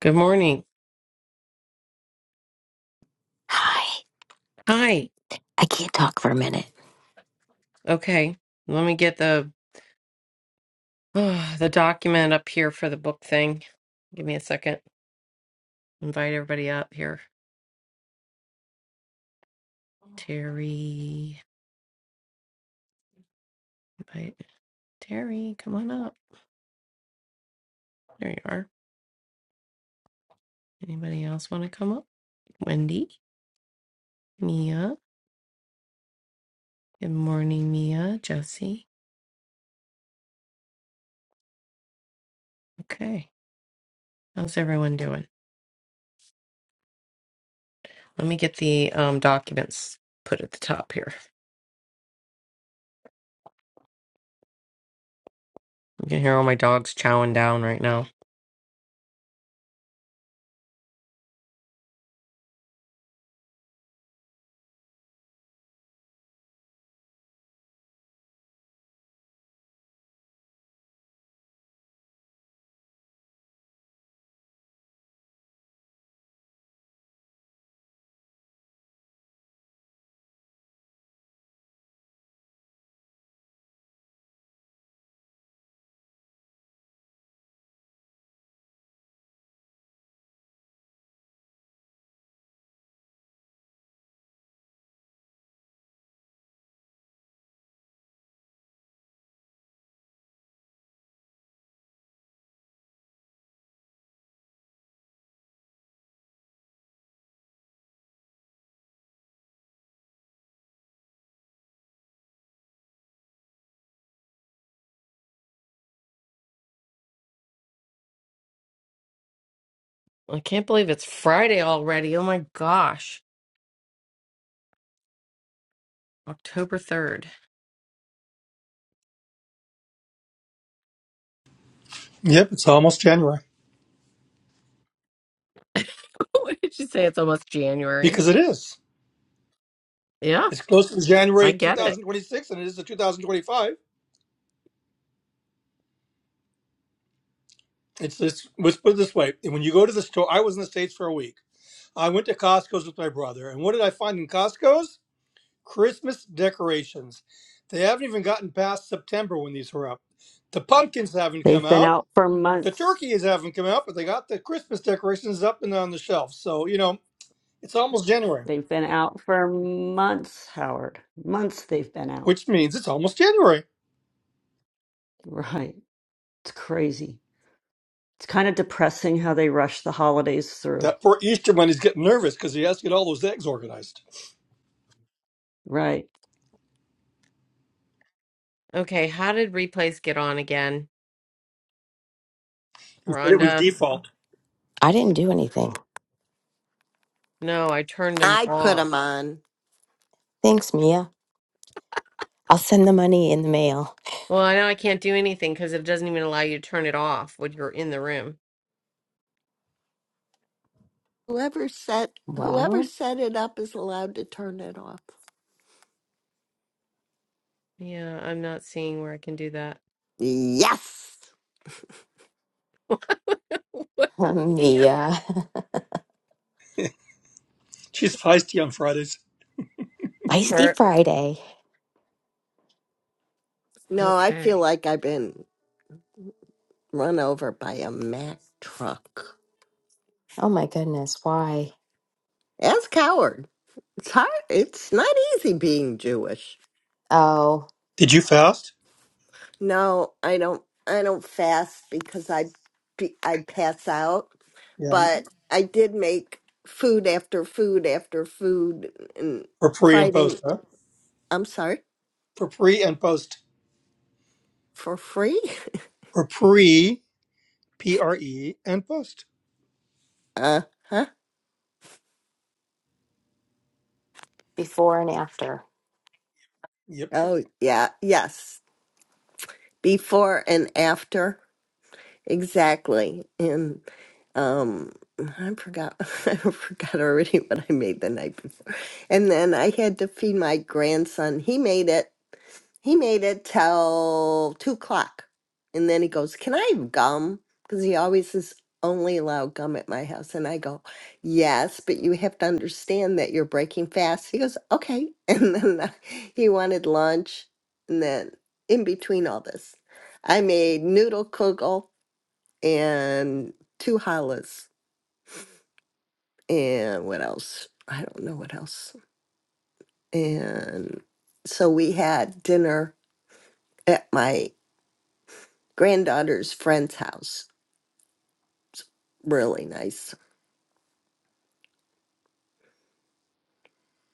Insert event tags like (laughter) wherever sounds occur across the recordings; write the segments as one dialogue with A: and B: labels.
A: Good morning.
B: Hi.
A: Hi.
B: I can't talk for a minute.
A: Okay. Let me get the (sighs) oh, the document up here for the book thing. Give me a second. Invite everybody up here. Terry, invite Terry, come on up. There you are. Anybody else want to come up? Wendy, Mia. Good morning, Mia, Jesse. Okay. How's everyone doing? Let me get the um, documents put at the top here. You can hear all my dogs chowing down right now. I can't believe it's Friday already. Oh my gosh. October 3rd.
C: Yep, it's almost January
A: (laughs) what did you say? It's almost January.
C: because it is.
A: Yeah,
C: It's close to
A: I
C: January
A: get it.
C: 2026 and it is the 2025. It's this, let's put it this way. When you go to the store, I was in the States for a week. I went to Costco's with my brother. And what did I find in Costco's? Christmas decorations. They haven't even gotten past September when these were up. The pumpkins haven't come
D: They've been
C: out.
D: out for
C: The
D: months.
C: turkeys haven't come out, but they got the Christmas decorations up and on the shelf. So, you know, it's almost January,
D: They've been out for months, Howard. Months they've been out.
C: which means it's almost January.
D: Right. It's crazy. It's kind of depressing how they rush the holidays through.
C: That poor Easter one is getting nervous because he has to get all those eggs organized.
D: Right.
A: Okay, how did replays get on again?
C: He said it was
A: Rhonda?
C: default.
B: I didn't do anything.
A: No, I turned them
E: I put
A: off.
E: them on.
B: Thanks, Mia. I'll send the money in the mail.
A: Well, I know I can't do anything because it doesn't even allow you to turn it off when you're in the room.
E: Whoever set whoever
B: Well,
E: set it up is allowed to turn it off.
A: Yeah, I'm not seeing where I can do that.
E: Yes.
A: (laughs) What?
B: (laughs)
A: Yeah.
B: Mia.
C: She's feisty on Fridays.
B: (laughs) Feisty
A: Or-
B: Friday.
A: (laughs)
E: No, I feel
A: Okay.
E: like I've been run over by a Mack truck.
B: Oh my goodness, why?
E: As coward. It's hard. It's not easy being Jewish.
B: Oh,
C: Did you fast?
E: No, I don't. I don't fast because I be- I pass out.
C: Yeah.
E: But I did make food after food after food and
C: For pre and
E: Friday.
C: post, huh?
E: I'm sorry
C: For pre and post.
E: for free. (laughs)
C: For pre, P R E, and post.
E: Uh huh.
B: before and after.
C: Yep, yep.
E: Oh, yeah, yes. Before and after. Exactly. And um I forgot (laughs) I forgot already (laughs) what I made the night before. And then I had to feed my grandson. He made it. He made it till two o'clock. And then he goes, Can I have gum? Because he always is only allowed gum at my house. And I go, Yes, but you have to understand that you're breaking fast. He goes, Okay. (laughs) And then I- he wanted lunch. And then in between all this, I made noodle kugel and two challahs. And what else? I don't know what else. And so we had dinner at my granddaughter's friend's house. Really nice,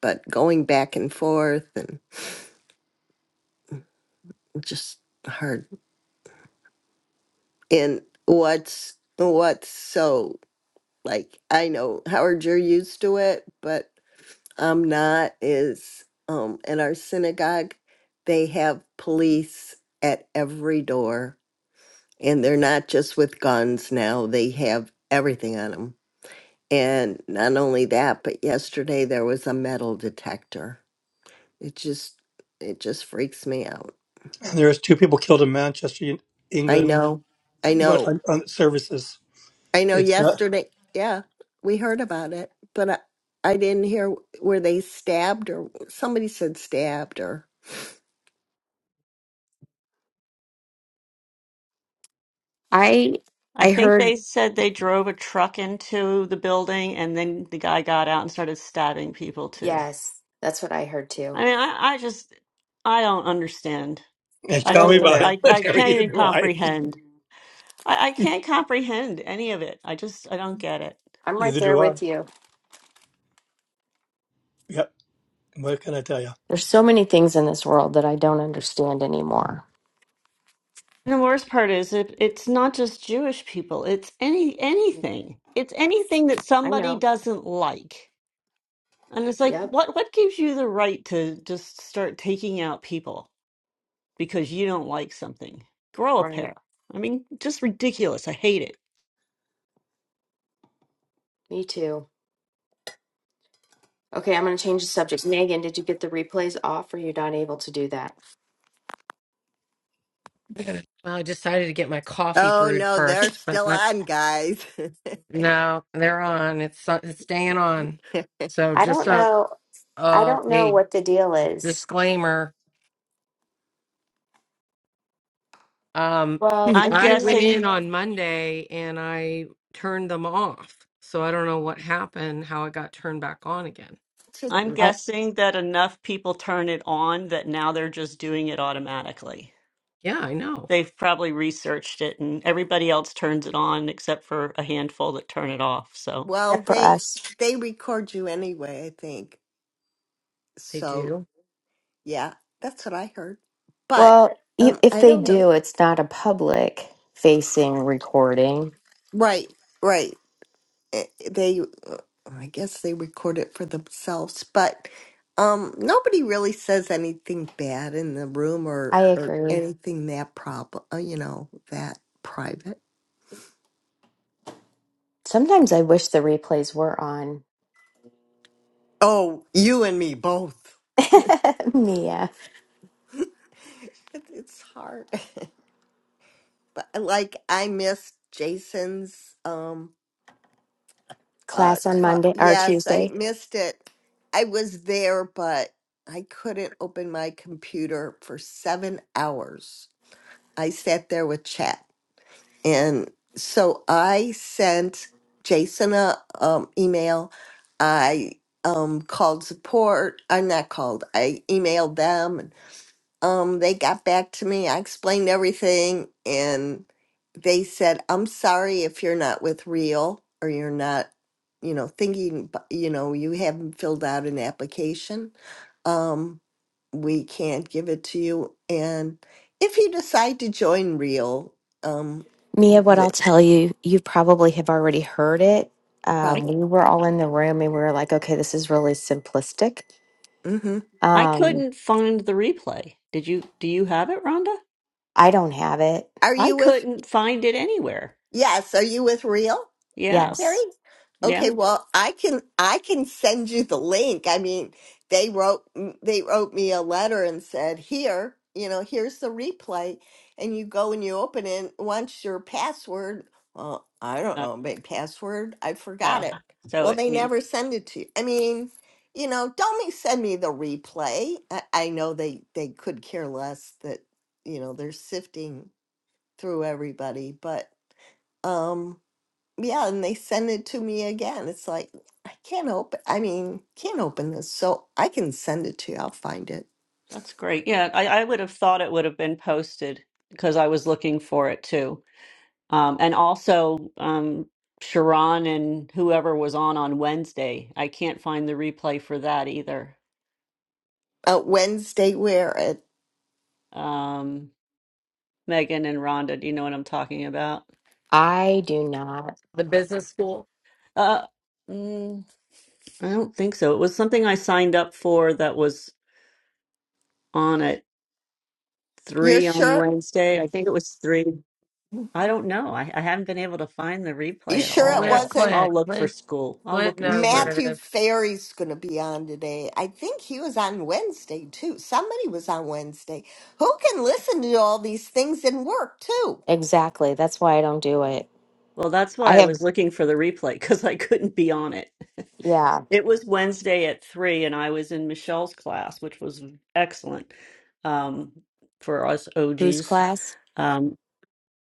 E: but going back and forth and just hard. And what's what's so like I know Howard, you're used to it, but I'm not. Is um at our synagogue, they have police at every door, and they're not just with guns now. They have everything on them. And not only that, but yesterday there was a metal detector It just it just freaks me out.
C: And there's two people killed in Manchester, in
E: I
C: England,
E: know. I
C: and what-
E: know.
C: on, on services.
E: I know
C: It's not.
E: yesterday. Yeah, we heard about it, but I, I didn't hear where they stabbed or somebody said stabbed or
B: I
D: I
B: I
D: think
B: heard
D: they said they drove a truck into the building and then the guy got out and started stabbing people too.
B: yes, that's what I heard too.
D: I mean, I, I just, I don't understand.
C: And
B: I
D: I
C: tell me
D: just
B: don't
D: don't,
C: about it.
B: either.
D: I, I
C: (laughs)
D: can't
C: Neither
D: even
C: do I.
D: comprehend. I, I can't comprehend any of it. I just, I don't get it.
B: I'm right
C: Neither
B: there
C: do I.
B: with you.
C: Yep. What can I tell you?
B: There's so many things in this world that I don't understand anymore.
D: And the worst part is it, it's not just Jewish people, it's any anything. It's anything that
B: I
D: somebody
B: know.
D: doesn't like. And it's like
B: Yep.
D: what what gives you the right to just start taking out people because you don't like something? Grow a
B: Right.
D: pair. I mean, just ridiculous. I hate it.
B: Me too. Okay, I'm going to change the subject. Megan, did you get the replays off? Or you are not able to do that?
A: Well, I decided to get my coffee
E: Oh
A: brewed
E: no, they're
A: first, but
E: still
A: I,
E: on, guys. (laughs)
A: no, they're on. It's uh, it's staying on. So
B: I
A: just
B: don't
A: so
B: know. I
A: uh,
B: don't know
A: a
B: what the deal is.
A: disclaimer. Um,
B: Well, I
D: I'm
A: I
B: feel like
A: went in
D: guessing
A: on Monday and I turned them off. So I don't know what happened, how it got turned back on again.
E: To-
D: I'm
B: I,
D: guessing that enough people turn it on that now they're just doing it automatically.
A: Yeah, I know.
D: They've probably researched it and everybody else turns it on except for a handful that turn it off. So
E: well,
B: except for
E: they
B: us.
E: they record you anyway, I think.
A: They
E: So,
A: do.
E: yeah, that's what I heard. But
B: Well, e-
E: um
B: if
E: I
B: they
E: don't know.
B: do, it's not a public facing recording.
E: Right, right. Eh, They I guess they record it for themselves, but um, nobody really says anything bad in the room or
B: I
E: or
B: agree.
E: anything that prob uh, you know, that private.
B: Sometimes I wish the replays were on.
E: Oh, you and me both.
B: (laughs) Mia,
E: (laughs) it, it's hard, (laughs) but like I missed Jason's um uh
B: class on
E: talk.
B: Monday or
E: Yes, I
B: Tuesday.
E: missed it. I was there, but I couldn't open my computer for seven hours. I sat there with chat. And so I sent Jason a um, email. I um, called support. I'm not called. I emailed them um they got back to me i explained everything and they said i'm sorry if you're not with real or you're not you know thinking b- you know you haven't filled out an application um we can't give it to you and if you decide to join real um
B: Mia, what I'll
E: the
B: tell you, you probably have already heard it. Um,
E: problem
B: we were
D: Right.
B: all in the room and we were like, okay, this is really simplistic.
E: hmm
D: I
B: Um,
D: couldn't find the replay. Did you do you have it, Rhonda?
B: I don't have it.
E: are
D: I
E: you with
D: couldn't find it anywhere.
E: yes are you with real
D: Yeah.
E: Terry?
B: Yes,
D: Yeah.
E: Okay, well, I can I can send you the link. I mean, they wrote they wrote me a letter and said, "Here, you know, here's the replay." And you go and you open it. Once your password, well, I don't
D: Oh,
E: know, my password, I forgot
D: oh.
E: it.
D: So
E: Well,
D: it
E: they
D: need
E: never send it to you. I mean, you know, don't me send me the replay. I, I know they they could care less that you know they're sifting through everybody, but um yeah, and they send it to me again. It's like I can't open. I mean, can't open this, so I can send it to you. I'll find it.
D: that's great. Yeah, I, I would have thought it would have been posted because I was looking for it too. Um, and also um Sharon and whoever was on on Wednesday. I can't find the replay for that either.
E: Uh, Wednesday, wear it.
D: Um, Megan and Rhonda, do you know what I'm talking about?
B: I do not.
A: The business school.
D: Uh, mm, I don't think so. It was something I signed up for that was on at
E: You're
D: three on
E: sure?
D: Wednesday. I think it was three. I don't know. I, I haven't been able to find the
E: You
D: replay at
E: sure it
A: Where's
D: all.
E: wasn't
A: Clint?
D: I'll look for
A: Clint,
D: school. I'll
A: Clint
D: look in
A: knows
D: school.
A: where it
E: Matthew
A: is.
E: Ferry's going to be on today? I think he was on Wednesday too. Somebody was on Wednesday. Who can listen to all these things and work too?
B: Exactly. That's why I don't do it.
D: Well, that's
B: I
D: why I
B: have,
D: was looking for the replay because I couldn't be on it. (laughs)
B: yeah.
D: It was Wednesday at three, and I was in Michelle's class, which was excellent um, for us
B: Whose
D: OGs.
B: class?
D: Um,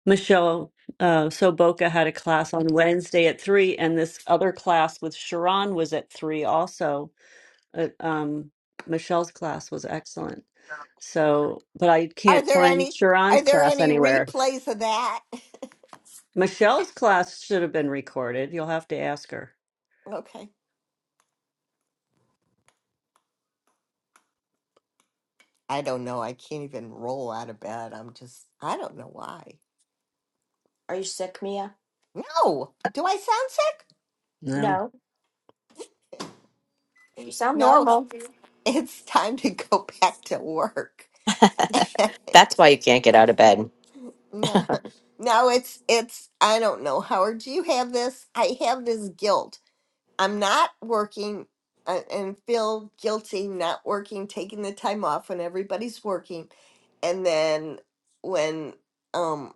D: Michelle uh, Soboka had a class on Wednesday at three, and this other class with Sharon was at three also uh, um, Michelle's class was excellent. So, but I
E: Are
D: can't
E: there
D: find
E: any are
D: Sharon's
E: there
D: class
E: any
D: anywhere.
E: replays of that? (laughs)
D: Michelle's class should have been recorded. You'll have to ask her.
E: Okay. I don't know. I can't even roll out of bed. I'm just I don't know why.
B: Are you sick, Mia?
E: No. Do I sound sick?
D: No.
B: No. You sound
E: No.
B: normal.
E: It's time to go (laughs) back to work.
B: That's why you can't get out of
E: (laughs)
B: bed.
E: No, (laughs) no, it's it's I don't know, Howard. Do you have this? I have this guilt. I'm not working uh, and feel guilty not working, taking the time off when everybody's working, and then when um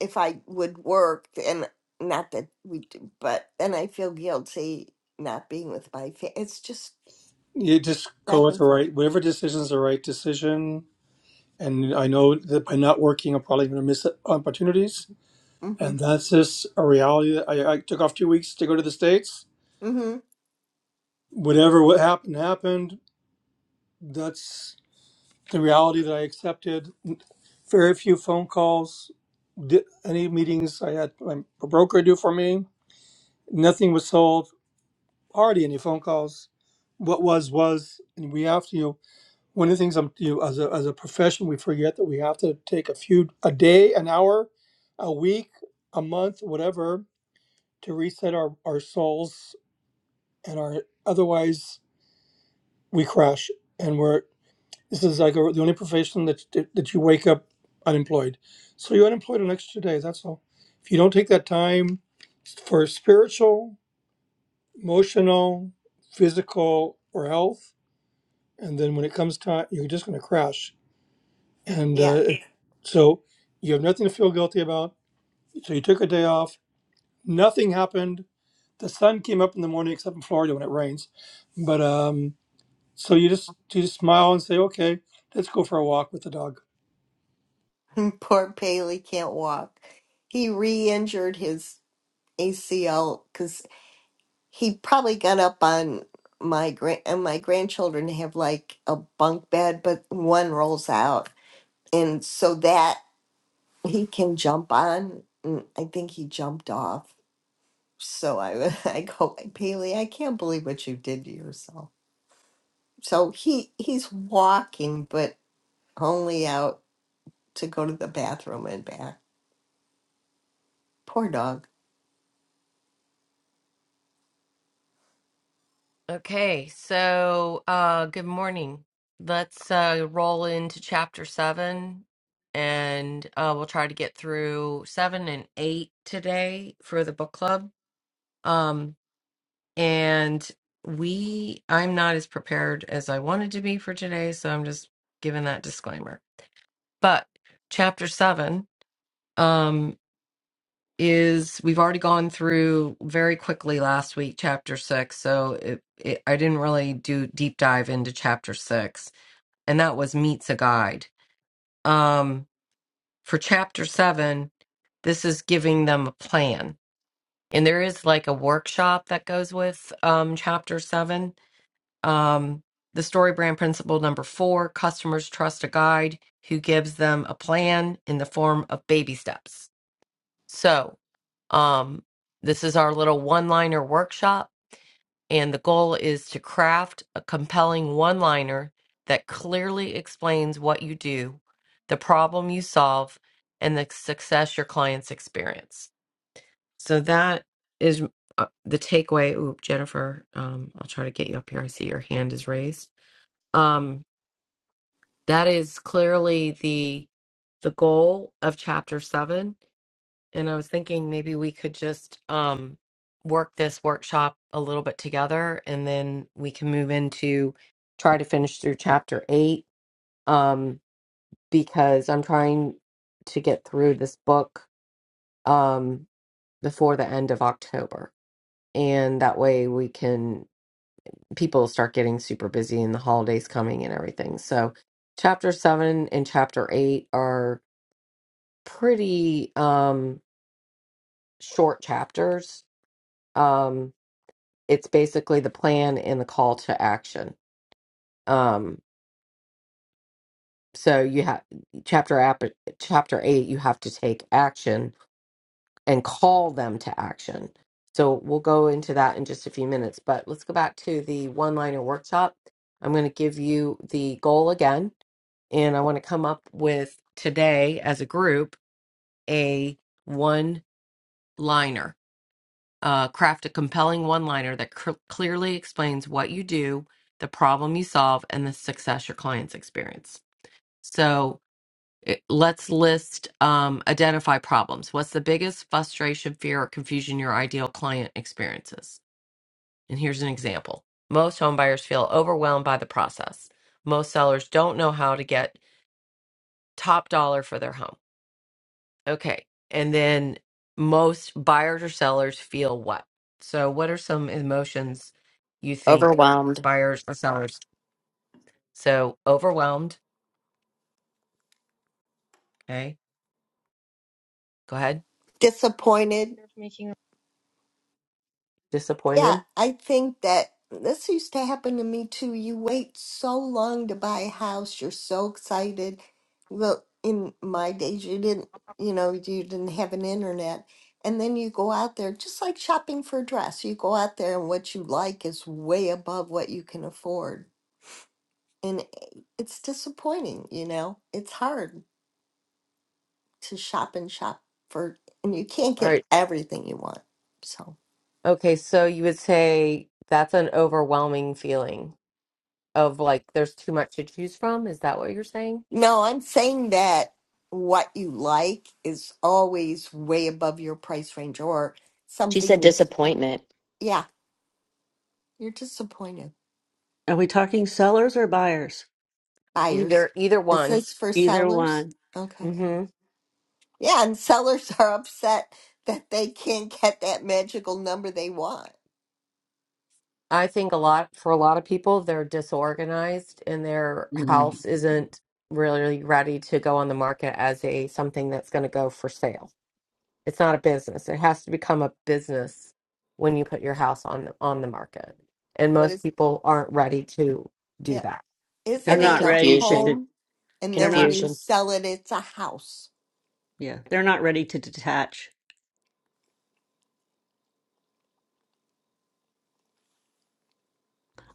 E: if I would work and not that we do, but then I feel guilty not being with my family. It's just
C: You just
E: back
C: go with
E: and
C: the
E: forth.
C: right, whatever decision is the right decision and I know that by not working, I'm probably going to miss opportunities.
E: Mm-hmm.
C: And that's just a reality. That I, I took off two weeks to go to the states.
E: Mm-hmm.
C: Whatever what happened happened. That's the reality that I accepted. Very few phone calls, di any meetings I had my broker do for me. Nothing was sold. Hardly any phone calls. What was was, and we have to. one of the things I'm, you know, as a as a profession, we forget that we have to take a few a day, an hour, a week, a month, whatever, to reset our our souls and our otherwise we crash and we're this is like a, the only profession that that that you wake up unemployed, so you're unemployed an extra day. That's all. If you don't take that time for spiritual, emotional, physical, or health, and then when it comes time, you're just going to crash And
E: Yeah.
C: uh, it- so you have nothing to feel guilty about. So you took a day off. Nothing happened. The sun came up in the morning, except in Florida when it rains. But um, so you just you just smile and say, okay, let's go for a walk with the dog
E: (laughs) Poor Paley can't walk. He re-injured his ACL because he probably got up on my grand and my grandchildren have like a bunk bed, but one rolls out, and so that he can jump on. and I think he jumped off. So I (laughs) I go, Paley, I can't believe what you did to yourself. So he he's walking, but only out to go to the bathroom and back. Poor dog.
A: Okay, so uh, good morning. Let's uh, roll into chapter seven and uh, we'll try to get through seven and eight today for the book club. Um, And we, I'm not as prepared as I wanted to be for today, so I'm just giving that disclaimer. But chapter seven um, is we've already gone through very quickly last week, chapter six. So it, it, I didn't really do deep dive into chapter six, and that was meets a guide. Um, for chapter seven, this is giving them a plan. And there is like a workshop that goes with um, chapter seven Um, the story brand principle number four customers trust a guide who gives them a plan in the form of baby steps. So, um, this is our little one liner workshop, and the goal is to craft a compelling one liner that clearly explains what you do, the problem you solve, and the success your clients experience. So, that is uh, the takeaway. Oop, Jennifer, um, I'll try to get you up here. I see your hand is raised. Um, That is clearly the the goal of chapter 7 and I was thinking maybe we could just um work this workshop a little bit together and then we can move into try to finish through chapter 8 um because I'm trying to get through this book um before the end of October and that way we can people start getting super busy and the holidays coming and everything. So chapter 7 and chapter 8 are pretty um short chapters. Um it's basically the plan and the call to action. Um so you have chapter app chapter 8 you have to take action and call them to action. So we'll go into that in just a few minutes, but let's go back to the one-liner workshop. I'm going to give you the goal again and I want to come up with today as a group a one-liner Uh, craft a compelling one liner that cr- clearly explains what you do, the problem you solve, and the success your clients experience. So it, let's list, um, identify problems. What's the biggest frustration, fear, or confusion your ideal client experiences? And here's an example most home buyers feel overwhelmed by the process. Most sellers don't know how to get top dollar for their home. Okay. And then most buyers or sellers feel what? So, what are some emotions you think
B: Overwhelmed.
A: buyers or sellers? So, overwhelmed. Okay. Go ahead.
E: Disappointed
F: fear of making
E: Yeah,
A: Disappointed.
E: I think that this used to happen to me too. You wait so long to buy a house, you're so excited. Well, in my days, you didn't, you know, you didn't have an internet. And then you go out there, just like shopping for a dress, you go out there and what you like is way above what you can afford. And eh, it's disappointing, you know, it's hard to shop and shop for, and you can't
A: All
E: get
A: right.
E: everything you want. So.
A: Okay. So, you would say that's an overwhelming feeling of like there's too much to choose from. Is that what you're saying?
E: No, I'm saying that what you like is always way above your price range or
B: She
E: something
B: said
E: you
B: disappointment.
E: yeah, you're disappointed.
D: Are we talking sellers or buyers?
E: Buyers.
A: Either, either
E: Is
A: one.
E: this for
D: Either
E: sellers?
D: one.
E: Okay.
A: Mm-hmm.
E: Yeah, and sellers (laughs) are upset that they can't get that magical number they want.
A: I think a lot for a lot of people, they're disorganized and their
D: Mhm.
A: house isn't really ready to go on the market as a something that's going to go for sale. It's not a business. It has to become a business when you put your house on on the market. And
E: What
A: most
E: is
A: people aren't ready to do
E: yeah.
A: that.
B: I
D: They're
E: Isn't
B: think
E: it
D: not
E: a
D: ready to,
B: confusion,
D: de-
E: home? And
D: they're
E: then when
D: not,
E: you
B: confusion,
E: sell it it's a house.
D: yeah, they're not ready to detach.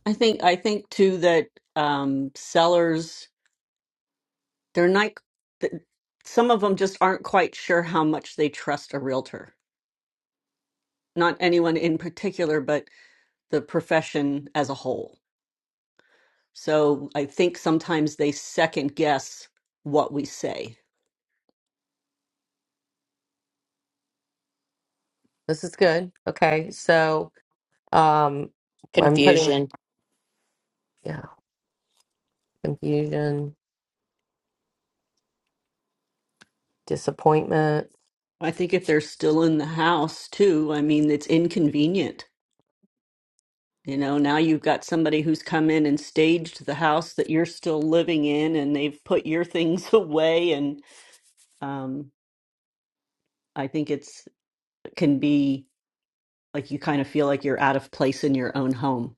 D: I think, I think too that um, sellers, they're not, th- some of them just aren't quite sure how much they trust a realtor. Not anyone in particular, but the profession as a whole. So I think sometimes they second guess what we say.
A: This is good. Okay. So um I'm putting
B: confusion.
A: yeah, confusion, disappointment.
D: I think if they're still in the house too, I mean, it's inconvenient. You know, now you've got somebody who's come in and staged the house that you're still living in, and they've put your things (laughs) away. And um, I think it's can be like you kind of feel like you're out of place in your own home.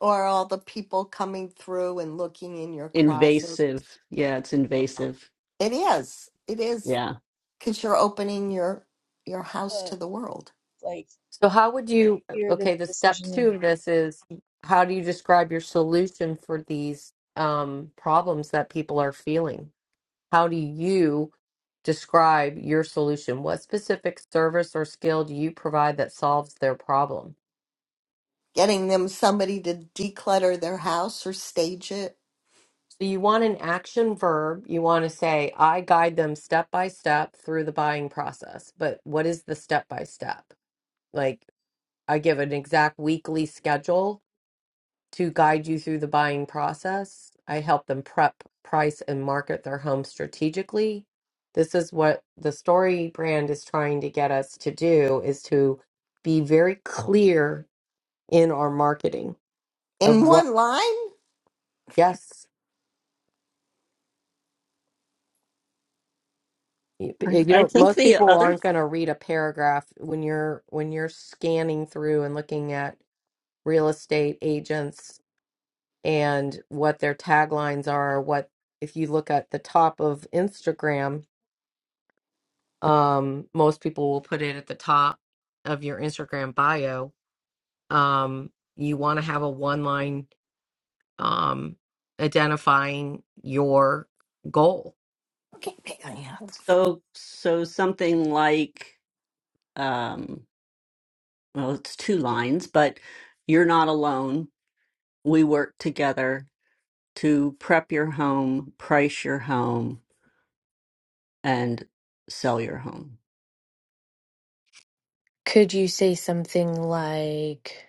E: Or all the people coming through and looking in your closet.
D: Invasive. Yeah, it's invasive.
E: It is. It is
D: Yeah.
E: because you're opening your your house
F: a
E: to the world
F: like
A: So how would you
F: fear that
A: okay,
F: the
A: the step
F: decision is
A: two of this is how do you describe your solution for these um problems that people are feeling? How do you describe your solution? What specific service or skill do you provide that solves their problem?
E: getting them somebody to declutter their house or stage it
A: So you want an action verb. You want to say, I guide them step by step through the buying process. But what is the step by step? Like, I give an exact weekly schedule to guide you through the buying process. I help them prep, price, and market their home strategically. This is what the story brand is trying to get us to do is to be very clear in our marketing of
E: in
A: what,
E: one line
A: yes. you
D: I, I
A: don't
D: think
A: most
D: the
A: people
D: other
A: aren't going to read a paragraph when you're when you're scanning through and looking at real estate agents and what their taglines are what if you look at the top of Instagram um most people will put it at the top of your Instagram bio um you want to have a one line um identifying your goal
E: okay hang on, yeah.
D: so so something like um well, it's two lines, but you're not alone. We work together to prep your home, price your home and sell your home.
G: Could you say something like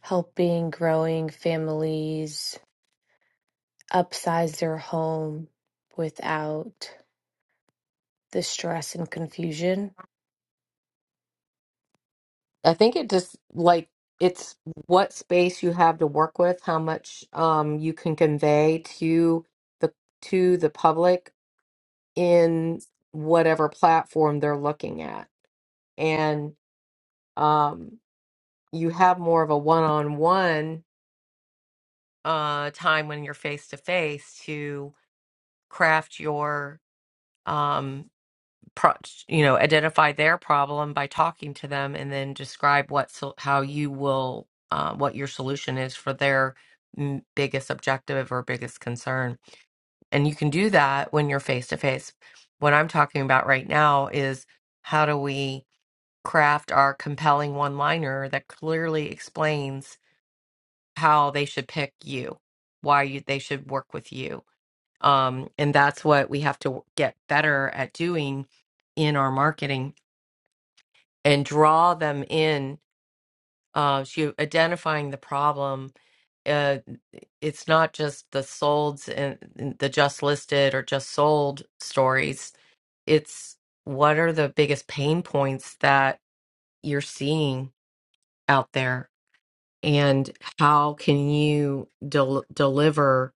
G: helping growing families upsize their home without the stress and confusion?
A: I think it just like it's what space you have to work with, how much um you can convey to the to the public in whatever platform they're looking at. And um you have more of a one-on-one uh time when you're face to face to craft your um pro- you know identify their problem by talking to them and then describe what so- how you will uh, what your solution is for their mm, biggest objective or biggest concern and you can do that when you're face to face what i'm talking about right now is how do we craft our compelling one liner that clearly explains how they should pick you why you, they should work with you um, and that's what we have to get better at doing in our marketing and draw them in. Uh, she identifying the problem. Uh, it's not just the solds and and the just listed or just sold stories. It's what are the biggest pain points that you're seeing out there, and how can you del- deliver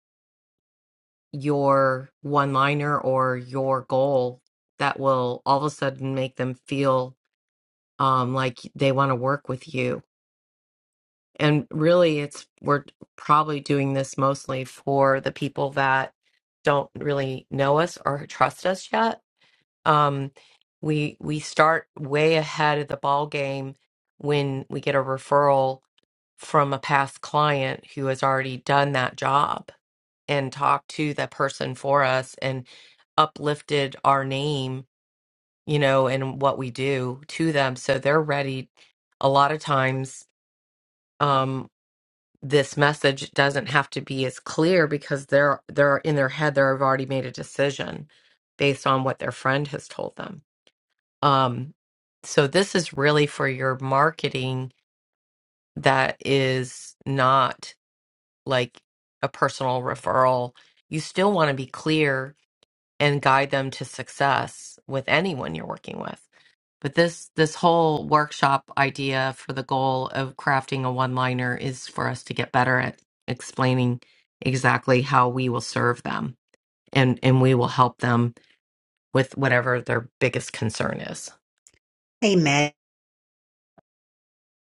A: your one liner or your goal that will all of a sudden make them feel um, like they want to work with you And really, it's we're probably doing this mostly for the people that don't really know us or trust us yet. Um, we we start way ahead of the ball game when we get a referral from a past client who has already done that job and talked to the person for us and uplifted our name, you know, and what we do to them. So they're ready a lot of times. Um, this message doesn't have to be as clear because they're they're in their head they've already made a decision based on what their friend has told them um so this is really for your marketing that is not like a personal referral you still want to be clear and guide them to success with anyone you're working with but this this whole workshop idea for the goal of crafting a one liner is for us to get better at explaining exactly how we will serve them and and we will help them with whatever their biggest concern is.
H: Hey, Meg.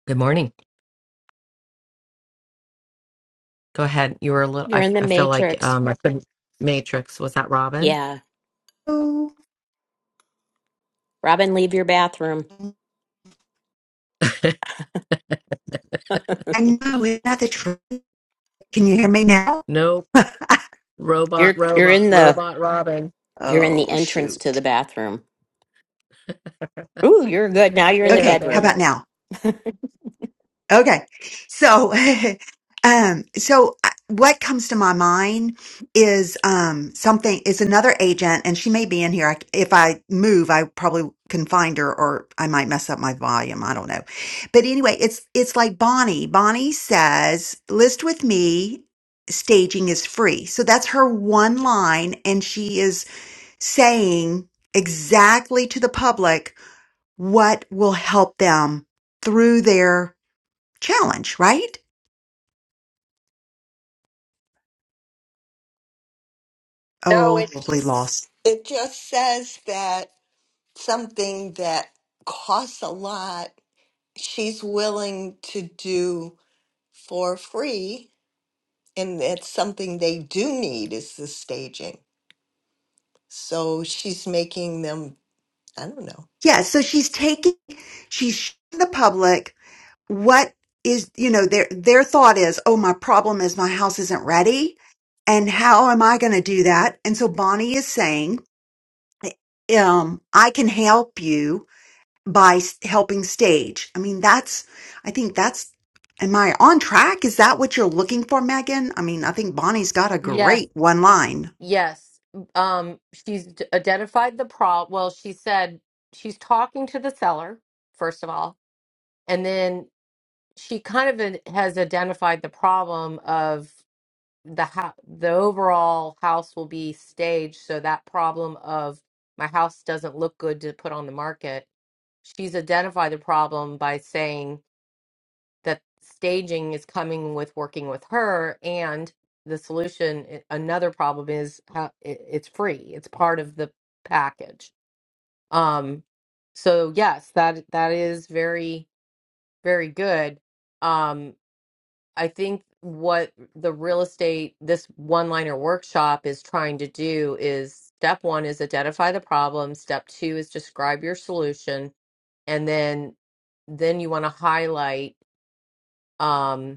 A: Good morning. Go ahead. You were a little. I,
B: You're in
A: f-
B: the
A: I feel like
B: matrix.
A: um I couldn't. Matrix was that Robin?
B: Yeah.
H: Oh,
B: Robin, leave your bathroom.
H: I know it's not the truth. Can you hear me now?
A: Nope.
H: (laughs)
B: You're
A: Robot.
B: you're
A: Robot.
B: in the
A: Robot. Robin.
B: you're in the
H: oh,
B: entrance to
H: shoot.
B: the bathroom. Ooh, you're good. Now you're in
A: Yeah.
B: the
H: Okay, how
B: bedroom.
H: about now? Okay. So, (laughs) um, so I- what comes to my mind is, um, something is another agent and she may be in here. I, if I move, I probably can find her or I might mess up my volume. I don't know. But anyway, it's, it's like Bonnie. Bonnie says, list with me. Staging is free. So that's her one line. And she is saying exactly to the public what will help them through their challenge, right?
E: no it
H: Oh, probably
E: just
H: lost.
E: it just says that something that costs a lot she's willing to do for free and that's something they do need is the staging so she's making them i don't know
H: Yeah, so she's taking, she's showing the public what is, you know, their, their thought is, oh, my problem is my house isn't ready. And how am I going to do that? And so Bonnie is saying, um, I can help you by s- helping stage. I mean, that's, I think that's, am I on track? Is that what you're looking for, Megan? I mean, I think Bonnie's got a
A: Yes.
H: great one line.
A: Yes. Um, she's d- identified the problem. Well, she said she's talking to the seller, first of all, and then she kind of in- has identified the problem of the ho- the overall house will be staged, so that problem of my house doesn't look good to put on the market. She's identified the problem by saying that staging is coming with working with her and the solution i- another problem is how it, it's free it's part of the package um so yes that that is very very good um i think what the real estate this one liner workshop is trying to do is step 1 is identify the problem step 2 is describe your solution and then then you want to highlight Um,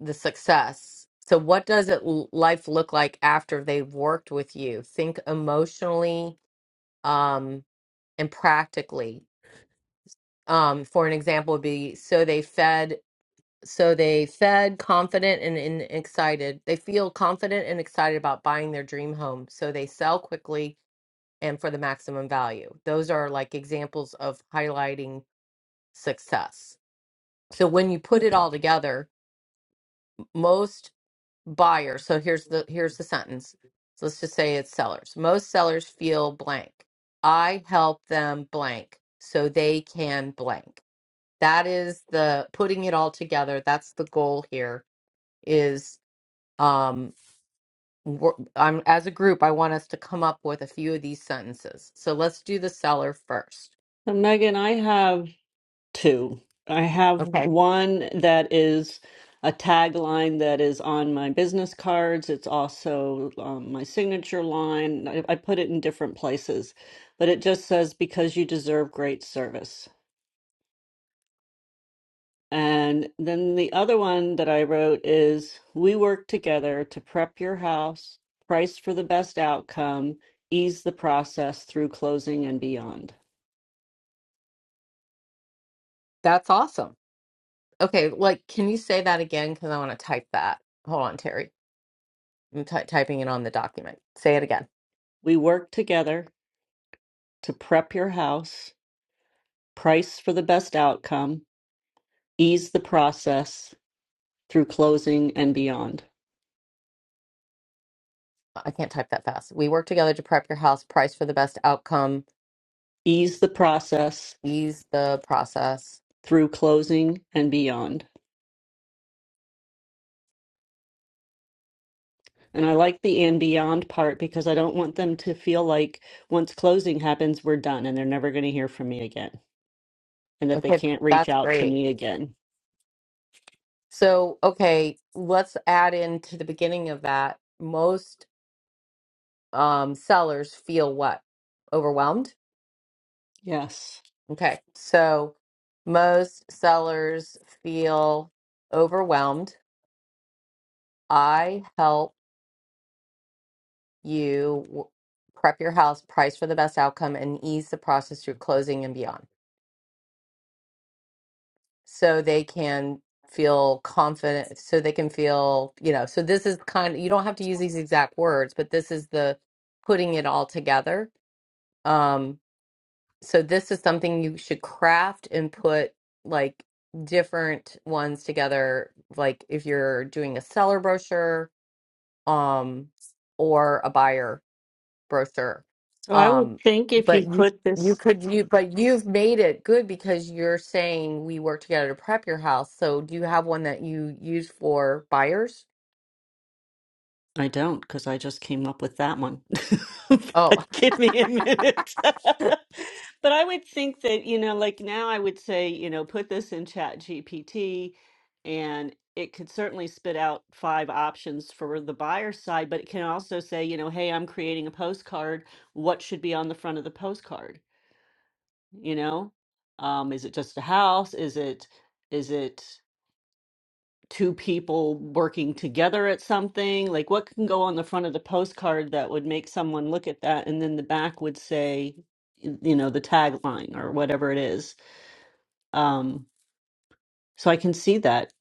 A: the success. So, what does it l- life look like after they've worked with you? Think emotionally um, and practically. Um, for an example, would be so they fed, so they fed confident and, and excited. They feel confident and excited about buying their dream home, so they sell quickly and for the maximum value. Those are like examples of highlighting success. So when you put it all together, most buyer. So here's the here's the sentence. So let's just say it's sellers. Most sellers feel blank. I help them blank so they can blank. That is the putting it all together. That's the goal here is um wor- I'm as a group I want us to come up with a few of these sentences. So let's do the seller first.
D: So Megan, I have two. I have one that is a tagline that is on my business cards. It's also um, my signature line. I, I put it in different places, but it just says, because you deserve great service. And then the other one that I wrote is We work together to prep your house, price for the best outcome, ease the process through closing and beyond.
A: That's awesome. Okay, like can you say that again cuz I want to type that. Hold on, Terry. I'm ty- typing it on the document. Say it again.
D: We work together to prep your house, price for the best outcome, ease the process through closing and beyond.
A: I can't type that fast. We work together to prep your house, price for the best outcome,
D: Ease the process
A: ease the process.
D: through closing and beyond. And I like the and beyond part because I don't want them to feel like once closing happens, we're done and they're never going to hear from me again and that they
A: Okay,
D: can't reach
A: that's
D: out to
A: great.
D: me again.
A: So, okay, let's add into the beginning of that. Most um, sellers feel what? Overwhelmed?
D: Yes.
A: Okay, so most sellers feel overwhelmed. I help you w- prep your house, price for the best outcome, and ease the process through closing and beyond. so they can feel confident so they can feel you know so this is kind of, you don't have to use these exact words but this is the putting it all together um so this is something you should craft and put like different ones together like if you're doing a seller brochure um or a buyer birther.
D: So I would
A: Um,
D: think if
A: but
D: you
A: you
D: put
A: you
D: this
A: could you but you've made it good because you're saying we work together to prep your house. So do you have one that you use for buyers?
D: I don't because I just came up with that one. (laughs)
A: Oh,
D: But give me a minute. (laughs) But I would think that, you know, like now I would say, you know, put this in Chat GPT and it could certainly spit out five options for the buyer side, but it can also say, you know, hey, I'm creating a postcard. What should be on the front of the postcard? You know, um, is it just a house? Is it, is it? two people working together at something? Like what can go on the front of the postcard that would make someone look at that and then the back would say, you know, the tagline or whatever it is. Um, so I can see that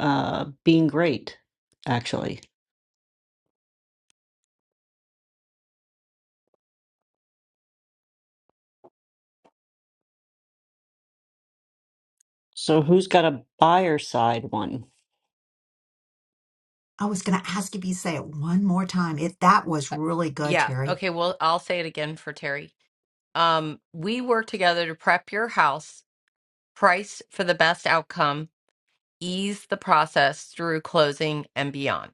D: uh, being great, actually. So who's got a buyer side one?
H: I was going to ask if you say it one more time. It that was really good,
A: yeah.
H: Terry.
A: Okay, well, I'll say it again for Terry. Um, we work together to prep your house, price for the best outcome, ease the process through closing and beyond.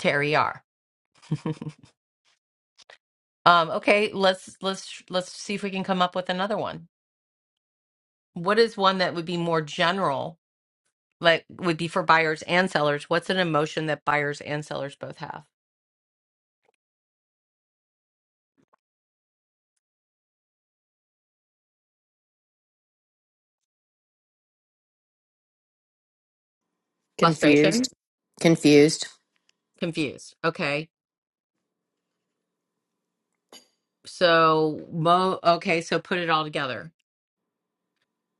A: Terry R. (laughs) Um, okay, let's let's let's see if we can come up with another one. What is one that would be more general like would be for buyers and sellers what's an emotion that buyers and sellers both have frustration
B: confused confused
A: confused okay so mo okay so put it all together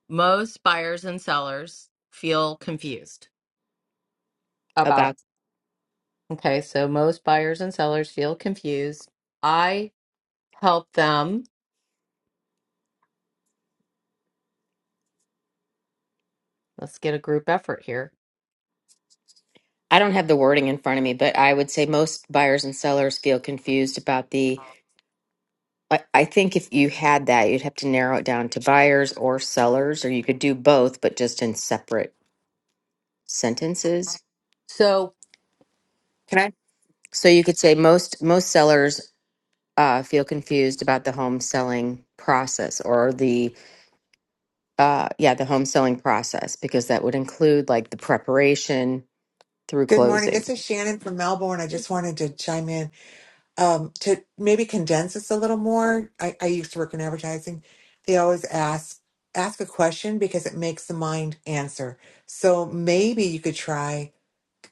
A: most buyers and sellers feel confused about
B: about
A: okay so most buyers and sellers feel confused i help them let's get a group effort here
B: i don't have the wording in front of me but i would say most buyers and sellers feel confused about the i, I think if you had that you'd have to narrow it down to buyers or sellers or you could do both but just in separate sentences
A: so
I: Can I?
B: so you could say most most sellers uh, feel confused about the home selling process or the Uh, yeah, the home selling process, because that would include like the preparation through
I: Good morning.
B: closing.
I: This is Shannon from Melbourne. I just wanted to chime in um, to maybe condense this a little more. I, I used to work in advertising. They always ask ask a question because it makes the mind answer. So maybe you could try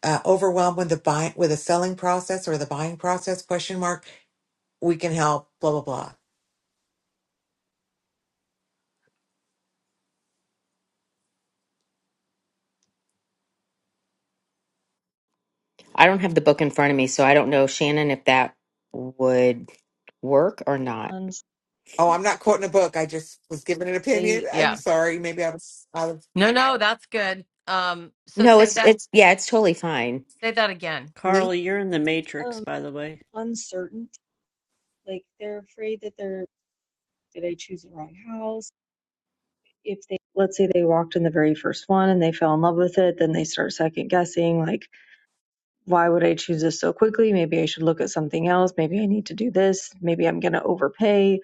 I: uh, overwhelmed with the buy with a selling process or the buying process question mark. We can help. Blah blah blah.
B: I don't have the book in front of me, so I don't know, Shannon, if that would work or
F: really
B: not.
F: uncertain.
I: Oh, I'm not quoting a book. I just was giving an opinion.
F: They
I: I'm
A: yeah
I: sorry. Maybe I was I was
A: no no that's good um so
B: No,
A: say
B: it's
A: that
B: it's yeah, it's totally fine.
A: say that again
D: Carly, you're in the matrix,
F: um
D: by the way.
F: uncertain. Like they're afraid that they're did I choose the wrong house? If they let's say they walked in the very first one and they fell in love with it, then they start second guessing like why would I choose this so quickly? Maybe I should look at something else. Maybe I need to do this. Maybe I'm going to overpay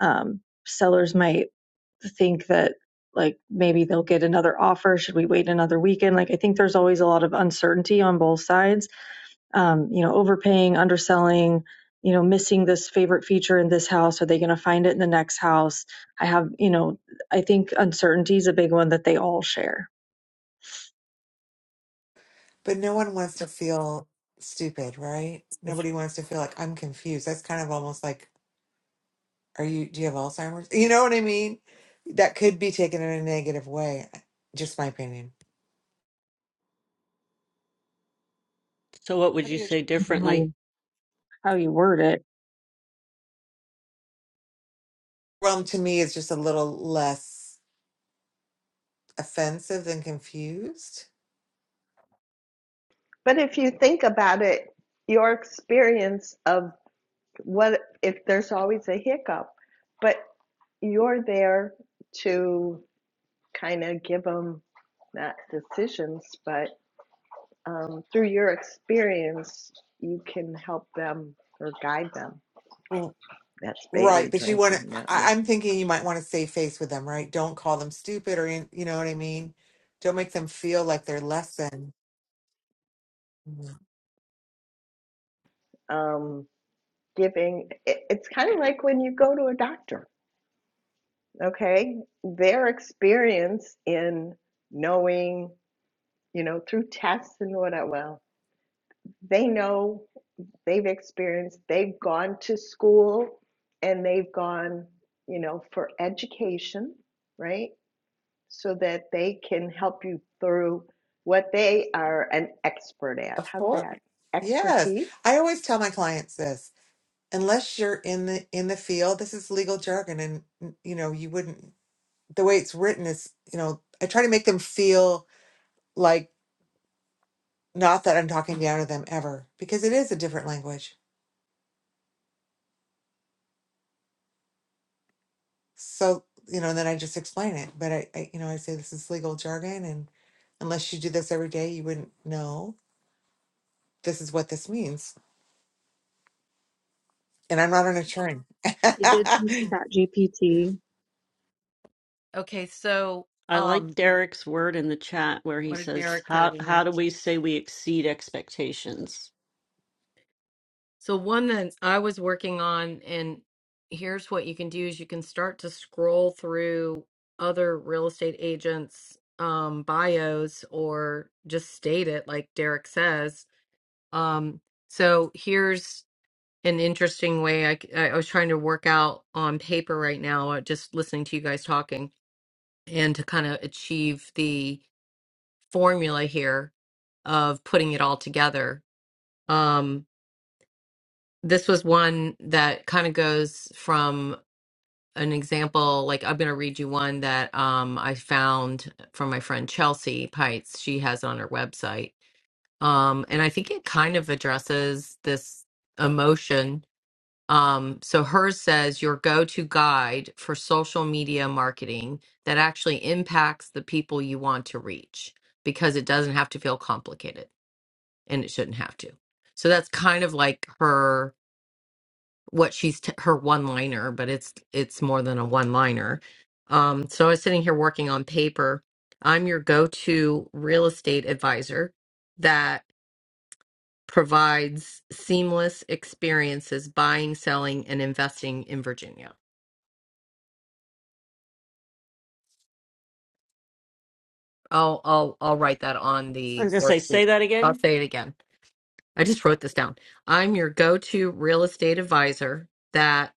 F: um, sellers might think that like maybe they'll get another offer should we wait another weekend like i think there's always a lot of uncertainty on both sides um, you know overpaying underselling you know missing this favorite feature in this house are they going to find it in the next house i have you know i think uncertainty is a big one that they all share
I: But no one wants to feel stupid, right? Nobody wants to feel like I'm confused. That's kind of almost like, are you, do you have Alzheimer's? You know what I mean? That could be taken in a negative way. uh, Just my opinion.
D: So what would
F: i
D: you
F: think it's
D: say
F: just how
D: differently?
F: you, how you word it
I: Realm to me is just a little less offensive than confused.
E: But if you think about it, your experience of what if there's always a hiccup but you're there to kind of give them not decisions but um, through your experience you can help them or guide them
I: Well,
E: that's
I: right.
E: bailey
I: But you want
E: drinking
I: to,
E: not me
I: I, I'm thinking you might want to save face with them, right? Don't call them stupid or, in- you know what I mean? Don't make them feel like they're less than. Mhm.
E: um, giving it, it's kind of like when you go to a doctor okay their experience in knowing you know tactile, they know they've experienced they will and you know right? So they can help you through what they are an expert at.
I: Of
E: How's
I: course.
E: that? Expertise?
I: Yes. I always tell my clients this. unless you're in the in the field this is legal jargon and you know you wouldn't the way it's written is you know i try to make them feel like not that i'm talking down to them ever because it is a different language so you know and then i just explain it but i, I you know i say this is legal jargon and unless you do this every day you wouldn't know this is what this means and i'm not an attorney
F: It
I: (laughs)
F: did use ChatGPT.
A: okay so
D: I like
A: um
D: Derek's word in the chat where he
A: what did
D: says,
A: derek put
D: "How
A: in there
D: how do we say we exceed expectations?"
A: So one that I was working on, and here's what you can do is you can start to scroll through other real estate agents' um, bios or just state it like Derek says. Um, so here's an interesting way I, c- I- I was trying to work out on paper right now, uh, just listening to you guys talking and to kind of achieve the formula here of putting it all together. Um, this was one that kind of goes from an example like i'm going to read you one that um, i found from my friend chelsea pites she has it on her website um, and i think it kind of addresses this emotion um, so hers says your go-to guide for social media marketing that actually impacts the people you want to reach because it doesn't have to feel complicated and it shouldn't have to so that's kind of like her what she's t- her one liner, but it's it's more than a one liner. Um, so I was sitting here working on paper. I'm your go-to real estate advisor that provides seamless experiences buying, selling, and investing in Virginia. I'll I'll I'll write that on
D: I'm
A: the
D: gonna say,
A: worksheet.
D: say that
A: I'll
D: again.
A: say it again. I just wrote this down. I'm your go-to real estate advisor that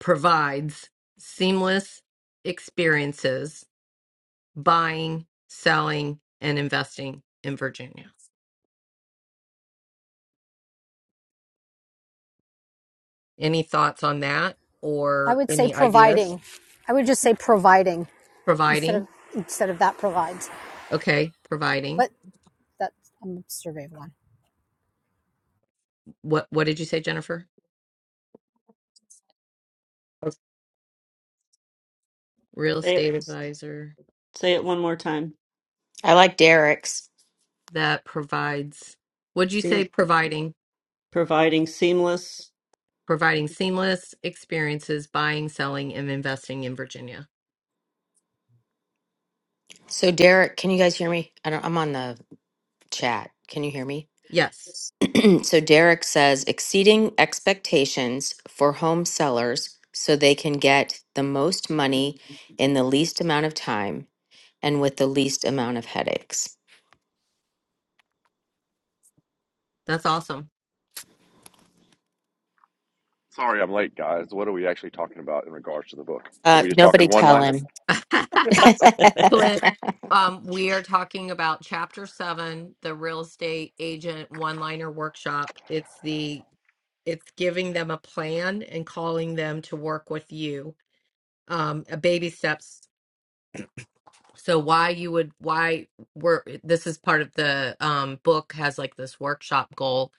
A: provides seamless experiences buying, selling, and investing in Virginia. Any thoughts on that
J: I
A: or
J: would say
A: any ideas?
J: providing. I would just say providing instead
A: Providing.
J: of instead of that provides.
A: Okay, providing.
J: But that's I'm a survey one.
A: What what did you say, Jennifer? A Real
D: Say it,
A: estate advisor
D: say it one more time.
B: I like Derek's.
A: that provides would you say
D: Seam,
A: providing
D: providing seamless.
A: providing seamless experiences buying, selling, and investing in Virginia.
B: So Derek, can you guys hear me? I don't, I'm on the chat. Can you hear me?
A: Yes.
B: (clears throat) So Derek says exceeding expectations for home sellers so they can get the most money in the least amount of time and with the least amount of headaches.
A: That's awesome.
K: Sorry I'm late, guys. What are we actually talking about in regards to the book? Are
B: Uh,
K: we just talking
B: nobody
K: one
B: tell
K: liners?
B: him.
A: (laughs)
B: (laughs)
A: Glenn, um, we are talking about Chapter Seven, the real estate agent one-liner workshop. It's the it's giving them a plan and calling them to work with you. Um, a baby steps so why you would why we're eh, this is part of the um book has like this workshop goal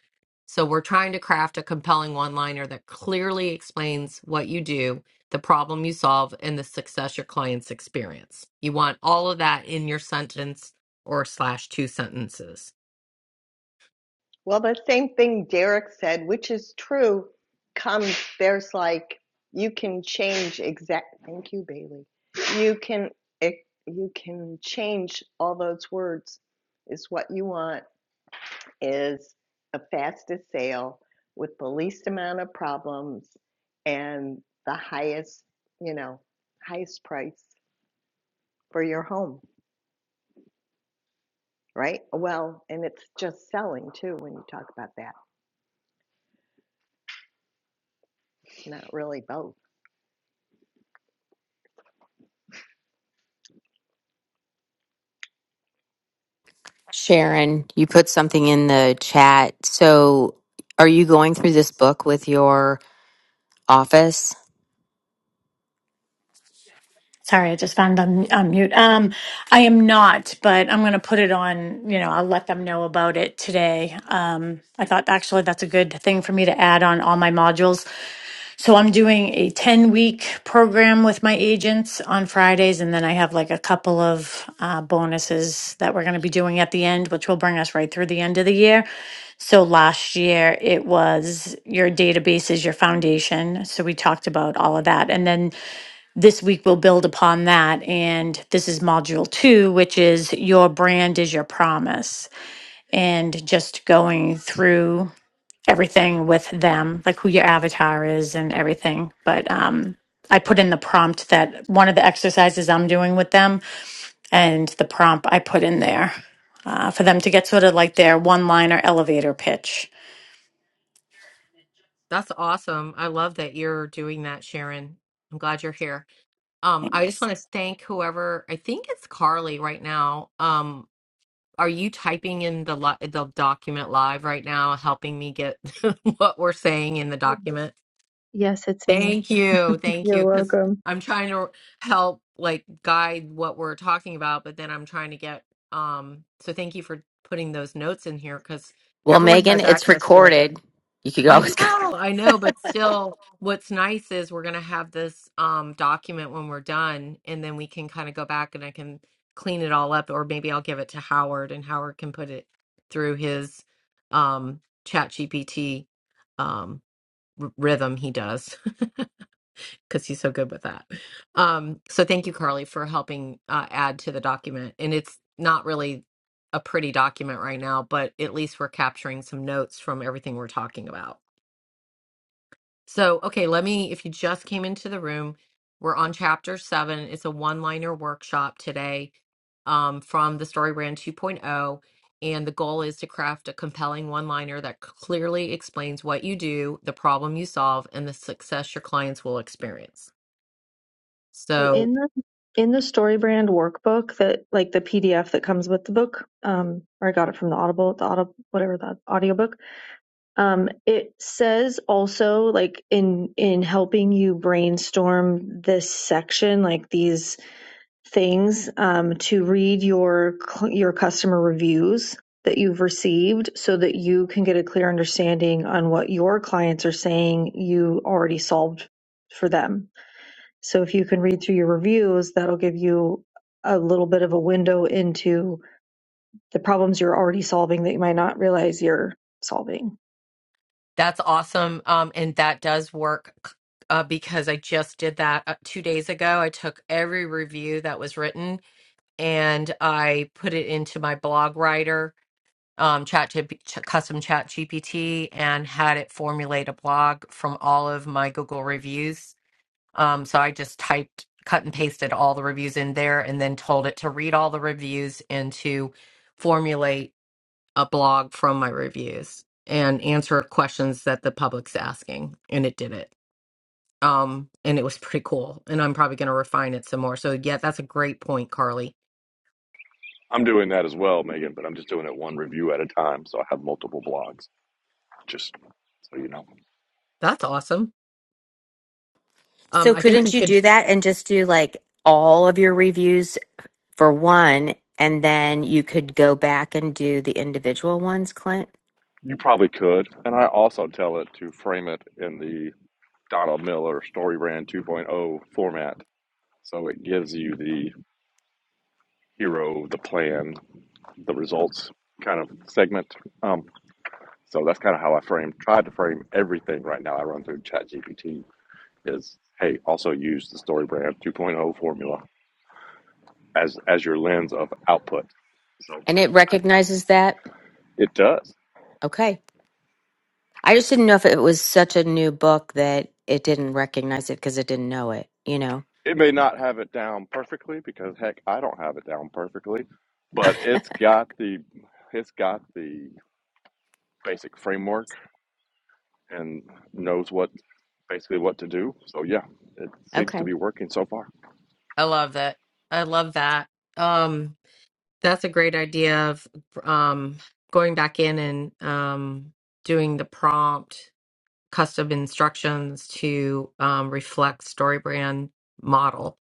A: so we're trying to craft a compelling one liner that clearly explains what you do the problem you solve and the success your clients experience you want all of that in your sentence or slash two sentences
E: Well, the same thing Derek said, which is true, comes there's like you can change exact. Thank you, Bailey. You can e, you can change all those words is what you want is the fastest sale with the least amount of problems and the highest, you know, highest price for your home, right? Well, and it's just selling too when you talk about that, not really both.
B: Sharon, you put something in the chat. So, are you going through this book with your office?
L: Sorry, I just found on, on mute. Um, I am not, but I'm going to put it on, you know, I'll let them know about it today. Um, I thought actually that's a good thing for me to add on all my modules. So I'm doing a 10 week program with my agents on Fridays. And then I have like a couple of uh, bonuses that we're going to be doing at the end, which will bring us right through the end of the year. So last year it was your database is your foundation. So we talked about all of that. And then this week we'll build upon that. And this is module two, which is your brand is your promise. And just going through everything with them, like who your avatar is and everything. But um, I put in the prompt that one of the exercises I'm doing with them and the prompt I put in there uh, for them to get sort of like their one liner elevator pitch.
A: that's awesome i love that you're doing that sharon i'm glad you're here um i just
L: Thanks.
A: want to thank whoever i think it's carly right now um Are you typing in the li- the document live right now, helping me get (laughs) what we're saying in the document?
F: Yes, it's me.
A: Thank you, thank
F: you're
A: you, because
F: welcome
A: I'm trying to help like guide what we're talking about, but then I'm trying to get um. So thank you for putting those notes in here because
B: Well,
A: everyone
B: Megan,
A: has
B: it's
A: access to it.
B: recorded. You could
A: I
B: always (laughs) go.
A: know, I know, but still, what's nice is we're gonna have this um document when we're done, and then we can kind of go back and I can clean it all up, or maybe I'll give it to Howard and Howard can put it through his um chat GPT um r- rhythm he does (laughs) because he's so good with that. Um, so thank you, Carly, for helping uh, add to the document. And it's not really a pretty document right now, but at least we're capturing some notes from everything we're talking about. So, okay, let me, if you just came into the room, we're on chapter seven. It's a one-liner workshop today um, from the Story Brand 2.0. And the goal is to craft a compelling one-liner that clearly explains what you do, the problem you solve, and the success your clients will experience.
F: So
A: So
F: in the in the StoryBrand workbook that like the PDF that comes with the book, um, or I got it from the Audible, the Audible whatever the audiobook, um, it says also like in in helping you brainstorm this section, like these things, um, to read your cl- your customer reviews that you've received so that you can get a clear understanding on what your clients are saying you already solved for them so if you can read through your reviews, that'll give you a little bit of a window into the problems you're already solving that you might not realize you're solving.
A: that's awesome. Um, and that does work uh, because I just did that uh, two days ago. I took every review that was written and I put it into my blog writer um, chat GP ch- custom chat GPT and had it formulate a blog from all of my Google reviews. Um, so I just typed, cut and pasted all the reviews in there and then told it to read all the reviews and to formulate a blog from my reviews and answer questions that the public's asking. And it did it. Um, and it was pretty cool. And I'm probably going to refine it some more. So, yeah, that's a great point, Carly.
K: I'm doing that as well, Megan, but I'm just doing it one review at a time. So I have multiple blogs, just so you know.
A: That's awesome. Um,
B: So,
A: I think we
B: couldn't you
A: could.
B: do that and just do like all of your reviews for one, and then you could go back and do the individual ones, Clint?
K: You probably could. And I also tell it to frame it in the Donald Miller Story Brand 2.0 format. So it gives you the hero, the plan, the results kind of segment. Um, so that's kind of how I frame, tried to frame everything right now. I run through ChatGPT is hey, also use the StoryBrand 2.0 formula as as your lens of output. So
B: And it recognizes that.
K: it does.
B: Okay. I just didn't know if it was such a new book that it didn't recognize it because it didn't know it, you know?
K: It may not have it down perfectly because heck, I don't have it down perfectly, but it's got the it's got the basic framework and knows what basically what to do. So yeah, it seems to
B: Okay.
K: be working so far.
A: I love that. I love that. Um, That's a great idea of um, going back in and um, doing the prompt custom instructions to um, reflect StoryBrand model.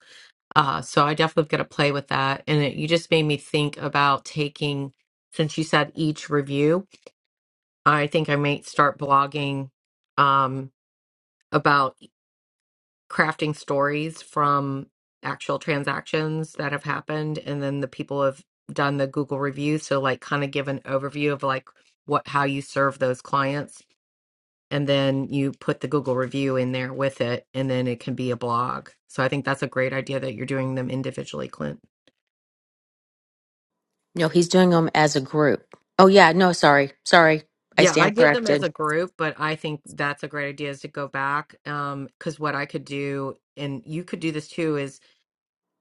A: Uh, so I definitely going to play with that. And it, you just made me think about taking, since you said each review, I think I might start blogging um, about crafting stories from actual transactions that have happened and then the people have done the google reviews so like kind of give an overview of like what how you serve those clients and then you put the google review in there with it and then it can be a blog so i think that's a great idea that you're doing them individually clint
B: No, he's doing them as a group. Oh, yeah. No, sorry. Sorry. I
A: yeah i
B: stand
A: did them as
B: corrected.
A: a group but i think that's a great idea is to go back um because what i could do and you could do this too is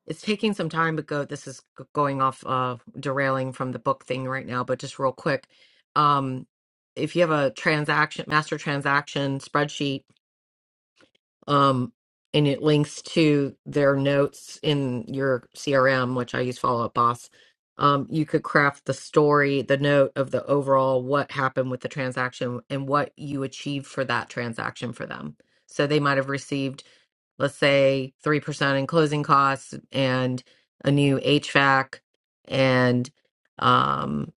A: It's taking some time but go. This is g- going off uh derailing from the book thing right now, but just real quick. Um if you have a transaction master transaction spreadsheet um and it links to their notes in your CRM, which I use Follow Up Boss, um you could craft the story, the note of the overall what happened with the transaction and what you achieved for that transaction for them. So they might have received let's say 3% in closing costs and a new HVAC and um,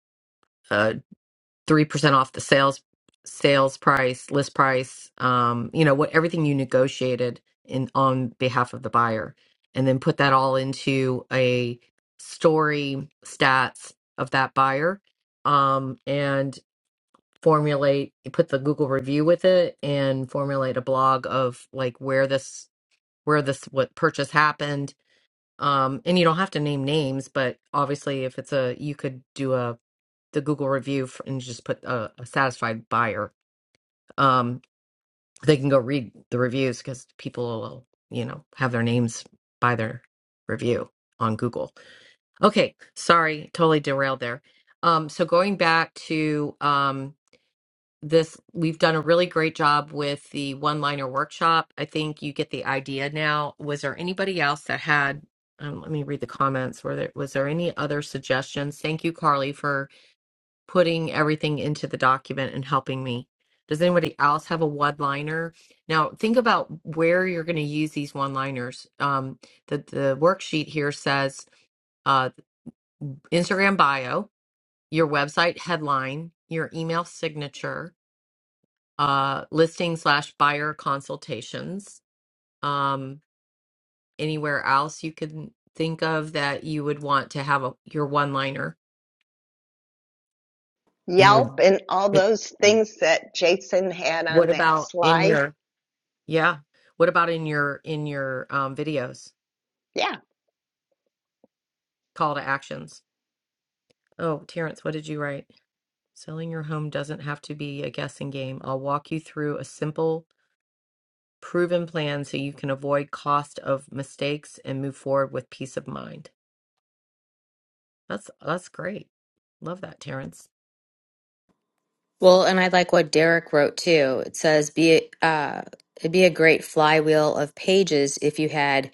A: uh, 3% off the sales sales price, list price, um, you know, what everything you negotiated in on behalf of the buyer and then put that all into a story stats of that buyer um, and formulate put the Google review with it and formulate a blog of like where this where this what purchase happened. Um, and you don't have to name names, but obviously, if it's a you could do a the Google review f- and just put a, a satisfied buyer. Um, they can go read the reviews because people will, you know, have their names by their review on Google. Okay, sorry, totally derailed there. Um, so going back to um, this we've done a really great job with the one liner workshop i think you get the idea now was there anybody else that had um, let me read the comments were there was there any other suggestions thank you carly for putting everything into the document and helping me does anybody else have a one liner now think about where you're going to use these one liners um, the, the worksheet here says uh, instagram bio your website headline your email signature uh, listing slash buyer consultations. Um, anywhere else you can think of that you would want to have a, your one liner in your.
E: Yelp and all
A: it-
E: those things that Jason had
A: What
E: on that
A: about in
E: slide.
A: your? Yeah. What about in your in your um, videos?
E: Yeah,
A: Call to actions. Oh, Terrence, what did you write? Selling your home doesn't have to be a guessing game. I'll walk you through a simple, proven plan so you can avoid cost of mistakes and move forward with peace of mind. That's that's great. Love that, Terrence.
B: Well, and I like what Derek wrote too. It says, be, a- uh, it'd be a great flywheel of pages if you had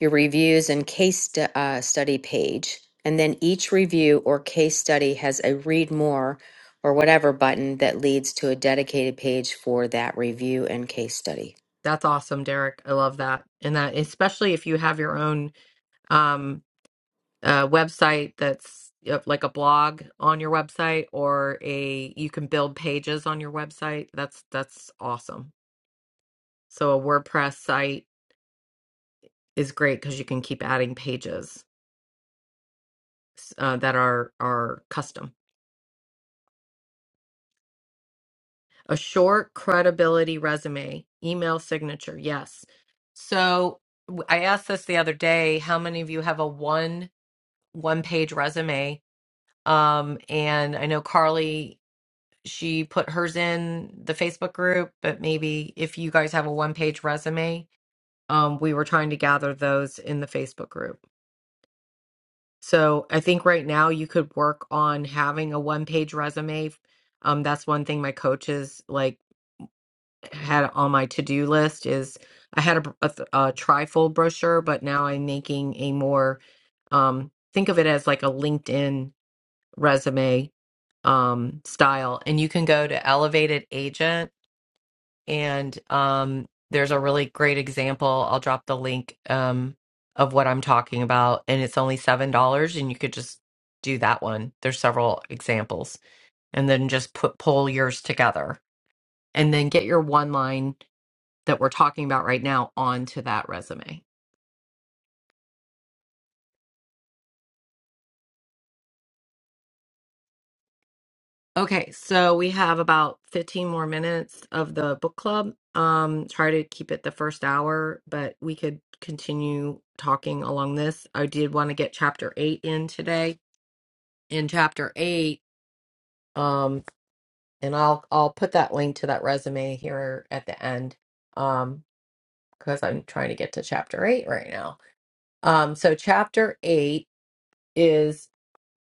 B: your reviews and case stu- uh, study page. And then each review or case study has a read more or whatever button that leads to a dedicated page for that review and case study.
A: That's awesome, Derek. I love that. And that, especially if you have your own um, uh, website that's uh, like a blog on your website or a you can build pages on your website. That's that's awesome. So a WordPress site is great because you can keep adding pages uh, that are are custom. A short credibility resume, email signature. Yes. So w- I asked this the other day. How many of you have a one one page resume? Um, and I know Carly, she put hers in the Facebook group, but maybe if you guys have a one page resume, um, we were trying to gather those in the Facebook group. So I think right now you could work on having a one page resume. Um, that's one thing my coaches like had on my to do list is I had a, a, a trifold brochure, but now I'm making a more um, think of it as like a LinkedIn resume um, style. And you can go to Elevated Agent, and um, there's a really great example. I'll drop the link um, of what I'm talking about, and it's only $7, and you could just do that one. There's several examples, and then just put pull yours together, and then get your one line that we're talking about right now onto that resume. Okay, so we have about 15 more minutes of the book club. Um, try to keep it the first hour, but we could continue talking along this. I did want to get chapter eight in today. In chapter eight, um, and I'll I'll put that link to that resume here at the end, um, because I'm trying to get to chapter eight right now. Um, so chapter eight is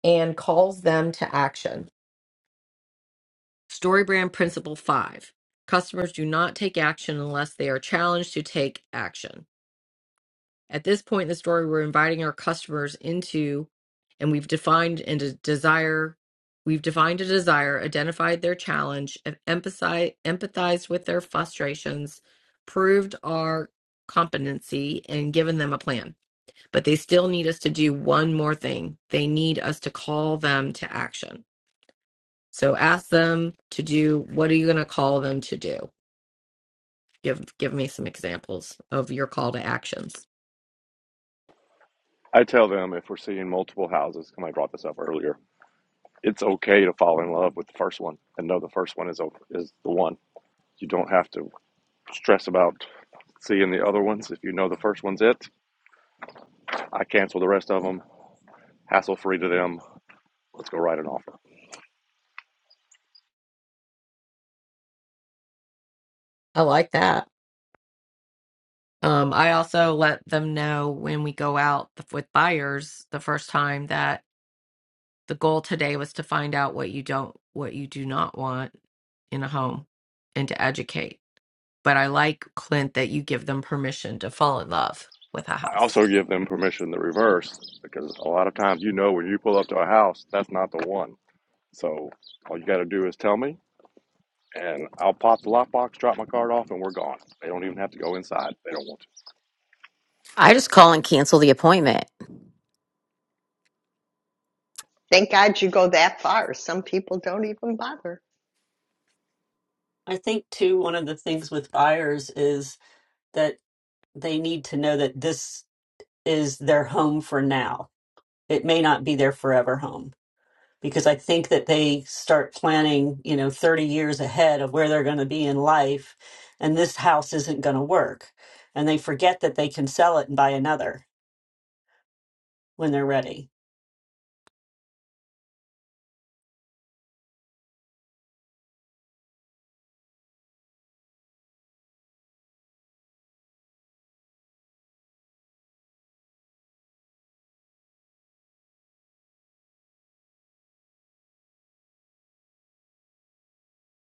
A: and calls them to action. Storybrand Principle 5 Customers do not take action unless they are challenged to take action. At this point in the story, we're inviting our customers into, and we've defined and a desire. We've defined a desire, identified their challenge, and emphasized, empathized with their frustrations, proved our competency, and given them a plan. But they still need us to do one more thing. They need us to call them to action. So ask them to do what are you going to call them to do? Give give me some examples of your call to actions.
K: I tell them if we're seeing multiple houses, and I brought this up earlier, it's okay to fall in love with the first one and know the first one is over, is the one. You don't have to stress about seeing the other ones. If you know the first one's it, I cancel the rest of them, hassle free to them. Let's go write an offer.
A: I like that. Um, I also let them know when we go out with buyers the first time that the goal today was to find out what you don't what you do not want in a home and to educate. But I like Clint that you give them permission to fall in love with a
K: I
A: house.
K: also give them permission to reverse because a lot of times you know when you pull up to a house, that's not the one. So all you got to do is tell me, and I'll pop the lockbox, drop my card off, and we're gone. They don't even have to go inside. They don't want
B: I just call and cancel the appointment.
E: thank God you go that far. Some people don't even bother.
D: I think too, one of the things with buyers is that they need to know that this is their home for now. It may not be their forever home because I think that they start planning, you know, 30 years ahead of where they're going to be in life and this house isn't going to work. And they forget that they can sell it and buy another when they're ready.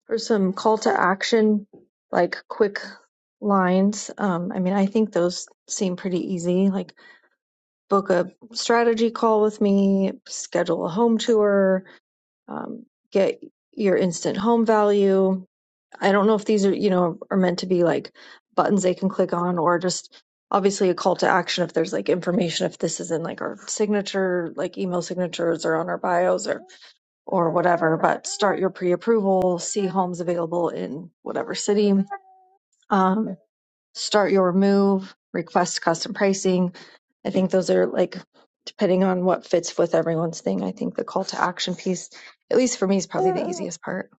F: For some call to action, like quick lines, um, I mean, I think those seem pretty easy. Like book a strategy call with me, schedule a home tour, um, get your instant home value. I don't know if these are, you know, are meant to be like buttons they can click on or just obviously a call to action if there's like information if this is in like our signature, like email signatures or on our bios or or whatever, but start your pre-approval, see homes available in whatever city. Um, start your move, request custom pricing. I think those are like, depending on what fits with everyone's thing, I think the call to action piece, at least for me, is probably the easiest part.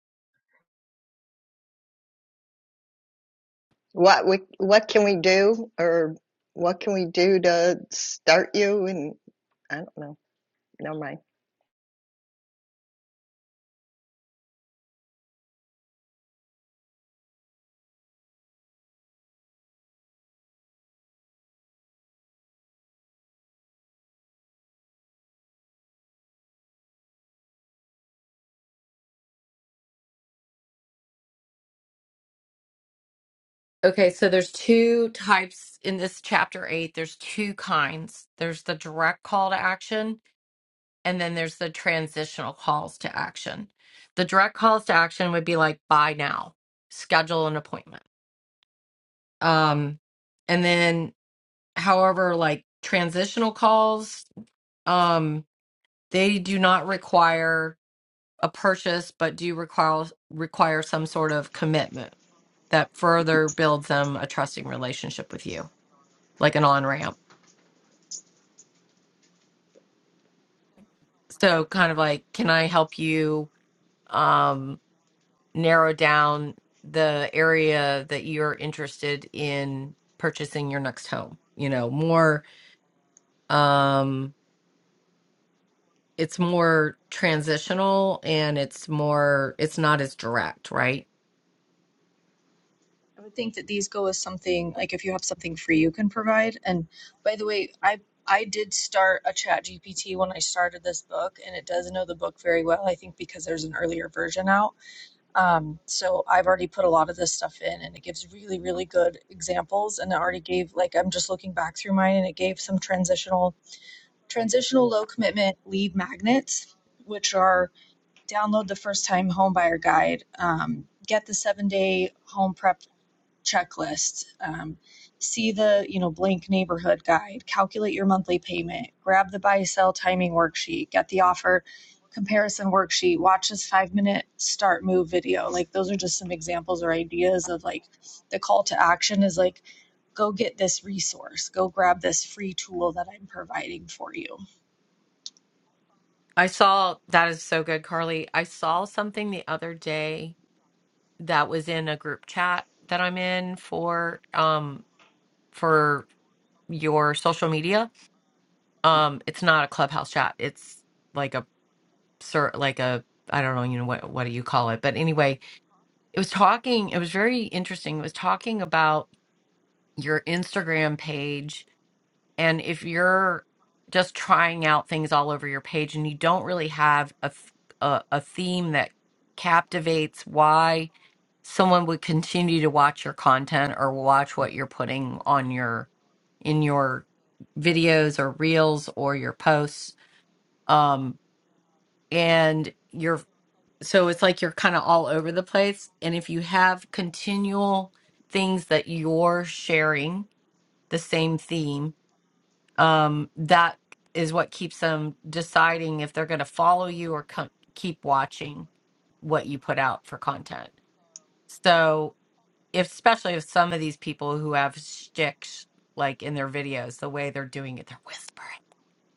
E: What we, what can we do or what can we do to start you and I don't know Never mind.
A: Okay, so there's two types in this chapter eight. There's two kinds. There's the direct call to action, and then there's the transitional calls to action. The direct calls to action would be like buy now, schedule an appointment. Um, and then however, like transitional calls, um, they do not require a purchase, but do require require some sort of commitment that further builds them a trusting relationship with you, like an on ramp so kind of like can i help you um narrow down the area that you're interested in purchasing your next home you know more um it's more transitional and it's more it's not as direct right
F: I would think that these go with something like if you have something free you can provide. And by the way, I I did start a chat GPT when I started this book and it does know the book very well, I think because there's an earlier version out. Um, so I've already put a lot of this stuff in and it gives really, really good examples. And it already gave, like, I'm just looking back through mine and it gave some transitional, transitional low commitment lead magnets, which are download the first time home buyer guide, um, get the seven day home prep checklist um, see the you know blank neighborhood guide calculate your monthly payment grab the buy sell timing worksheet get the offer comparison worksheet watch this five minute start move video like those are just some examples or ideas of like the call to action is like go get this resource go grab this free tool that i'm providing for you
A: i saw that is so good carly i saw something the other day that was in a group chat that i'm in for um for your social media Um, it's not a clubhouse chat. It's like a sir, like a I don't know, you know what what do you call it? But anyway, it was talking. It was very interesting. It was talking about your Instagram page and if you're just trying out things all over your page and you don't really have a th- a, a theme that captivates why someone would continue to watch your content or watch what you're putting on your in your videos or reels or your posts um, and you're so it's like you're kind of all over the place and if you have continual things that you're sharing the same theme um that is what keeps them deciding if they're going to follow you or co- keep watching what you put out for content so if, especially if some of these people who have sticks like in their videos the way they're doing it they're whispering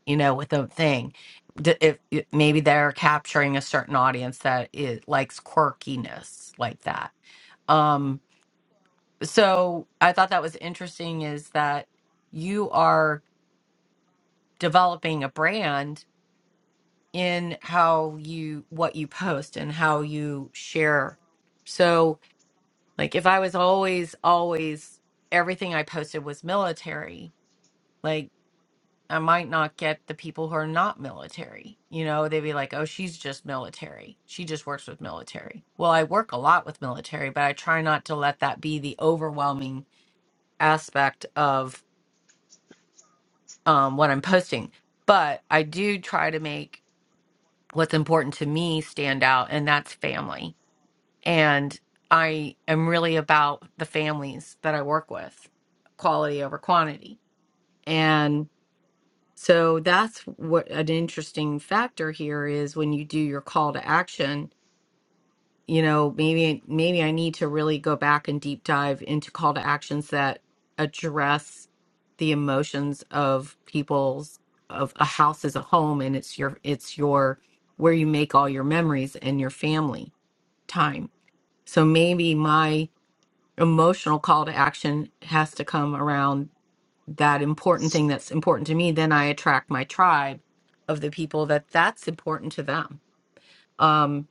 A: you know, with a thing. D- If if maybe they're capturing a certain audience that it likes quirkiness like that. Um, so I thought that was interesting is that you are developing a brand in how you what you post and how you share. So like if I was always always everything I posted was military, like. I might not get the people who are not military. You know, they'd be like, oh, she's just military. She just works with military. Well, I work a lot with military, but I try not to let that be the overwhelming aspect of um, what I'm posting. But I do try to make what's important to me stand out, and that's family. And I am really about the families that I work with, quality over quantity. and. So that's what an interesting factor here is when you do your call to action, you know, maybe maybe I need to really go back and deep dive into call to actions that address the emotions of people's of a house as a home and it's your it's your where you make all your memories and your family time. So maybe my emotional call to action has to come around that important thing that's important to me then i attract my tribe of the people that that's important to them um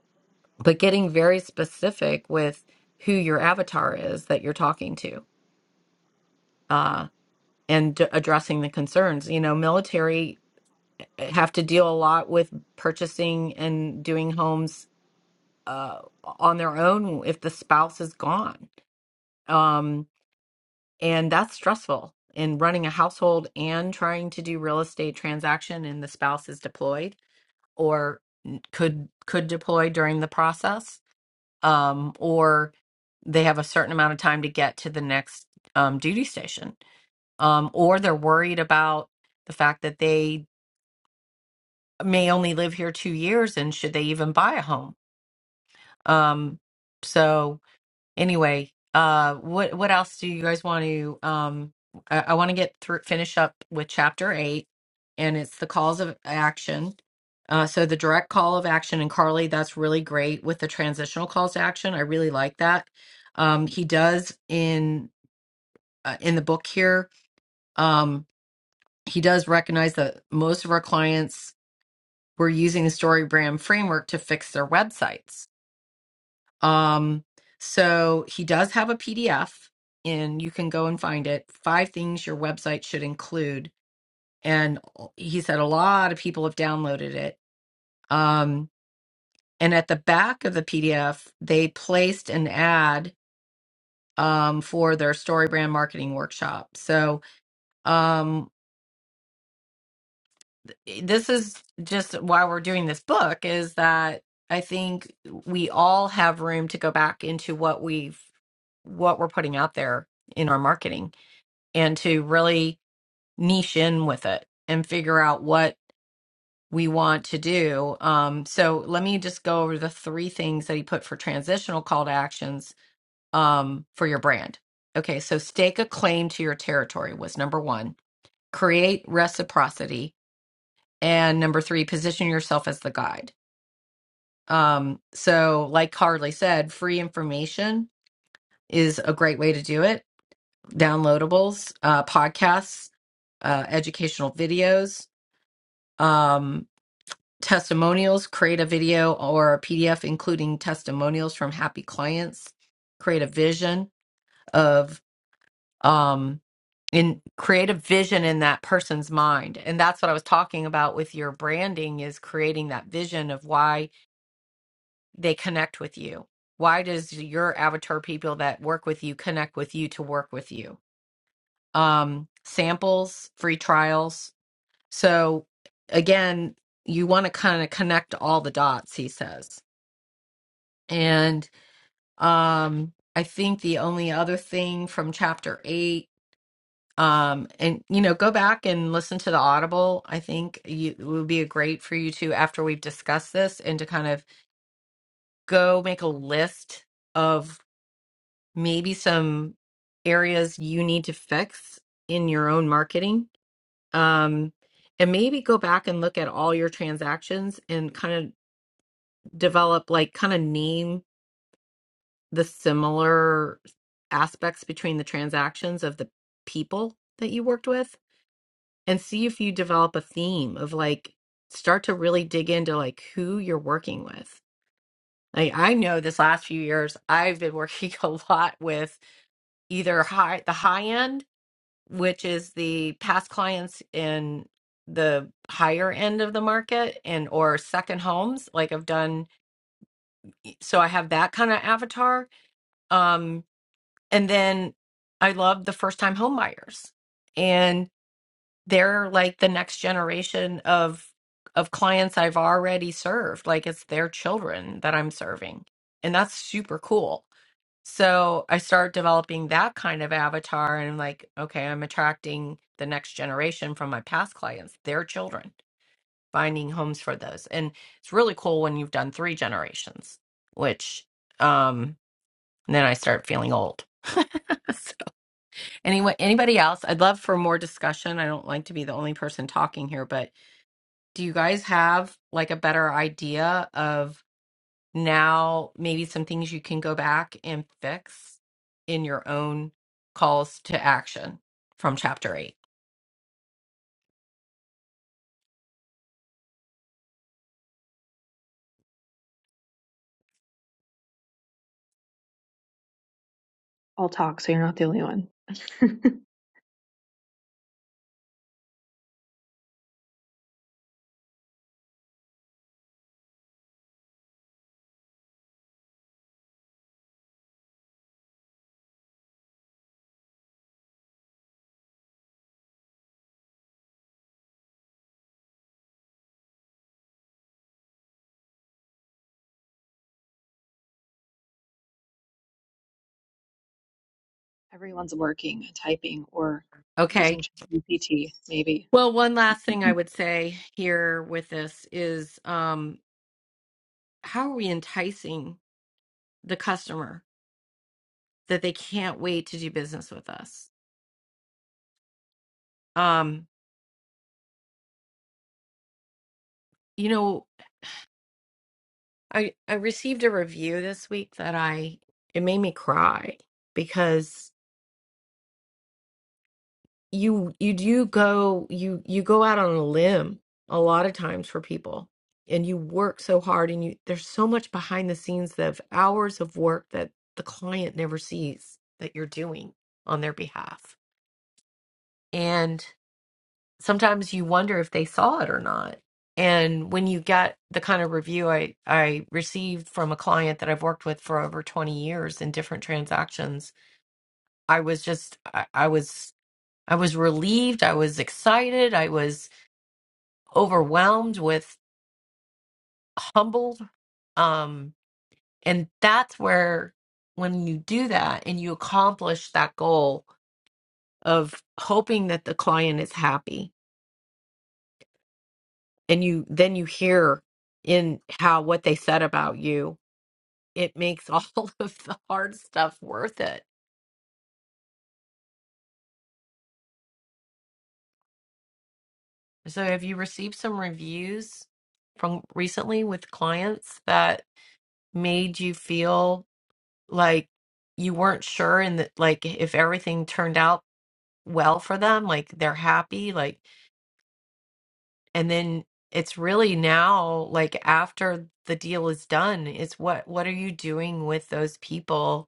A: but getting very specific with who your avatar is that you're talking to uh and d- addressing the concerns you know military eh, eh, have to deal a lot with purchasing and doing homes uh on their own if the spouse is gone um and that's stressful in running a household and trying to do real estate transaction and the spouse is deployed or n- could could deploy during the process um, or they have a certain amount of time to get to the next um, duty station um, or they're worried about the fact that they may only live here two years and should they even buy a home um, so anyway uh what what else do you guys want to um i, I want to get through finish up with chapter eight and it's the calls of action uh so the direct call of action and carly that's really great with the transitional calls to action i really like that um he does in uh, in the book here um he does recognize that most of our clients were using the story brand framework to fix their websites Um, so he does have a PDF, and you can go and find it. Five things your website should include. And he said a lot of people have downloaded it. Um, and at the back of the PDF, they placed an ad um, for their story brand marketing workshop. So um, this is just why we're doing this book is that I think we all have room to go back into what we've what we're putting out there in our marketing and to really niche in with it and figure out what we want to do. Um, so let me just go over the three things that he put for transitional call to actions um, for your brand. Okay, so stake a claim to your territory was number one, create reciprocity, and number three, position yourself as the guide. Um, so, like Harley said, free information is a great way to do it. Downloadables, uh, podcasts, uh, educational videos, um, testimonials, create a video or a PDF including testimonials from happy clients, create a vision of um in create a vision in that person's mind. And that's what I was talking about with your branding is creating that vision of why they connect with you. Why does your avatar people that work with you connect with you to work with you? Um samples, free trials, So again, you want to kind of connect all the dots, he says. And um, I think the only other thing from chapter eight, um, and you know, go back and listen to the audible. I think you, it would be a great for you to, after we've discussed this, and to kind of go make a list of maybe some areas you need to fix in your own marketing. Um, and maybe go back and look at all your transactions and kind of develop like kind of name the similar aspects between the transactions of the people that you worked with and see if you develop a theme of like start to really dig into like who you're working with. Like I know this last few years I've been working (laughs) a lot with either high the high end, which is the past clients in the higher end of the market and or second homes. Like I've done so I have that kind of avatar. Um. And then I love the first time home buyers. And they're like the next generation of of clients I've already served. Like it's their children that I'm serving. And that's super cool. So I start developing that kind of avatar and I'm like, okay, I'm attracting the next generation from my past clients, their children, finding homes for those. And it's really cool when you've done three generations, which um then I start feeling old. (laughs) Anyone, anybody else? I'd love for more discussion. I don't like to be the only person talking here, but do you guys have like a better idea of now maybe some things you can go back and fix in your own calls to action from chapter 8?
F: everyone's working typing or
A: Okay.
F: using ChatGPT maybe
A: Well, one last thing
F: (laughs)
A: I would say here with this is um how are we enticing the customer that they can't wait to do business with us? Um you know I I received a review this week that I it made me cry because you you do go you you go out on a limb a lot of times for people and you work so hard and you there's so much behind the scenes of hours of work that the client never sees that you're doing on their behalf. sometimes you wonder if they saw it or not. And when you get the kind of review I, I received from a client that I've worked with for over 20 years in different transactions, I was just, I, I was, I was relieved. I was excited. I was overwhelmed with humbled. Um, and that's where, when you do that and you accomplish that goal of hoping that the client is happy, and you then you hear in how what they said about you it makes all (laughs) of the hard stuff worth it so have you received some reviews from recently with clients that made you feel like you weren't sure and that like if everything turned out well for them like they're happy like and then it's really now like after the deal is done it's what what are you doing with those people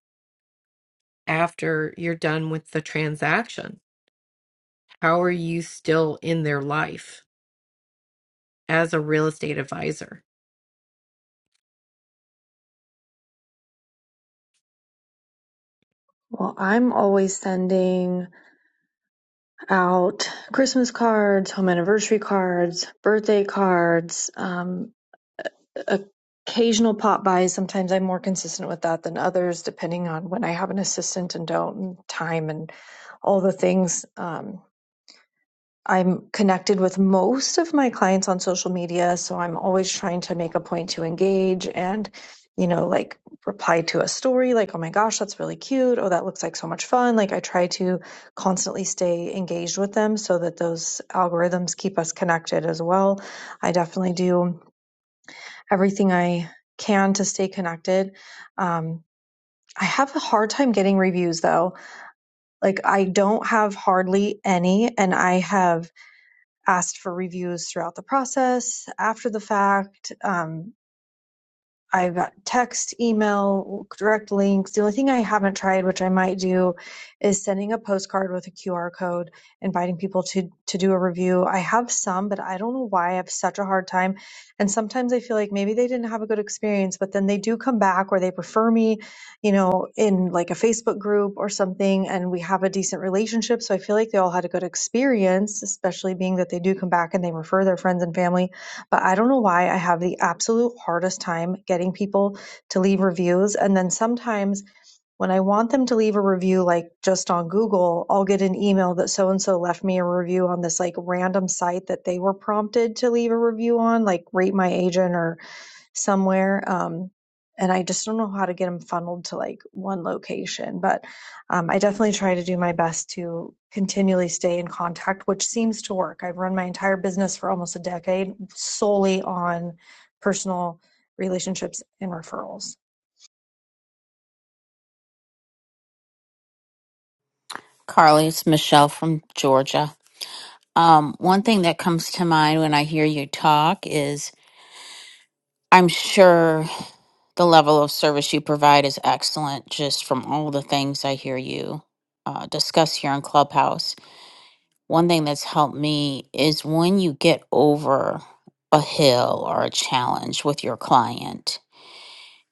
A: after you're done with the transaction? How are you still in their life as a real estate advisor?
F: Well, I'm always sending. out Christmas cards, home anniversary cards, birthday cards, um, occasional pop buys. Sometimes I'm more consistent with that than others, depending on when I have an assistant and don't, and time and all the things. Um, I'm connected with most of my clients on social media, so I'm always trying to make a point to engage and, you know, like reply to a story like, oh my gosh, that's really cute. Oh, that looks like so much fun. Like, I try to constantly stay engaged with them so that those algorithms keep us connected as well. I definitely do everything I can to stay connected. Um, I have a hard time getting reviews though. Like, I don't have hardly any, and I have asked for reviews throughout the process, after the fact. Um, I've got text, email, direct links. The only thing I haven't tried, which I might do, is sending a postcard with a QR code, inviting people to to do a review. I have some, but I don't know why I have such a hard time. And sometimes I feel like maybe they didn't have a good experience, but then they do come back or they prefer me, you know, in like a Facebook group or something, and we have a decent relationship. So I feel like they all had a good experience, especially being that they do come back and they refer their friends and family but I don't know why I have the absolute hardest time getting people to leave reviews. And then sometimes when I want them to leave a review, like just on Google, I'll get an email that so and so left me a review on this like random site that they were prompted to leave a review on, like Rate My Agent or somewhere. Um, and I just don't know how to get them funneled to like one location. But um, I definitely try to do my best to continually stay in contact, which seems to work. I've run my entire business for almost a decade solely on personal relationships and referrals.
M: Carly, it's Michelle from Georgia. Um, one thing that comes to mind when I hear you talk is I'm sure the level of service you provide is excellent just from all the things I hear you uh, discuss here in Clubhouse. One thing that's helped me is when you get over a hill or a challenge with your client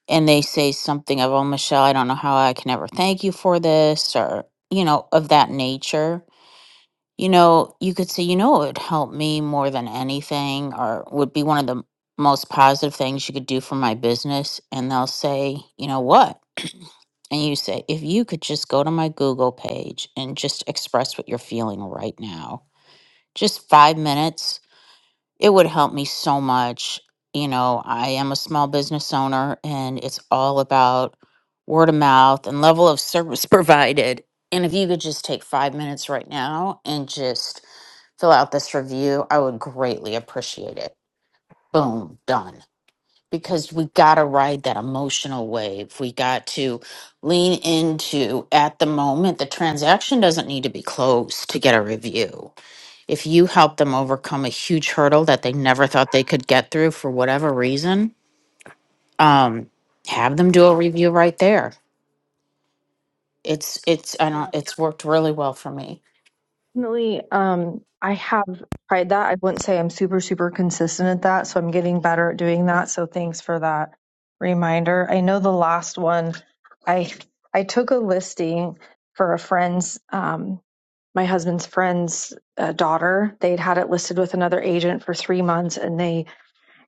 M: and they say something of, oh, Michelle, I don't know how I can ever thank you for this or, you know, of that nature You know, you could say, you know, it would help me more than anything, or would be one of the most positive things you could do for my business. And they'll say, you know what? And you say, if you could just go to my Google page and just express what you're feeling right now, just five minutes it would help me so much. You know, I am a small business owner and it's all about word of mouth and level of service (laughs) provided. And if you could just take five minutes right now and just fill out this review, I would greatly appreciate it. Boom, done. Because we got to ride that emotional wave. We got to lean into at the moment, the transaction doesn't need to be closed to get a review if you help them overcome a huge hurdle that they never thought they could get through for whatever reason, um, have them do a review right there. It's it's I
F: Yeah.
M: don't it's worked really well for me.
F: Definitely, um, I have tried that. I wouldn't say I'm super, super consistent at that, so I'm getting better at doing that. So thanks for that reminder. I know the last one, I I took a listing for a friend's, um, my husband's friend's uh, daughter. They'd had it listed with another agent for three months, and they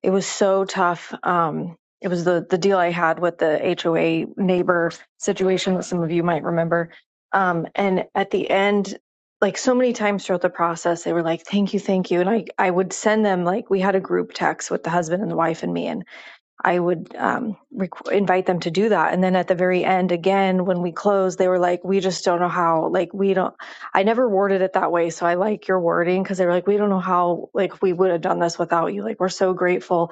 F: it was so tough. Um, it was the the deal I had with the HOA neighbor situation that some of you might remember. Um, and at the end, like so many times throughout the process, they were like, "Thank you, thank you," and I I would send them like we had a group text with the husband and the wife and me, and I would um, requ- invite them to do that. And then at the very end, again, when we closed, they were like, "We just don't know how. Like, we don't. I never worded it that way, so I like your wording because they were like, "We don't know how. Like, we would have done this without you. Like, we're so grateful."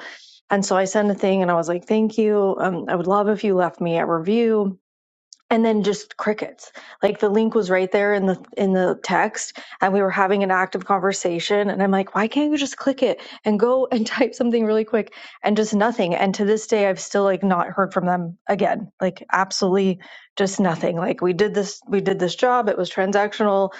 F: And so I sent a thing, and I was like, "Thank you. Um, I would love if you left me a review." and then just crickets like the link was right there in the in the text and we were having an active conversation and i'm like why can't you just click it and go and (laughs) type something really quick and just nothing and to this day i've still like not heard from them again like absolutely just nothing like we did this we did this job it was transactional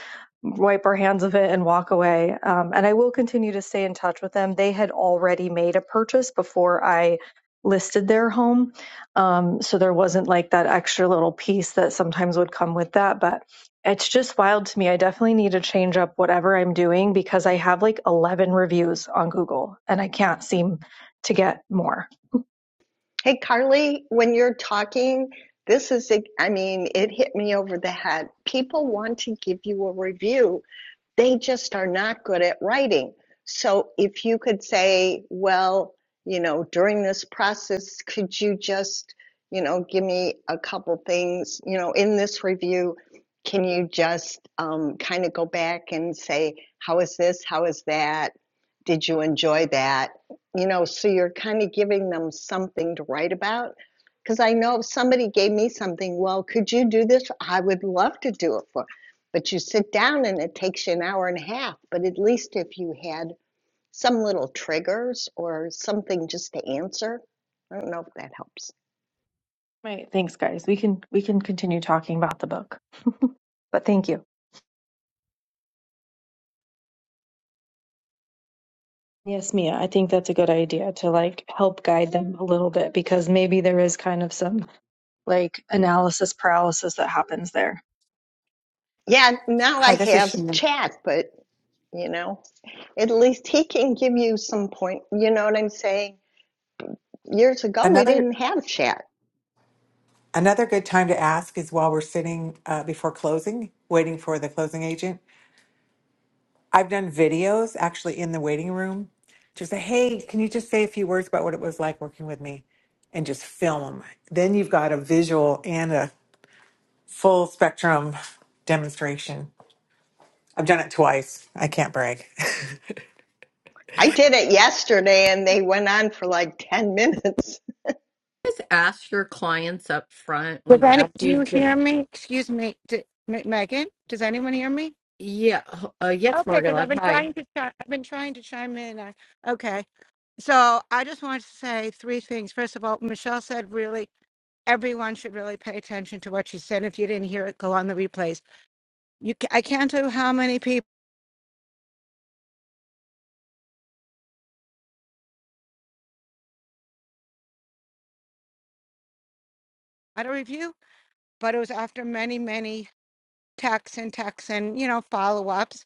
F: wipe our hands of it and walk away um, and i will continue to stay in touch with them they had already made a purchase before i listed their home um, so there wasn't like that extra little piece that sometimes would come with that. But it's just wild to me. I definitely need to change up whatever I'm doing because I have like 11 reviews on Google and I can't seem to get more.
E: Hey, Carly, when you're talking, this is, i mean, it hit me over the head. People want to give you a review They just are not good at writing. So if you could say, well, you know, during this process, could you just, you know, give me a couple things, you know, in this review, can you just um, kind of go back and say, how is this? How is that? Did you enjoy that? You know, so you're kind of giving them something to write about because I know if somebody gave me something, well, could you do this? I would love to do it for but you sit down and it takes you an hour and a half. But at least if you had some little triggers or something just to answer, I don't know if that helps.
F: Right. Thanks, guys. We can we can continue talking about the book. (laughs) But thank you. Yes, Mia, I think that's a good idea to like help guide them a little bit because maybe there is kind of some like analysis paralysis that happens there.
E: Yeah, now
I: hi
E: I
I: this is
E: have
I: Shannon.
E: chat, but you know, at least he can give you some point. You know what I'm saying? Years ago, we
I: another
E: didn't have chat.
I: another good time to ask is while we're sitting uh, before closing waiting for the closing agent I've done videos actually in the waiting room to say, hey, can you just say a few words about what it was like working with me and just film them? Then you've got a visual and a full spectrum demonstration. I've done it twice. I can't brag. (laughs)
E: I did it yesterday and they went on for like 10 minutes.
A: Just ask your clients up front
N: Does
A: when
N: any,
A: after
N: do you
A: you've gi-
N: hear me? Excuse me, d M- Megan. Does anyone hear me?
A: yeah uh, yes
N: Okay, because
A: Margola
N: I've been
A: hi
N: trying to, chi- I've been trying to chime in. I, okay, so I just wanted to say three things. First of all, Michelle said really everyone should really pay attention to what she said. If you didn't hear it, go on the replays. You, ca- I can't tell you how many people had a review, but it was after many, many texts and texts and you know follow ups.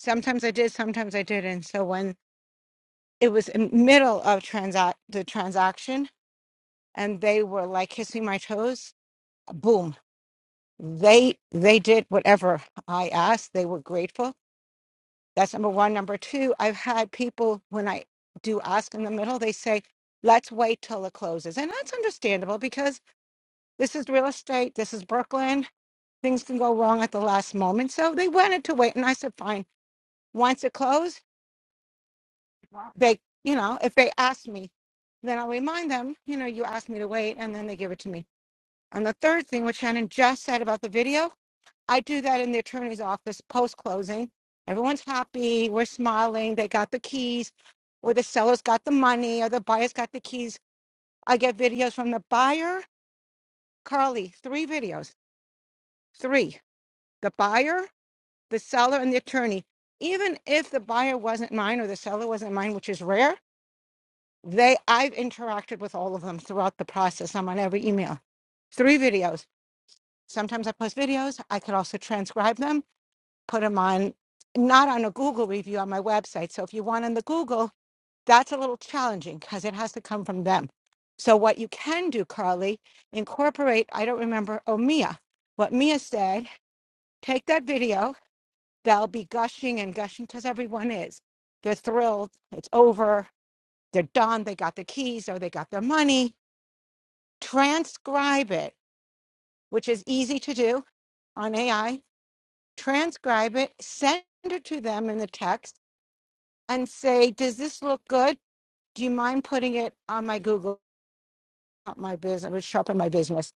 N: Sometimes I did, sometimes I didn't. So when it was in middle of transact the transaction and they were like kissing my toes boom they they did whatever i asked they were grateful that's number one number two i've had people when i do ask in the middle they say let's wait till it closes and that's understandable because this is real estate this is brooklyn things can go wrong at the last moment so they wanted to wait and i said fine once it closed they you know if they ask me then i'll remind them you know you asked me to wait and then they give it to me And the third thing, what Shannon just said about the video, I do that in the attorney's office post closing. Everyone's happy. We're smiling. They got the keys, or the seller's got the money, or the buyer's got the keys. I get videos from the buyer, Carly, three videos, three the buyer, the seller, and the attorney. Even if the buyer wasn't mine or the seller wasn't mine, which is rare, they I've interacted with all of them throughout the process. I'm on every email, three videos. Sometimes I post videos. I could also transcribe them put them on, not on a Google review on my website. So if you want on the Google, that's a little challenging because it has to come from them. So what you can do, Carly, incorporate, I don't remember, oh, Mia, what Mia said, take that video. They'll be gushing and gushing because everyone is. They're thrilled. It's over. They're done. They got the keys or they got their money. Transcribe it, which is easy to do on AI. Transcribe it, send it to them in the text and say, does this look good? Do you mind putting it on my Google, not my business, which shop in my business?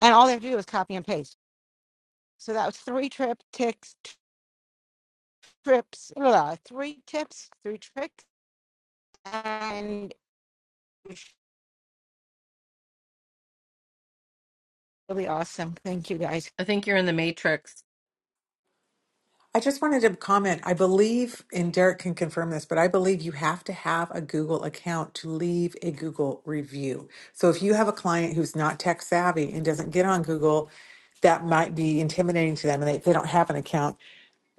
N: And all they have to do is copy and paste. So that was three trip ticks, trips, blah, three tips, three tricks, and it was really awesome. Thank you guys.
A: I think you're in the matrix
I: I just wanted to comment. I believe, and Derek can confirm this, but I believe you have to have a Google account to leave a Google review. So if you have a client who's not tech savvy and doesn't get on Google, that might be intimidating to them and they, they don't have an account.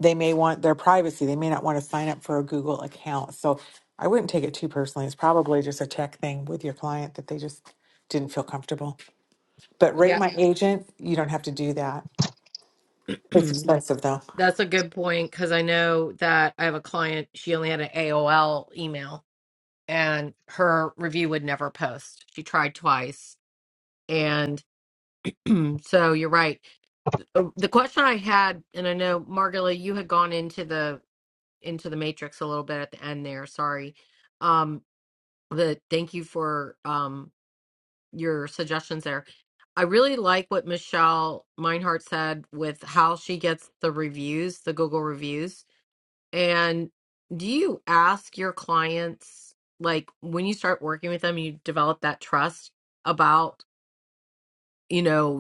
I: they may want their privacy. They may not want to sign up for a Google account. So I wouldn't take it too personally. It's probably just a tech thing with your client that they just didn't feel comfortable. But rate
A: yeah
I: my agent, you don't have to do that.
A: (clears throat)
I: It's expensive though.
A: that's a good point because I know that I have a client she only had an AOL email and her review would never post she tried twice and (clears throat) so you're right Uh, the question I had, and I know Margula, you had gone into the into the matrix a little bit at the end there. Sorry. Um, the thank you for um your suggestions there. I really like what Michelle Meinhardt said with how she gets the reviews, the Google reviews. And do you ask your clients, like when you start working with them, you develop that trust about, you know,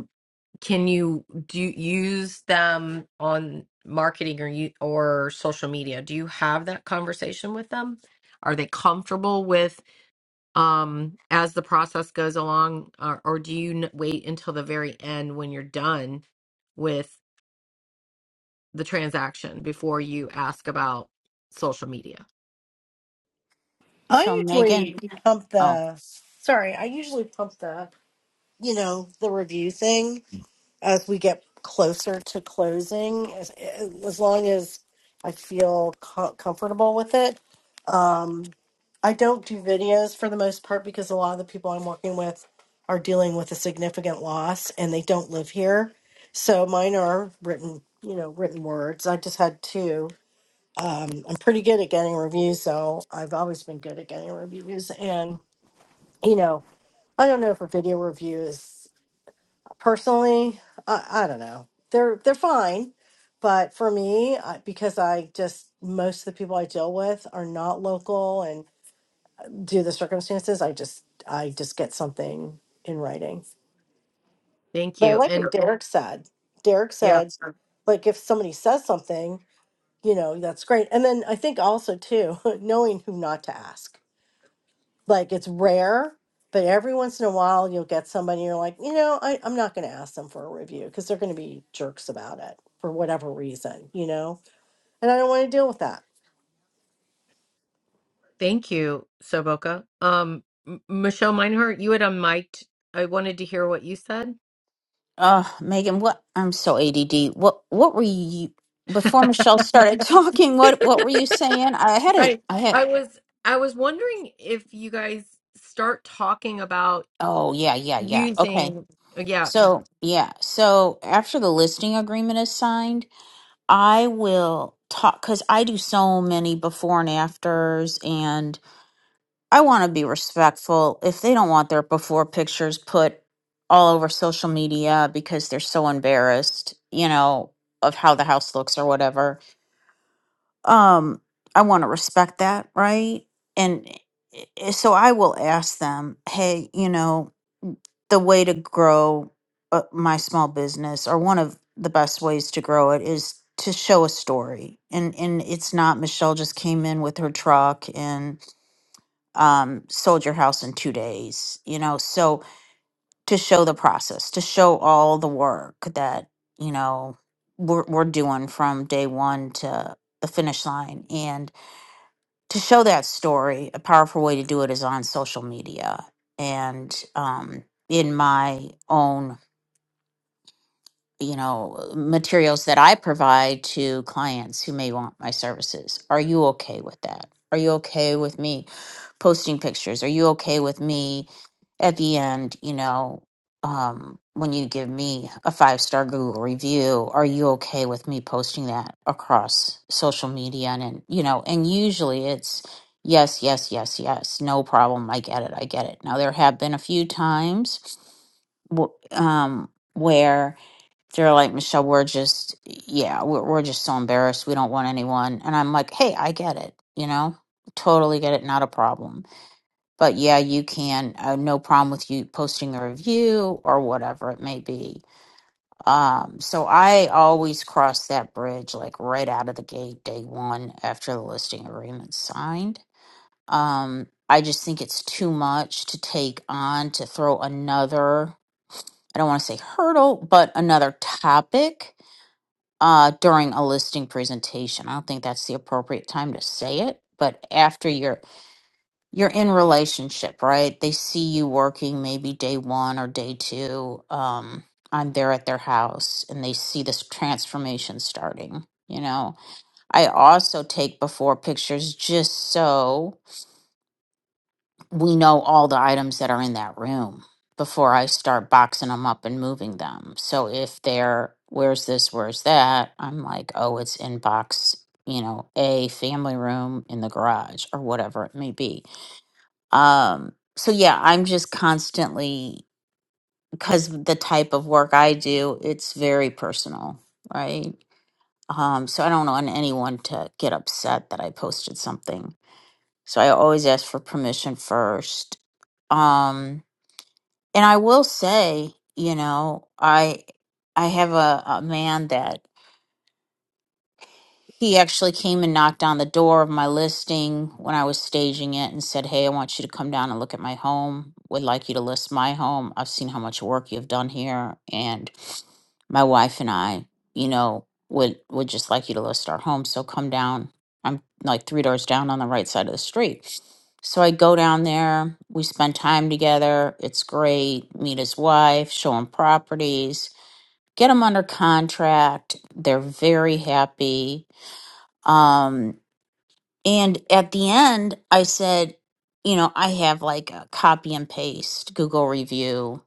A: Can you do you use them on marketing or you or social media? Do you have that conversation with them? Are they comfortable with um as the process goes along or, or do you n- wait until the very end when you're done with the transaction before you ask about social media?
M: So
O: I
M: Megan,
O: usually pump
M: oh,
O: the sorry, I usually pump the you know the review thing as we get closer to closing as, eh, as long as I feel co- comfortable with it. Um I don't do videos for the most part because a lot of the people I'm working with are dealing with a significant loss and they don't live here. So mine are written, you know, written words. I just had two um, I'm pretty good at getting reviews, so I've always been good at getting reviews. And you know, I don't know if a video review is personally, I, I don't know. They're they're fine, but for me, I, because I just most of the people I deal with are not local, and due to the circumstances, I just I just get something in writing.
A: Thank
O: But I
A: you.
O: like what
A: And
O: Okay. Derek said. Derek
A: yeah,
O: said, Sure. like if somebody says something, you know, that's great. And then I think also too, (laughs) knowing who not to ask like it's rare, but every once in a while you'll get somebody you're like, you know, I, I'm not going to ask them for a review because they're going to be jerks about it for whatever reason, you know? And I don't want to deal with that.
A: thank you, Soboka. Um M- Michelle Meinhardt, you had unmiked. I wanted to hear what you said.
M: uh, Megan, what I'm so ADD. What what were you before Michelle started (laughs) talking? What what were you saying? I had
A: I
M: it. I had.
A: I was I was wondering if you guys start talking about
M: Oh yeah, yeah, yeah. Okay.
A: using yeah,
M: So yeah. So after the listing agreement is signed I will talk because I do so many before and afters, and I want to be respectful. If they don't want their before pictures put all over social media because they're so embarrassed, you know, of how the house looks or whatever, um i want to respect that right and i- i- so i will ask them hey you know the way to grow uh, my small business or one of the best ways to grow it is to show a story and and it's not michelle just came in with her truck and um sold your house in two days you know so to show the process to show all the work that you know we're, we're doing from day one to the finish line to show that story, a powerful way to do it is on social media. And um, in my own you know, materials that I provide to clients who may want my services. Are you okay with that? Are you okay with me posting pictures? Are you okay with me at the end, you know, um, when you give me a five star Google review, are you okay with me posting that across social media? And, and, you know, and usually it's yes, yes, yes, yes, no problem. I get it. I get it. Now, there have been a few times w- um, where they're like, Michelle, we're just, yeah, we're, we're just so embarrassed. We don't want anyone. And I'm like, hey, I get it, you know, totally get it, not a problem. But yeah, you can, uh, no problem with you posting a review or whatever it may be. Um, so I always cross that bridge like right out of the gate, day one, after the listing agreement's signed. Um, I just think it's too much to take on to throw another, I don't want to say hurdle, but another topic uh, during a listing presentation. I don't think that's the appropriate time to say it, but after you're you're in relationship, right? They see you working maybe day one or day two. Um, I'm there at their house, and they see this transformation starting. You know, I also take before pictures just so we know all the items that are in that room before I start boxing them up and moving them. So if they're, where's this, where's that, I'm like, oh, it's in box, you know, a family room in the garage or whatever it may be. Um, so yeah, I'm just constantly, because the type of work I do, it's very personal, right? Um, so I don't want anyone to get upset that I posted something. So I always ask for permission first. Um, and I will say, you know, I I have a, a man that he actually came and knocked on the door of my listing when I was staging it and said, Hey, I want you to come down and look at my home. Would like you to list my home. I've seen how much work you've done here. And my wife and I, you know, would would just like you to list our home. So come down. I'm like three doors down on the right side of the street. So I go down there. We spend time together. It's great. Meet his wife. Show him properties. Get them under contract. They're very happy um, and at the end, I said, you know, I have like a copy and paste Google review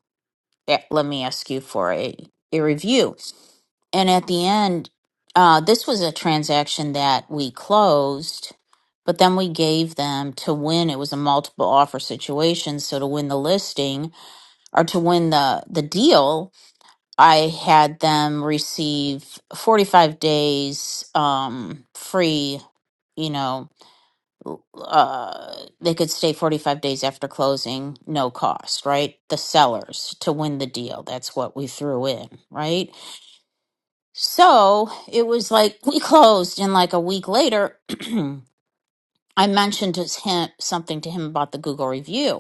M: that let me ask you for a, a review. And at the end, uh, this was a transaction that we closed, but then we gave them to win. It was a multiple offer situation. So to win the listing or to win the, the deal, I had them receive 45 days um, free, you know, uh, they could stay 45 days after closing, no cost, right? The sellers to win the deal. That's what we threw in, right? So it was like we closed, and like a week later, (clears throat) I mentioned to him something to him about the Google review.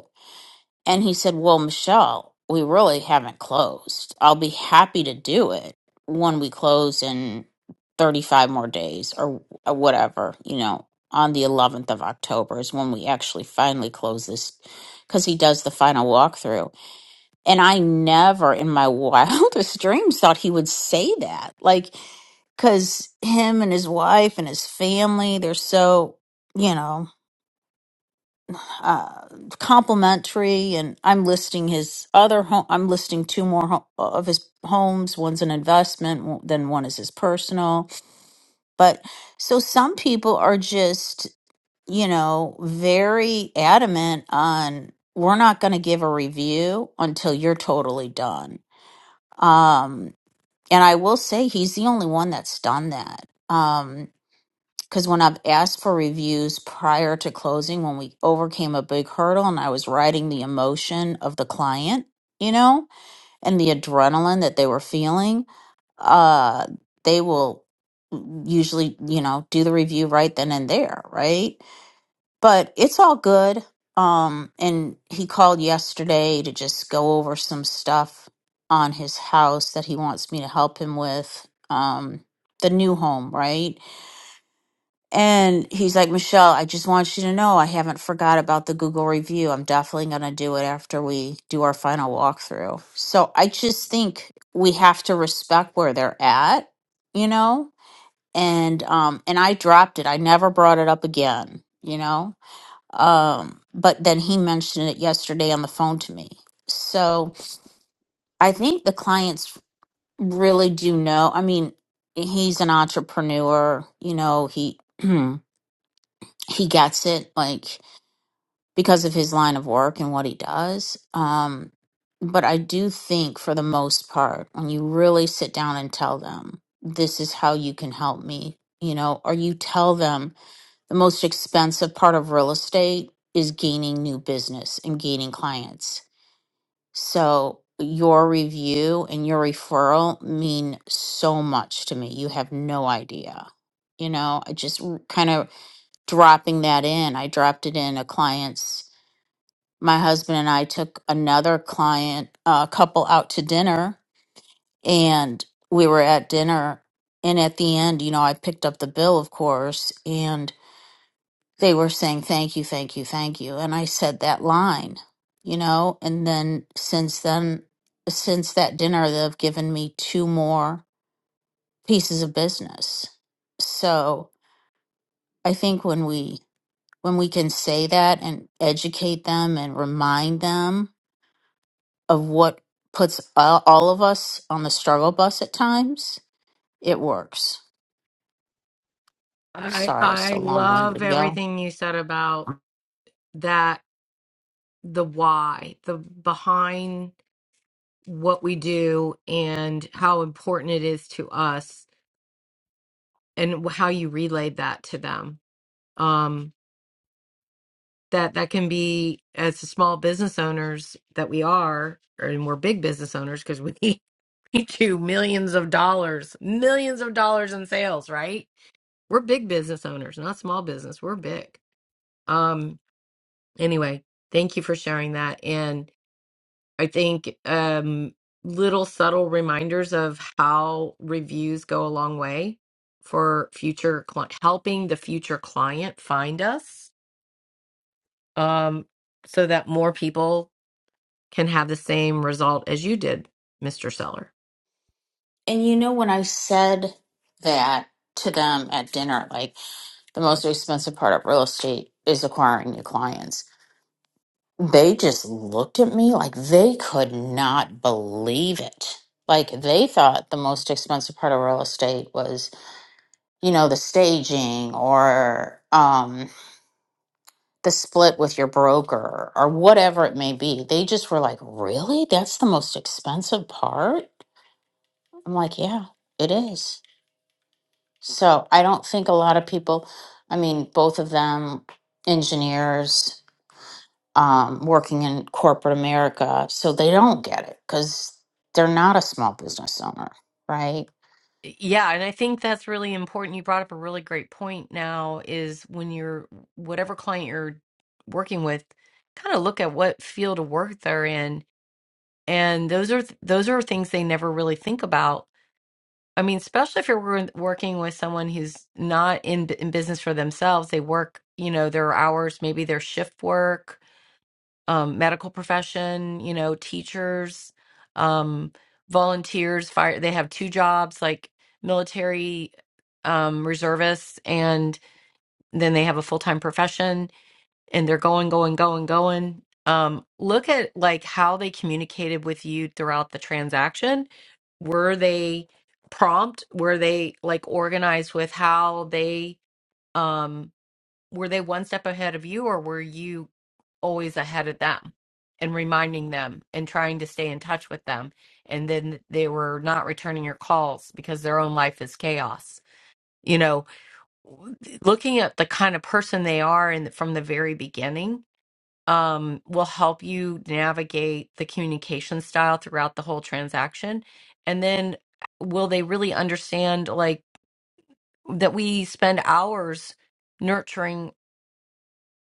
M: And he said, Well, Michelle, we really haven't closed. I'll be happy to do it when we close in 35 more days or or whatever, you know, on the 11th of October is when we actually finally close this because he does the final walkthrough. And I never in my (laughs) wildest dreams thought he would say that. Like, because him and his wife and his family, they're so, you know uh, complimentary, and I'm listing his other home. I'm listing two more ho- of his homes. One's an investment, w- then one is his personal. But so some people are just, you know, very adamant on we're not going to give a review until you're totally done. Um, and I will say he's the only one that's done that. Um, because when I've asked for reviews prior to closing, when we overcame a big hurdle and I was riding the emotion of the client, you know, and the adrenaline that they were feeling, uh, they will usually, you know, do the review right then and there, right? But it's all good. Um, and he called yesterday to just go over some stuff on his house that he wants me to help him with. Um, the new home, right? And he's like, Michelle, I just want you to know I haven't forgot about the Google review. I'm definitely going to do it after we do our final walkthrough. So I just think we have to respect where they're at, you know? And um and I dropped it. I never brought it up again, you know? Um but then he mentioned it yesterday on the phone to me. So I think the clients really do know. I mean, he's an entrepreneur, you know, he (clears throat) he gets it like because of his line of work and what he does um but i do think for the most part when you really sit down and tell them this is how you can help me you know or you tell them the most expensive part of real estate is gaining new business and gaining clients so your review and your referral mean so much to me you have no idea you know i just kind of dropping that in. I dropped it in a client's. My husband and I took another client, a couple out to dinner, and we were at dinner. And at the end, you know, I picked up the bill, of course, and they were saying, thank you, thank you, thank you. And I said that line, you know, and then since then, since that dinner, they've given me two more pieces of business. So I think when we when we can say that and educate them and remind them of what puts all all of us on the struggle bus at times, it works.
A: I
M: Sorry, it's
A: I
M: so long
A: love
M: winded, y'all.
A: everything you said about that the why, the behind what we do and how important it is to us and how you relayed that to them. Um that that can be as small business owners that we are and we're big business owners because we (laughs) (laughs) to millions of dollars, millions of dollars in sales, right? We're big business owners, not small business. We're big. Um, anyway, thank you for sharing that. And I think um, little subtle reminders of how reviews go a long way for future cli helping the future client find us um, so that more people can have the same result as you did, Mr. Seller.
M: And you know, when I said that to them at dinner, like the most expensive part of real estate is acquiring new clients, they just looked at me like they could not believe it. Like they thought the most expensive part of real estate was you know the staging or um the split with your broker or whatever it may be they just were like really that's the most expensive part i'm like yeah it is so i don't think a lot of people i mean both of them engineers um, working in corporate america so they don't get it because they're not a small business owner right
A: Yeah, and I think that's really important. You brought up a really great point now is when you're whatever client you're working with, kind of look at what field of work they're in. And those are th- those are things they never really think about. I mean, especially if you're wor- working with someone who's not in, b- in business for themselves, they work, you know, their hours, maybe their shift work um, medical profession, you know, teachers, um, volunteers, fire. They have two jobs, like military um, reservists, and then they have a full time profession, and they're going, going, going, going. Um, look at like how they communicated with you throughout the transaction. Were they prompt? Were they like organized with how they? Um, were they one step ahead of you or were you always ahead of them and reminding them and trying to stay in touch with them and then they were not returning your calls because their own life is chaos you know looking at the kind of person they are and from the very beginning um, will help you navigate the communication style throughout the whole transaction and then will they really understand like that we spend hours nurturing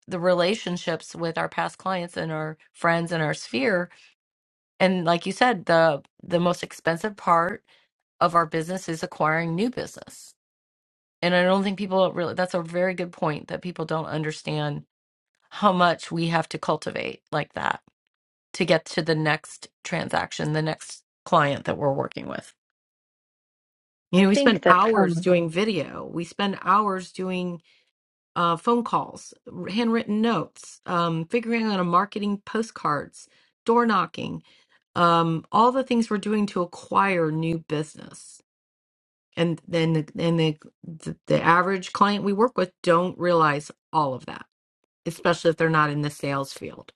A: the relationships with our past clients and our friends and our sphere and like you said the the most expensive part of our business is acquiring new business and i don't think people really that's a very good point that people don't understand how much we have to cultivate like that to get to the next transaction the next client that we're working with you
F: I
A: know we spend
F: think that
A: hours
F: um
A: doing video we spend hours doing uh, phone calls, handwritten notes, um, figuring out a marketing postcards, door knocking, um, all the things we're doing to acquire new business. And then the, and the, the the average client we work with don't realize all of that, especially if they're not in the sales field.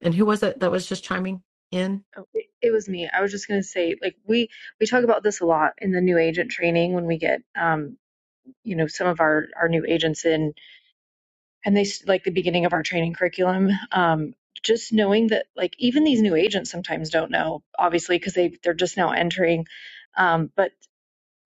A: And who was it that was just chiming in?
F: oh, it, it was me. I was just going to say like we we talk about this a lot in the new agent training when we get um you know some of our our new agents in and they like the beginning of our training curriculum um, just knowing that like even these new agents sometimes don't know obviously because they they're just now entering um, but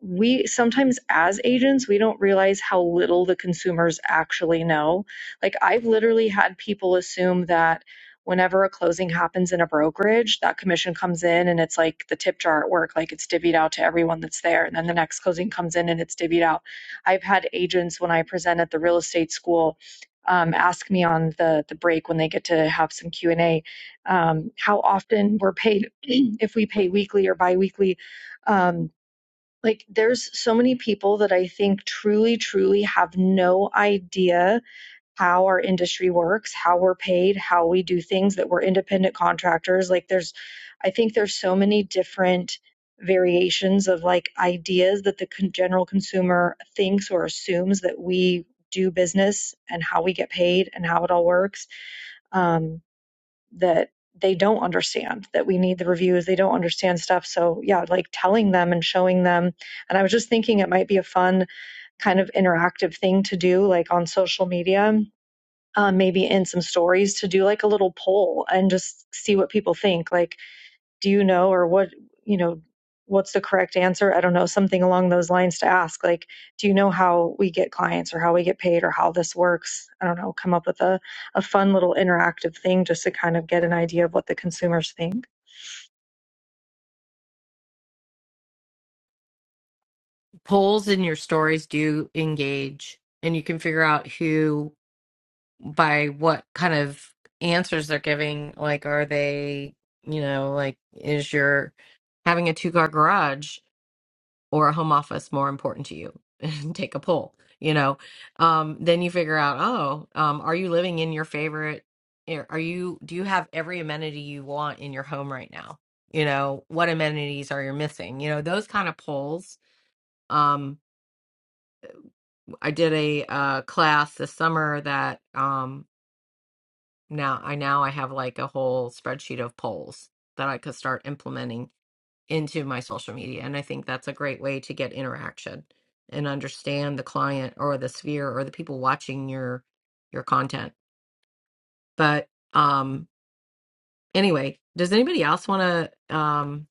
F: we sometimes as agents we don't realize how little the consumers actually know like i've literally had people assume that whenever a closing happens in a brokerage that commission comes in and it's like the tip jar at work like it's divvied out to everyone that's there and then the next closing comes in and it's divvied out i've had agents when i present at the real estate school um, ask me on the the break when they get to have some Q and A, um, how often we're paid, (clears throat) if we pay weekly or biweekly, Um, like, there's so many people that I think truly, truly have no idea how our industry works, how we're paid, how we do things, that we're independent contractors. Like, there's, I think there's so many different variations of like ideas that the con- general consumer thinks or assumes that we do business and how we get paid and how it all works. Um, that they don't understand that we need the reviews they don't understand stuff so yeah like telling them and showing them and i was just thinking it might be a fun kind of interactive thing to do like on social media um, maybe in some stories to do like a little poll and just see what people think like do you know or what you know what's the correct answer i don't know something along those lines to ask like do you know how we get clients or how we get paid or how this works i don't know come up with a, a fun little interactive thing just to kind of get an idea of what the consumers think
A: Polls in your stories do engage, and you can figure out who by what kind of answers they're giving. Like, are they, you know, like, is your having a two car garage or a home office more important to you? (laughs) Take a poll, you know. Um, then you figure out, oh, um, are you living in your favorite? are you, do you have every amenity you want in your home right now? You know, what amenities are you missing? You know, those kind of polls. Um, I did a uh, class this summer that um, now I now I have like a whole spreadsheet of polls that I could start implementing into my social media. And I think that's a great way to get interaction and understand the client or the sphere or the people watching your your content. But um anyway, does anybody else want to um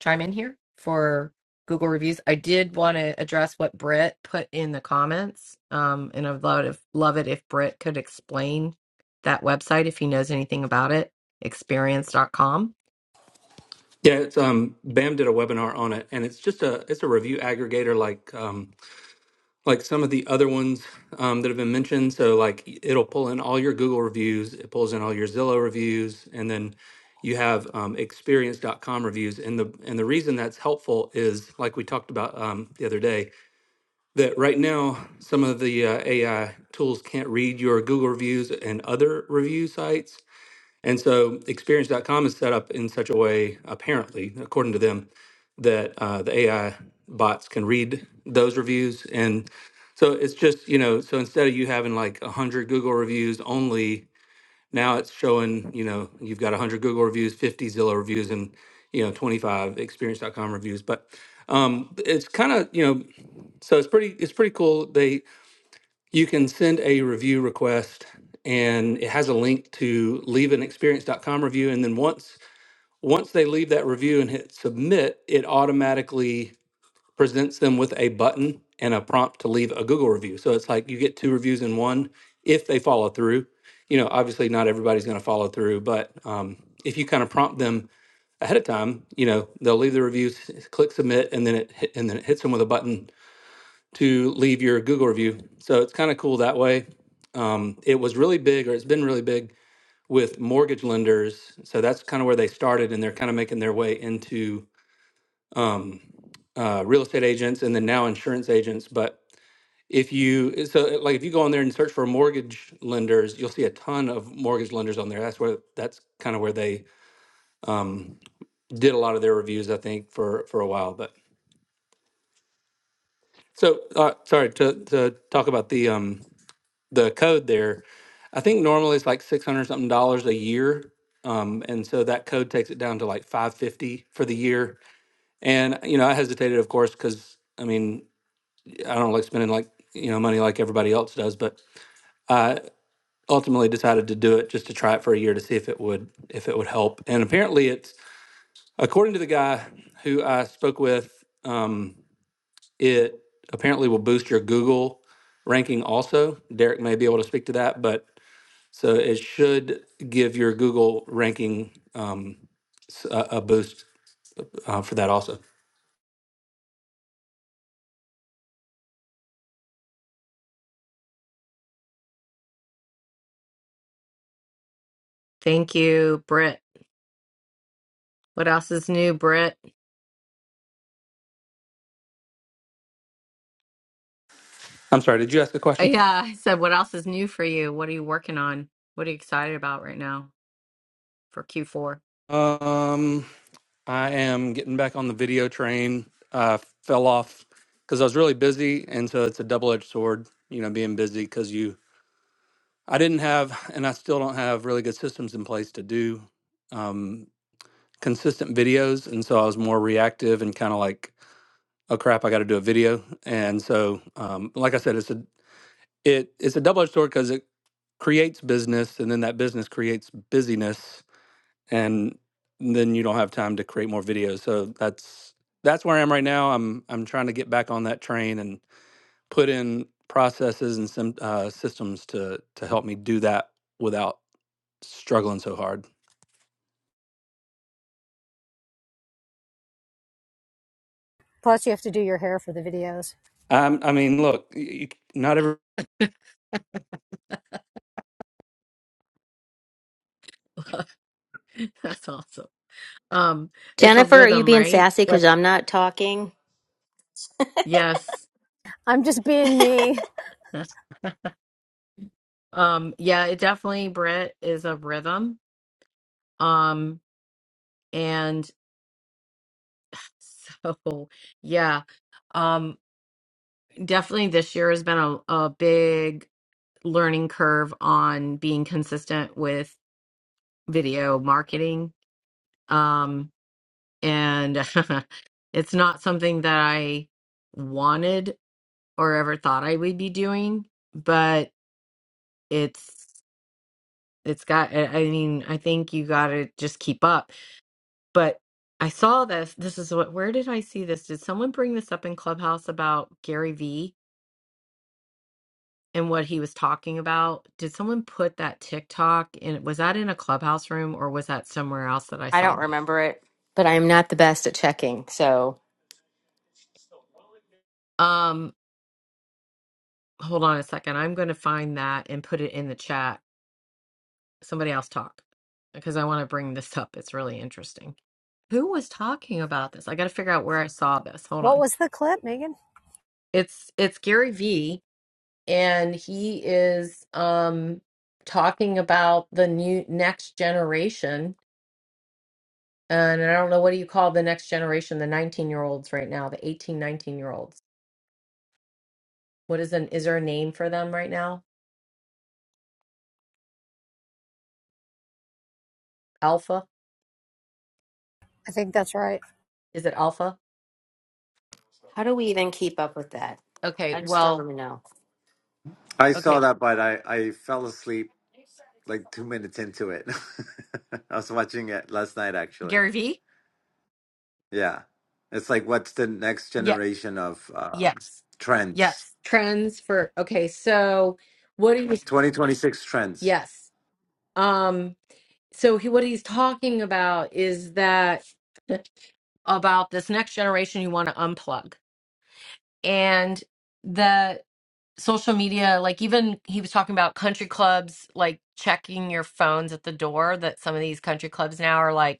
A: chime in here for Google reviews. I did want to address what Britt put in the comments. Um, and I'd love, if, love it if Britt could explain that website if he knows anything about it, Experience dot com.
P: Yeah, it's um BAM did a webinar on it and it's just a it's a review aggregator like um like some of the other ones um that have been mentioned. So like it'll pull in all your Google reviews, it pulls in all your Zillow reviews, and then you have um experience dot com reviews. And the and the reason that's helpful is like we talked about um the other day, that right now some of the uh, AI tools can't read your Google reviews and other review sites. And so experience. dot com is set up in such a way, apparently, according to them, that uh, the AI bots can read those reviews. And so it's just, you know, so instead of you having like 100 Google reviews only, now it's showing, you know, you've got 100 Google reviews, 50 Zillow reviews, and, you know, 25 experience. dot com reviews. But um, it's kind of, you know, so it's pretty, it's pretty cool. They, you can send a review request and it has a link to leave an experience.com review. And then once once they leave that review and hit submit, it automatically presents them with a button and a prompt to leave a Google review. So it's like you get two reviews in one if they follow through. You know, obviously not everybody's going to follow through, but um, if you kind of prompt them ahead of time, you know, they'll leave the reviews, click submit, and then it hit, and then it hits them with a button to leave your Google review. So it's kind of cool that way. Um, it was really big, or it's been really big with mortgage lenders. So that's kind of where they started, and they're kind of making their way into um, uh, real estate agents and then now insurance agents. But if you so like if you go on there and search for mortgage lenders, you'll see a ton of mortgage lenders on there. That's where that's kind of where they um, did a lot of their reviews, I think, for for a while. But so uh, sorry to to talk about the um, the code there. I think normally it's like six hundred something dollars a year, um, and so that code takes it down to like five fifty for the year. And you know, I hesitated, of course, because I mean, I don't like spending like you know money like everybody else does, but I ultimately decided to do it just to try it for a year to see if it would if it would help. And apparently, it's according to the guy who I spoke with, um, it apparently will boost your Google ranking also. Derek may be able to speak to that, but So it should give your Google ranking um, s- a, a boost uh, for that also.
A: Thank you, Britt. What else is new, Britt?
P: I'm sorry, did you ask a question?
A: Yeah, I said, what else is new for you? What are you working on? What are you excited about right now for Q4?
P: Um, I am getting back on the video train. I fell off because I was really busy, and so it's a double-edged sword. You know, being busy because you, I didn't have, and I still don't have really good systems in place to do um, consistent videos, and so I was more reactive and kind of like, oh crap, I got to do a video. And so, um, like I said, it's a it it's a double edged sword because it creates business, and then that business creates busyness, and then you don't have time to create more videos. So that's that's where I am right now. I'm I'm trying to get back on that train and put in processes and some uh, systems to to help me do that without struggling so hard.
J: Plus, you have to do your hair for the videos.
P: Um, I mean, look, you, not every
A: (laughs) That's awesome. Um, it's a
B: Jennifer, are you
A: rhythm,
B: being
A: right?
B: sassy because
A: Yes.
B: I'm not talking?
A: Yes.
J: I'm just being me.
A: That's um yeah, it definitely Brett is a rhythm. Um and (laughs) so yeah. Um definitely this year has been a, a big learning curve on being consistent with video marketing. Um. and (laughs) it's not something that I wanted or ever thought I would be doing, but it's it's got I I mean, I think you got to just keep up. But I saw this this is what where did I see this? Did someone bring this up in Clubhouse about Gary Vee and what he was talking about? Did someone put that TikTok in was that in a Clubhouse room or was that somewhere else that I
B: I
A: saw?
B: don't remember it, but I'm not the best at checking. So
A: Um hold on a second. I'm going to find that and put it in the chat somebody else talk because I want to bring this up. It's really interesting. Who was talking about this? I got to figure out where I saw this. Hold
J: What
A: on.
J: was the clip, Megan?
A: It's it's Gary V and he is um talking about the new next generation and I don't know what do you call the next generation, the 19-year-olds right now, the 18, year What is an is there a name for them right now? Alpha?
J: I think that's right.
A: Is it alpha?
B: how do we even keep up with that?
A: Okay,
B: I just don't
A: well,
B: even know.
Q: I saw
A: okay.
Q: that, but I, I fell asleep like two minutes into it. (laughs) I was watching it last night, actually.
A: Gary V?
Q: Yeah. It's like, what's the next generation of um,
A: Yes.
Q: trends?
A: Yes. trends for okay so what he was
Q: 2026 trends.
A: yes um so he what he's talking about is that about this next generation you want to unplug and the social media like even he was talking about country clubs like checking your phones at the door that some of these country clubs now are like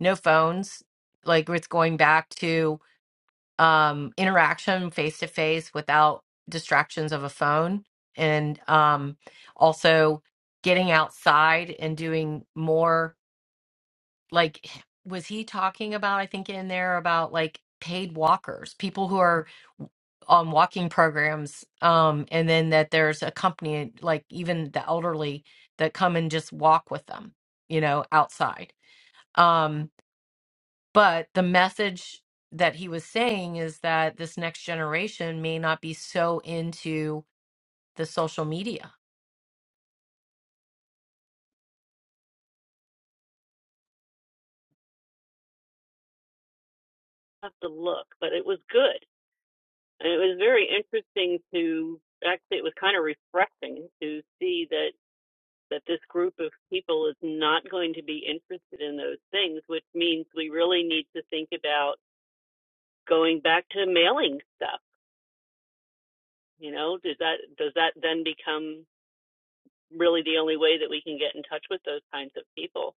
A: no phones like it's going back to um, interaction face to face without distractions of a phone and um, also getting outside and doing more like was he talking about i think in there about like paid walkers people who are on walking programs um and then that there's a company like even the elderly that come and just walk with them you know outside Um, but the message that he was saying is that this next generation may not be so into the social media.
D: have to look, but it was good. it was very interesting to actually, it was kind of refreshing to see that that this group of people is not going to be interested in those things, which means we really need to think about going back to mailing stuff. You know, does that does that then become really the only way that we can get in touch with those kinds of people,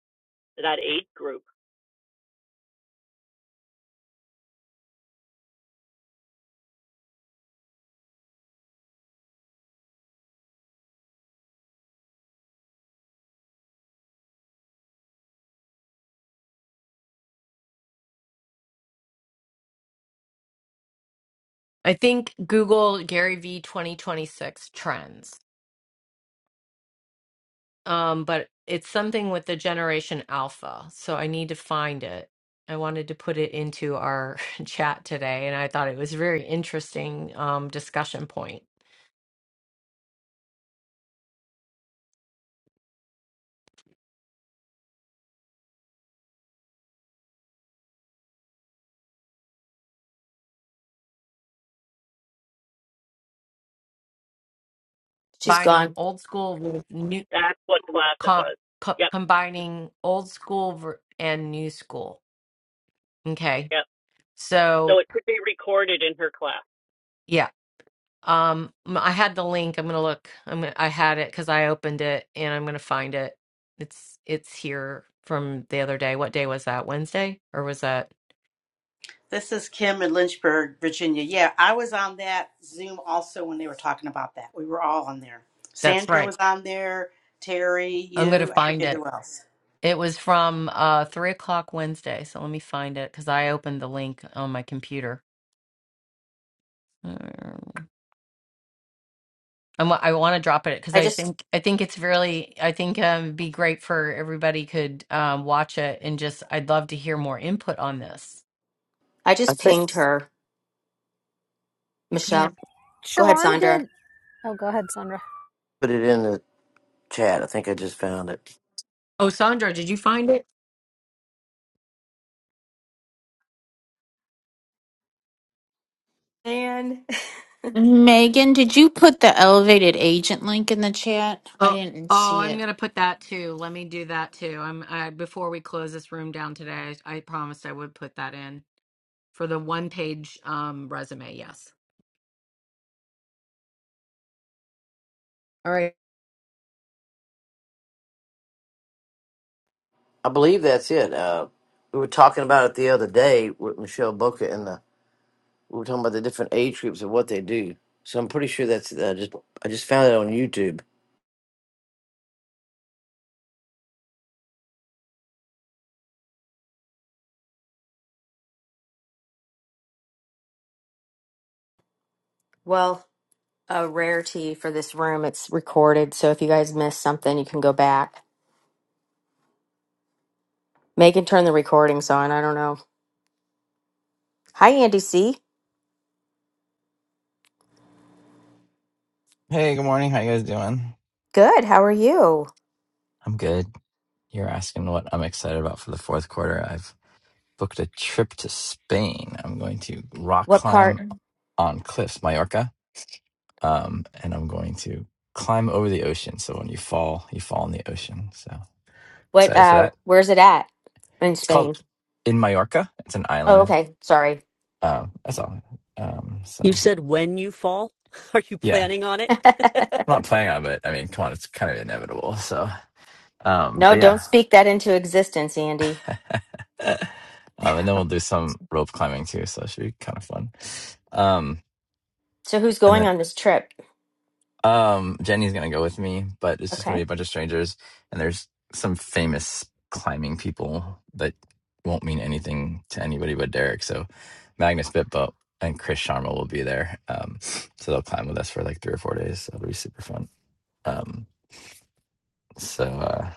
D: that age group?
A: I think Google Gary V 2026 trends, um, but it's something with the generation alpha. So I need to find it. I wanted to put it into our (laughs) chat today, and I thought it was a very interesting um, discussion point.
B: She's
A: Combining
B: gone.
A: old school with new,
D: That's what class it
A: com,
D: was.
A: co-
D: Yep,
A: combining old school ver- and new school. Okay.
D: yep. So
A: So
D: it could be recorded in her class.
A: yeah, um, m- I had the link. I'm gonna look. I'm gonna, I had it because I opened it, and I'm gonna find it. It's it's here from the other day. What day was that? Wednesday or was that?
R: This is Kim in Lynchburg, Virginia. Yeah, I was on that Zoom also when they were talking about that. We were all on there.
A: That's
R: Sandra
A: right.
R: was on there, Terry,
A: I'm gonna
R: you, I
A: find
R: forget
A: it.
R: who else.
A: It was from uh three o'clock Wednesday. So let me find it because I opened the link on my computer. Um, I'm, I want to drop it because
B: I
A: I
B: just
A: think I think it's really I think um, it'd be great for everybody could um, watch it and just I'd love to hear more input on this.
B: I
S: I
B: just
S: think
B: pinged her.
A: You ping
B: Michelle. Go ahead,
J: Sharon
B: Sandra.
J: did. Oh, go ahead, Sandra.
S: put it in the chat. I think I just found it.
A: Oh, Sandra, did you find it?
B: And
M: megan did you put the elevated agent link in the chat i
A: Oh,
M: didn't
A: oh,
M: see it
A: I'm gonna put that too. Let me do that too. I'm I before we close this room down today, I, I promised I would put that in for the one page um resume. Yes. All right.
S: I believe that's it. Uh, we were talking about it the other day with Michelle Booker, and the we were talking about the different age groups and what they do. So I'm pretty sure that's I just I just found it on YouTube.
B: (laughs) well, a rarity for this room. It's recorded, so if you guys missed something, you can go back. Megan turned the recordings on. I don't know. Hi Andy C.
T: Hey, good morning. How you guys doing?
B: Good. How are you?
T: I'm good. You're asking what I'm excited about for the fourth quarter. I've booked a trip to Spain. I'm going to rock
B: What part?
T: climb on cliffs, Mallorca, um, and I'm going to climb over the ocean. So when you fall, you fall in the ocean. So
B: What?
T: excited for
B: Uh,
T: that.
B: where's it at? In
T: It's called
B: Spain.
T: in Mallorca. It's an
B: Oh,
T: island.
B: okay. Sorry. (laughs)
T: Um, that's all. Um,
D: You
T: so
D: said when you fall? (laughs) Are you
T: yeah,
D: planning on it? (laughs)
T: I'm not planning on it. I mean, come on, it's kind of inevitable. So, um,
B: No,
T: but
B: don't
T: yeah.
B: speak that into existence, Andy.
T: (laughs) um, and then we'll do some rope climbing too, so it should be kind of fun. Um,
B: So who's
T: and
B: going
T: then
B: on this trip?
T: um, Jenny's gonna go with me, but it's just gonna be
B: Okay.
T: a bunch of strangers, and there's some famous climbing people that won't mean anything to anybody but Derek. So Magnus Bitbo and Chris Sharma will be there, um, so they'll climb with us for like three or four days. So it'll be super fun. Um, so uh,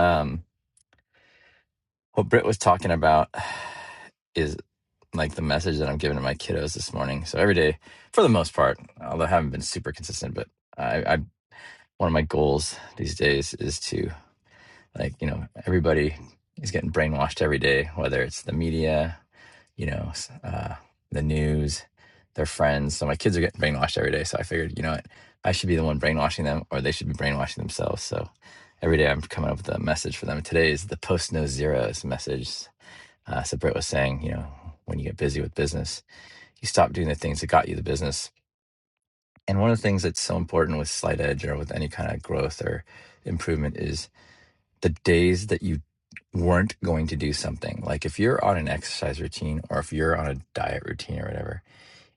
T: um, What Britt was talking about is like the message that I'm giving to my kiddos this morning. So every day, for the most part, although I haven't been super consistent, but I, I one of my goals these days is to like you know everybody is getting brainwashed every day, whether it's the media, you know, s- uh, the news, their friends. So my kids are getting brainwashed every day. So I figured, you know what, I should be the one brainwashing them, or they should be brainwashing themselves. So every day I'm coming up with a message for them. Today is the post no zeros message uh, so Brett was saying, you know, when you get busy with business, you stop doing the things that got you the business. And one of the things that's so important with Slight Edge or with any kind of growth or improvement is the days that you weren't going to do something. Like if you're on an exercise routine or if you're on a diet routine or whatever,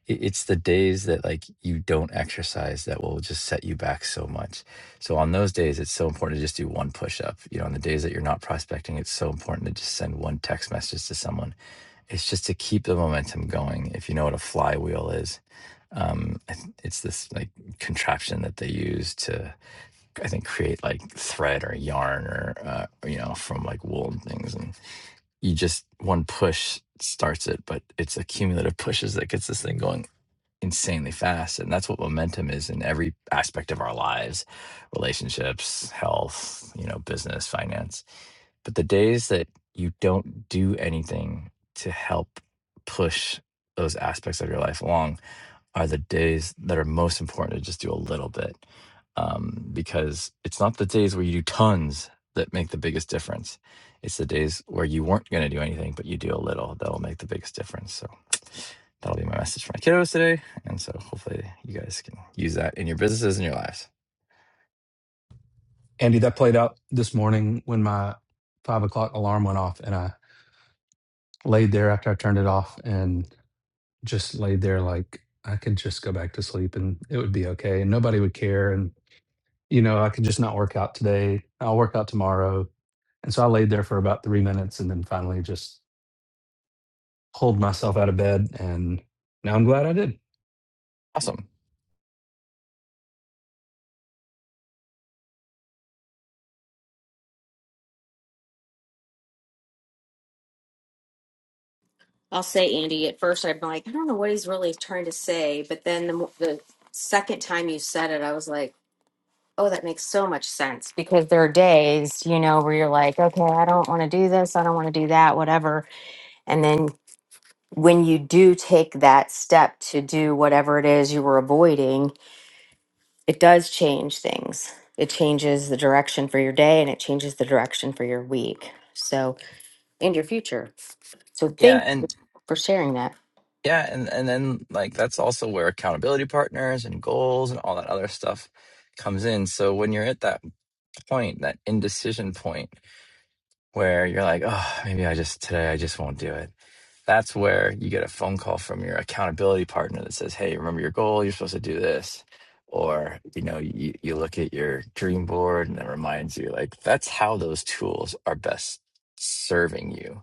T: it- it's the days that like you don't exercise that will just set you back so much. So on those days, it's so important to just do one push up. You know, on the days that you're not prospecting, it's so important to just send one text message to someone it's just to keep the momentum going if you know what a flywheel is um I th- it's this like contraption that they use to i think create like thread or yarn or uh, you know from like wool and things and you just one push starts it but it's a cumulative (laughs) pushes that gets this thing going insanely fast and that's what momentum is in every aspect of our lives relationships health you know business finance but the days that you don't do anything to help push those aspects of your life along are the days that are most important to just do a little bit um, because it's not the days where you do tons that make the biggest difference it's the days where you weren't going to do anything but you do a little that'll make the biggest difference so (tsk) that'll be my message for my kiddos today and so hopefully you guys can use that in your businesses and your lives.
P: Andy, that played out this morning when my five o'clock alarm went off and I laid there after I turned it off and. just laid there like, I could just go back to sleep and it would be okay, and nobody would care, and, you know, I could just not work out today, I'll work out tomorrow, and so I laid there for about 3 minutes and then finally just pulled myself out of bed, and now I'm glad I did.
T: Awesome.
B: I'll say Andy. At first, I'm like, I don't know what he's really trying to say, but then the, mo- the second time you said it, I was like, oh, that makes so much sense because there are days, you know, where you're like, okay, I don't want to do this, I don't want to do that, whatever. And then when you do take that step to do whatever it is you were avoiding, it does change things. It changes the direction for your day and it changes the direction for your week. So, and your future. So,
T: Yeah.
B: thank you
T: And
B: for sharing that.
T: yeah, and, and then like that's also where accountability partners and goals and all that other stuff comes in. So when you're at that point, that indecision point where you're like, oh, maybe I just today I just won't do it. That's where you get a phone call from your accountability partner that says, "Hey, remember your goal. You're supposed to do this." Or you know, you, you look at your dream board and it reminds you. Like that's how those tools are best serving you.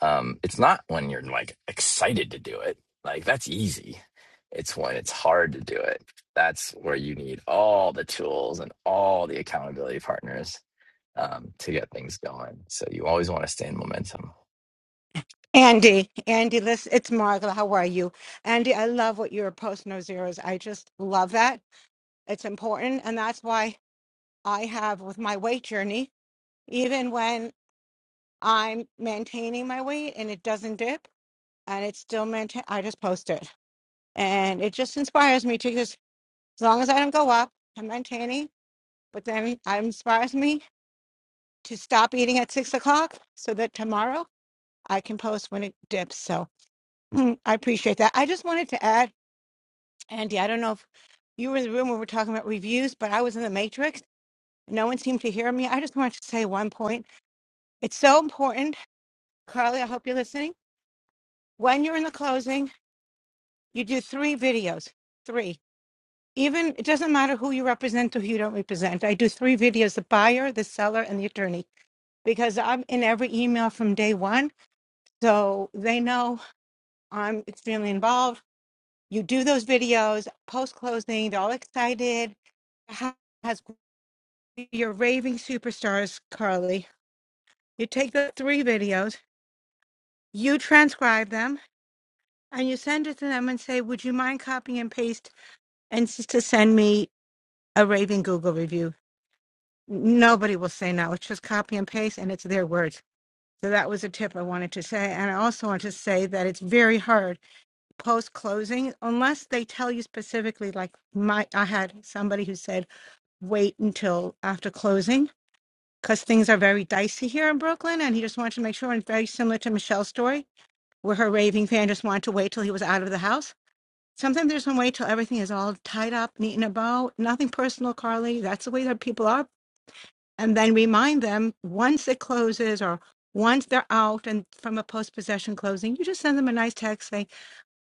T: Um, it's not when you're like excited to do it. Like that's easy. It's when it's hard to do it. That's where you need all the tools and all the accountability partners um, to get things going. So you always want to stay in momentum.
N: Andy, Andy, listen, it's Margaret. How are you? Andy, I love what you're posting those zeros. I just love that. It's important. And that's why I have with my weight journey, even when I'm maintaining my weight and it doesn't dip. and it's still maintain. I just post it, and it just inspires me to just as long as I don't go up, I'm maintaining. But then it inspires me to stop eating at six o'clock so that tomorrow I can post when it dips. So mm, I appreciate that. I just wanted to add, Andy. I don't know if you were in the room when we were talking about reviews, but I was in the matrix. No one seemed to hear me. I just wanted to say one point. It's so important, Carly. I hope you're listening. When you're in the closing, you do three videos. Three. even it doesn't matter who you represent or who you don't represent. I do three videos: the buyer, the seller, and the attorney, because I'm in every email from day one, so they know I'm extremely involved. You do those videos post closing; they're all excited. Ha- Has you're raving superstars, Carly. You take the three videos, you transcribe them, and you send it to them and say, "Would you mind copying and paste and s- to send me a raving Google review nobody will say no. It's just copy and paste and it's their words. So that was a tip I wanted to say. And I also want to say that it's very hard post closing unless they tell you specifically, like my I had somebody who said, wait until after closing because things are very dicey here in Brooklyn. And he just wanted to make sure, and very similar to Michelle's story, where her raving fan just wanted to wait till he was out of the house. Sometimes there's no wait till everything is all tied up, neat in a bow. Nothing personal, Carly. That's the way that people are and then remind them once it closes or once they're out and from a post possession closing, you just send them a nice text saying,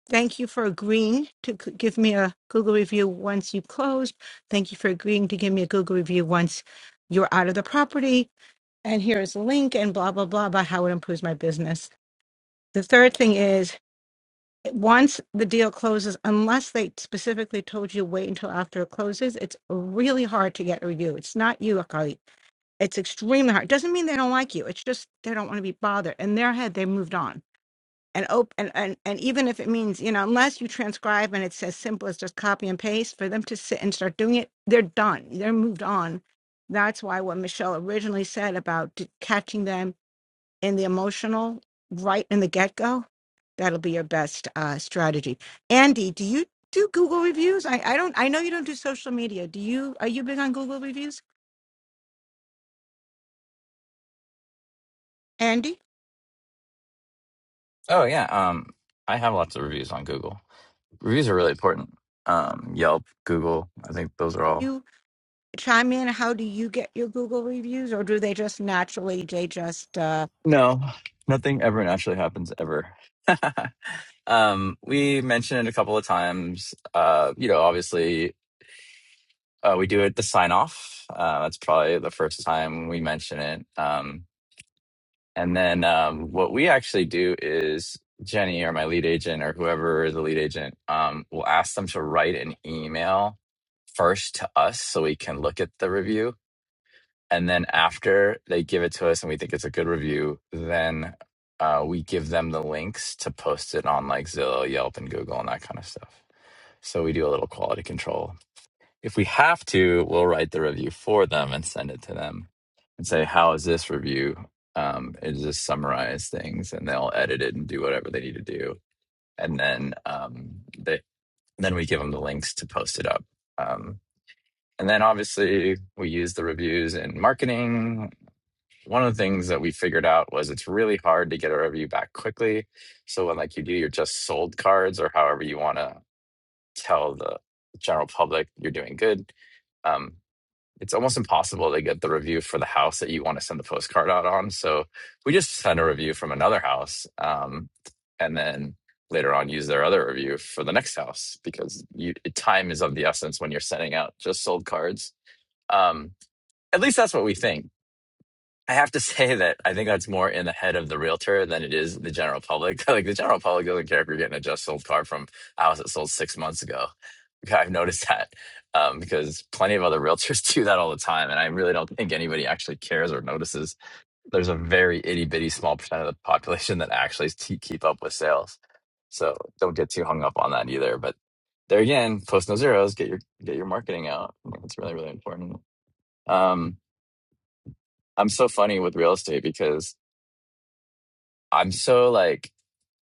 N: Thank you for agreeing to g- give me a Google review once you've closed. Thank you for agreeing to give me a Google review once you're out of the property. And here is a link and blah, blah, blah about how it improves my business. The third thing is once the deal closes, unless they specifically told you wait until after it closes, it's really hard to get a review. It's not you, Akali it's extremely hard. Doesn't mean they don't like you. It's just they don't want to be bothered. In their head, they moved on. And op- and, and and even if it means, you know, unless you transcribe and it's as simple as just copy and paste, for them to sit and start doing it, they're done. They're moved on. That's why what Michelle originally said about d- catching them in the emotional right in the get go, that'll be your best uh, strategy. Andy, do you do Google reviews? I, I don't. I know you don't do social media. Do you? Are you big on Google reviews, Andy?
T: Oh yeah, um, I have lots of reviews on Google. Reviews are really important. Um, Yelp, Google, I think those are all.
N: You chime in? How do you get your Google reviews, or do they just naturally? They just. Uh,
T: No, nothing ever naturally happens ever. (laughs) um, we mentioned it a couple of times. Uh, you know, obviously, uh, we do it the sign off. Uh, that's probably the first time we mention it. Um, and then um, what we actually do is Jenny or my lead agent or whoever is the lead agent um, will ask them to write an email first to us so we can look at the review. And then after they give it to us and we think it's a good review, then uh, we give them the links to post it on like Zillow, Yelp, and Google and that kind of stuff. So we do a little quality control. If we have to, we'll write the review for them and send it to them and say, How is this review? Um, it just summarize things and they'll edit it and do whatever they need to do. And then um, they, then we give them the links to post it up. Um, and then obviously we use the reviews in marketing. One of the things that we figured out was it's really hard to get a review back quickly. So when like you do your just sold cards or however you want to tell the general public you're doing good, um, it's almost impossible to get the review for the house that you want to send the postcard out on. So we just send a review from another house, um, and then later on use their other review for the next house because you, time is of the essence when you're sending out just sold cards. Um, at least that's what we think. I have to (laughs) say that I think that's more in the head of the realtor than it is the general public. (laughs) like the general public doesn't care if you're getting a just sold car from a house that sold six months ago. (laughs) Okay, I've noticed that um, because plenty of other realtors (laughs) do that all the time, and I really don't think anybody actually cares or notices. There's a very itty bitty small percent of the population (laughs) that actually te- keep up with sales, so don't get too hung up on that either. But there again, post no zeros, get your get your marketing out. I think It's really really important. Um, I'm so funny with real estate because I'm so like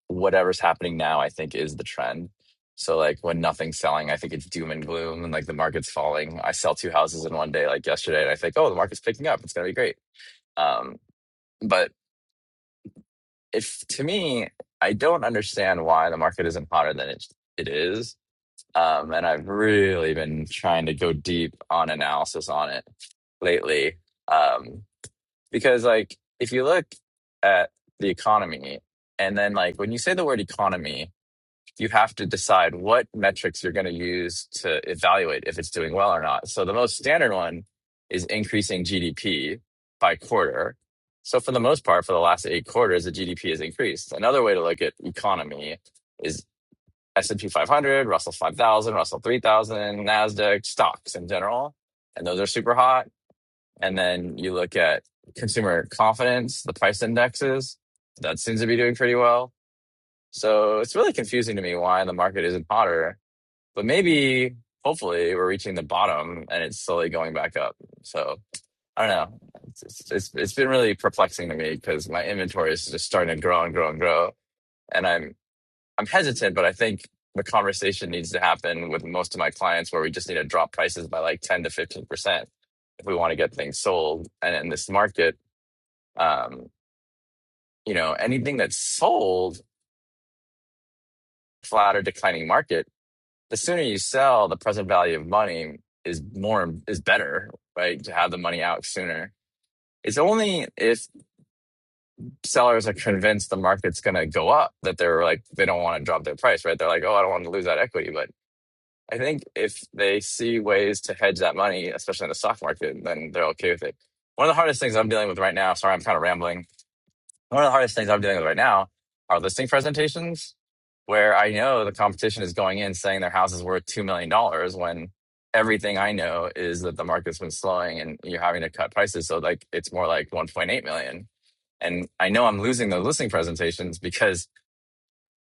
T: whatever's happening now, I think is the trend. So like when nothing's selling, I think it's doom and gloom and like the market's falling. I sell two houses in one day, like yesterday, and I think, oh, the market's picking up. It's gonna be great. Um, but if to me, I don't understand why the market isn't hotter than it it is. Um, and I've really been trying to go deep on analysis on it lately. Um, because like if you look at the economy and then like when you say the word economy you have to decide what metrics you're going to use to evaluate if it's doing well or not so the most standard one is increasing gdp by quarter so for the most part for the last eight quarters the gdp has increased another way to look at economy is s&p 500 russell 5000 russell 3000 nasdaq stocks in general and those are super hot and then you look at consumer confidence, the price indexes, that seems to be doing pretty well. So it's really confusing to me why the market isn't hotter, but maybe hopefully we're reaching the bottom and it's slowly going back up. So I don't know. It's, it's, it's it's been really perplexing to me because my inventory is just starting to grow and grow and grow. And I'm, I'm hesitant, but I think the conversation needs to happen with most of my clients where we just need to drop prices by like 10 to 15% if we want to get things sold and in this market um, you know, anything that's sold flat or declining market, the sooner you sell, the present value of money is more is better, right? To have the money out sooner. It's only if sellers are convinced the market's going to go up that they're like they don't want to drop their price, right? They're like, oh, I don't want to lose that equity, but I think if they see ways to hedge that money, especially in the stock market, then they're okay with it. One of the hardest things I'm dealing with right now, sorry, I'm kind of rambling, one of the hardest things I'm dealing with right now are listing presentations where I know the competition is going in saying their house is worth $2 million dollars when everything I know is that the market's been slowing and you're having to cut prices. So like it's more like 1.8 million. And I know I'm losing those listing presentations because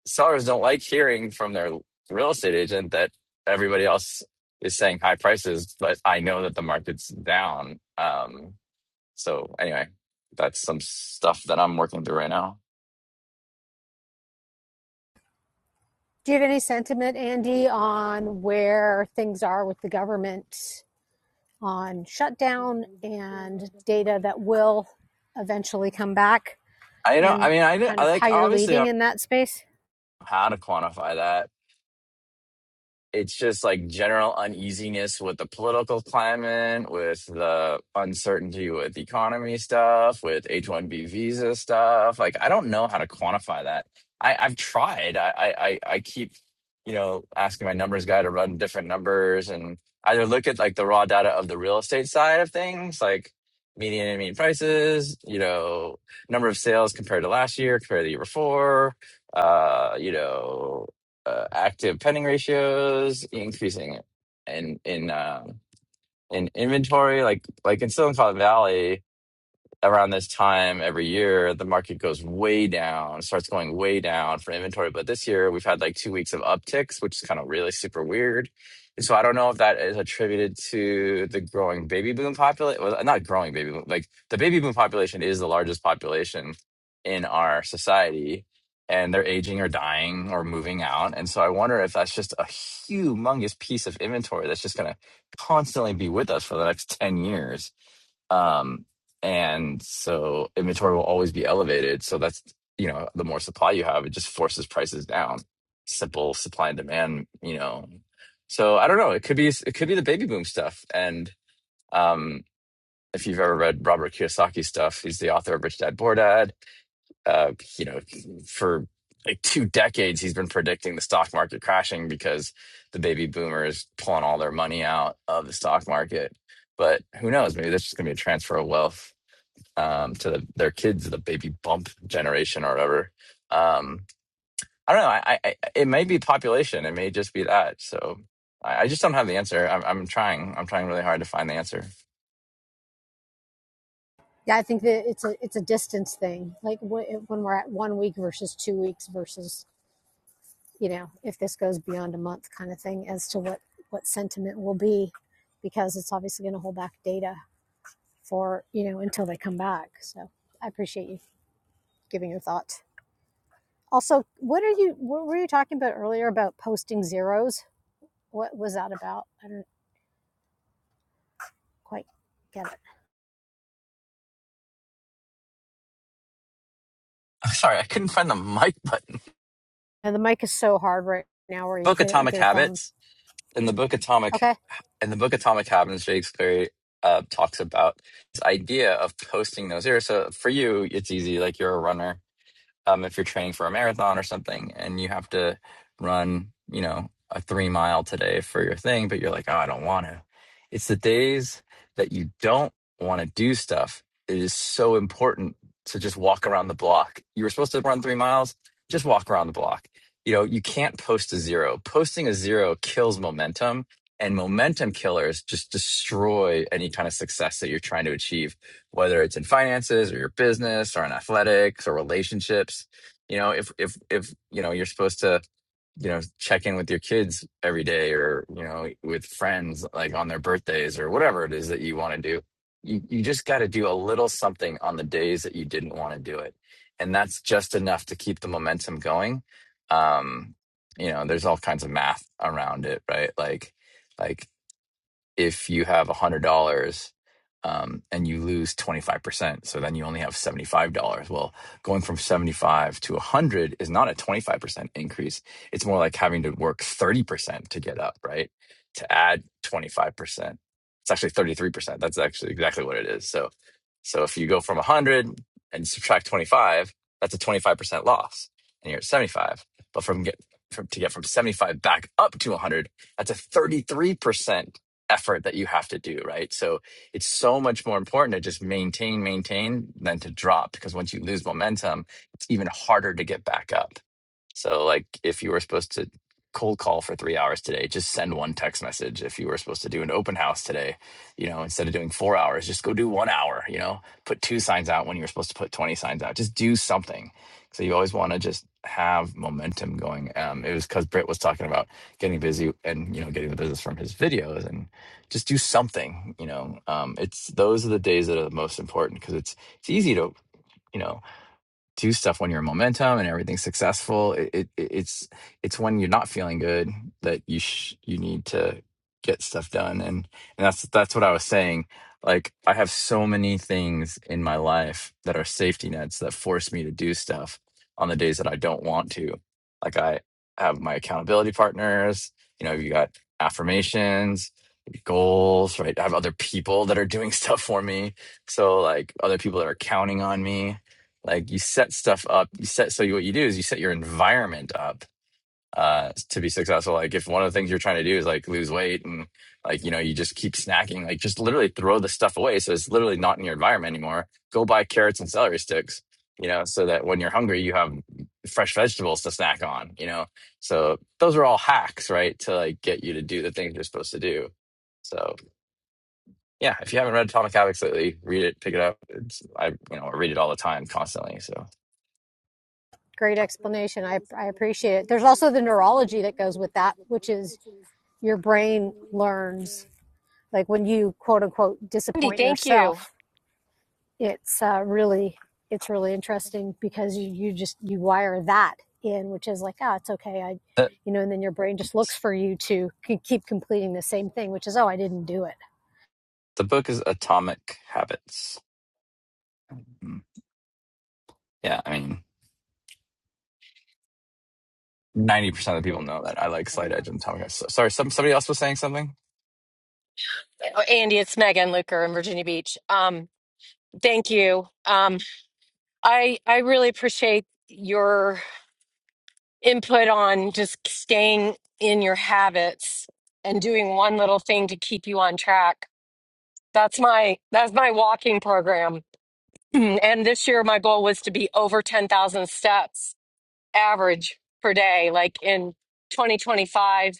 T: sellers don't like hearing from their real estate agent that everybody else is saying high prices, but I know that the market's down. Um, so anyway, that's some stuff that I'm working through right now.
J: Do you have any sentiment, Andy, on where things are with the government on shutdown and data that will eventually come back
T: I don't. I
J: and
T: mean, I, don't-
J: kind
T: I
J: of how
T: like
J: you're
T: obviously I
J: leading
T: don't
J: in that space?
T: know how to quantify that, it's just like general uneasiness with the political climate, with the uncertainty with economy stuff, with H one B visa stuff. Like I don't know how to quantify that. I, I've tried. I, I I I keep you know asking my numbers guy to run different numbers and either look at like the raw data of the real estate side of things, like median and mean prices, you know, number of sales compared to last year, compared to the year before, uh, you know uh, active pending ratios increasing in in um, in inventory like like in Silicon Valley around this time every year, the market goes way down, starts going way down for inventory. But this year, we've had like two weeks of upticks, which is kind of really super weird. And so I don't know if that is attributed to the growing baby boom population. Well, not growing baby boom, like the baby boom population is the largest population in our society, and they're aging or dying or moving out. And so I wonder if that's just a humongous piece of inventory that's just going to constantly be with us for the next 10 years um and so inventory will always be elevated so that's you know the more supply you have it just forces prices down simple supply and demand you know so i don't know it could be it could be the baby boom stuff and um if you've ever read robert kiyosaki stuff he's the author of rich dad poor dad uh you know for like two decades he's been predicting the stock market crashing because the baby boomers pulling all their money out of the stock market but who knows maybe that's just going to be a transfer of wealth um, to the, their kids, the baby bump generation or whatever. Um, I don't know. I, I, it may be population. It may just be that. So I, I just don't have the answer. I'm, I'm trying. I'm trying really hard to find the answer.
J: Yeah, I think that it's a it's a distance thing. Like when we're at one week versus two weeks versus you know if this goes beyond a month kind of thing as to what what sentiment will be, because it's obviously going to hold back data for you know until they come back. So I appreciate you giving your thought. Also, what are you what were you talking about earlier about posting zeros? What was that about? I don't quite get it.
T: (laughs) Sorry, I couldn't find the mic button.
J: And the mic is so hard right now where you
T: Book
J: hit it with
T: Atomic
J: your thumb.
T: Habits. In the book Atomic,
J: Okay.
T: in the book Atomic Habits, James Cleary uh, talks about this idea of posting those areas. So for you, it's easy. Like you're a runner um, if you're training for a marathon or something and you have to run, you know, a three mile today for your thing, but you're like, oh, I don't want to. It's the days that you don't want to do stuff. It is so important to just walk around the block. You were supposed to run three miles, just walk around the block. You know, you can't post a zero. Posting a zero kills momentum, and momentum killers just destroy any kind of success that you're trying to achieve whether it's in finances or your business or in athletics or relationships you know if if if you know you're supposed to you know check in with your kids every day or you know with friends like on their birthdays or whatever it is that you want to do you, you just got to do a little something on the days that you didn't want to do it and that's just enough to keep the momentum going um you know there's all kinds of math around it right like like if you have $100 um, and you lose 25%, so then you only have $75. Well, going from 75 to 100 is not a 25% increase. It's more like having to work 30% to get up, right? To add 25%. It's actually 33%. That's actually exactly what it is. So so if you go from 100 and subtract 25, that's a 25% loss and you're at 75. But from get from, to get from 75 back up to 100, that's a 33% effort that you have to do, right? So it's so much more important to just maintain, maintain than to drop because once you lose momentum, it's even harder to get back up. So, like, if you were supposed to cold call for three hours today, just send one text message. If you were supposed to do an open house today, you know, instead of doing four hours, just go do one hour, you know, put two signs out when you were supposed to put 20 signs out. Just do something. So, you always want to just have momentum going. Um, it was because Britt was talking about getting busy and, you know, getting the business from his videos and just do something, you know. Um, it's those are the days that are the most important because it's, it's easy to, you know, do stuff when you're momentum and everything's successful. It, it it's it's when you're not feeling good that you sh- you need to get stuff done and and that's that's what I was saying. Like I have so many things in my life that are safety nets that force me to do stuff on the days that I don't want to. Like I have my accountability partners, you know, you got affirmations, goals, right? I have other people that are doing (laughs) stuff for me. So like other people that are counting on me like you set stuff up you set so you, what you do is you set your environment up uh to be successful like if one of the things you're trying to do is like lose weight and like you know you just keep snacking like just literally throw the stuff away so it's literally not in your environment anymore go buy carrots and celery sticks you know so that when you're hungry you have fresh vegetables to snack on you know so those are all hacks right to like get you to do the things you're supposed to do so yeah if you haven't read atomic habits lately read it pick it up it's i you know I read it all the time constantly so
J: Great explanation. I, I appreciate it. There's also the neurology that goes with that, which is your brain learns, like when you quote unquote disappoint
A: Thank you.
J: yourself, it's uh, really, it's really interesting because you, you just, you wire that in, which is like, ah, it's okay. I,
T: (laughs)
J: you know, and then your brain just looks for you to keep completing the same thing, which is, oh, I didn't do it.
T: The book is Atomic Habits. Mm. Yeah, I mean, ninety percent of the people
F: book
T: know that I like Slight Edge
F: everyone
T: and Atomic Habits. So, sorry, some somebody else was saying something.
A: Thank you. Um, I I really appreciate your input on just staying in your habits and doing one little thing to keep you on track. That's my that's my walking program. (clears throat) And this year my goal was to be over 10,000 steps. average per day. Like in 2025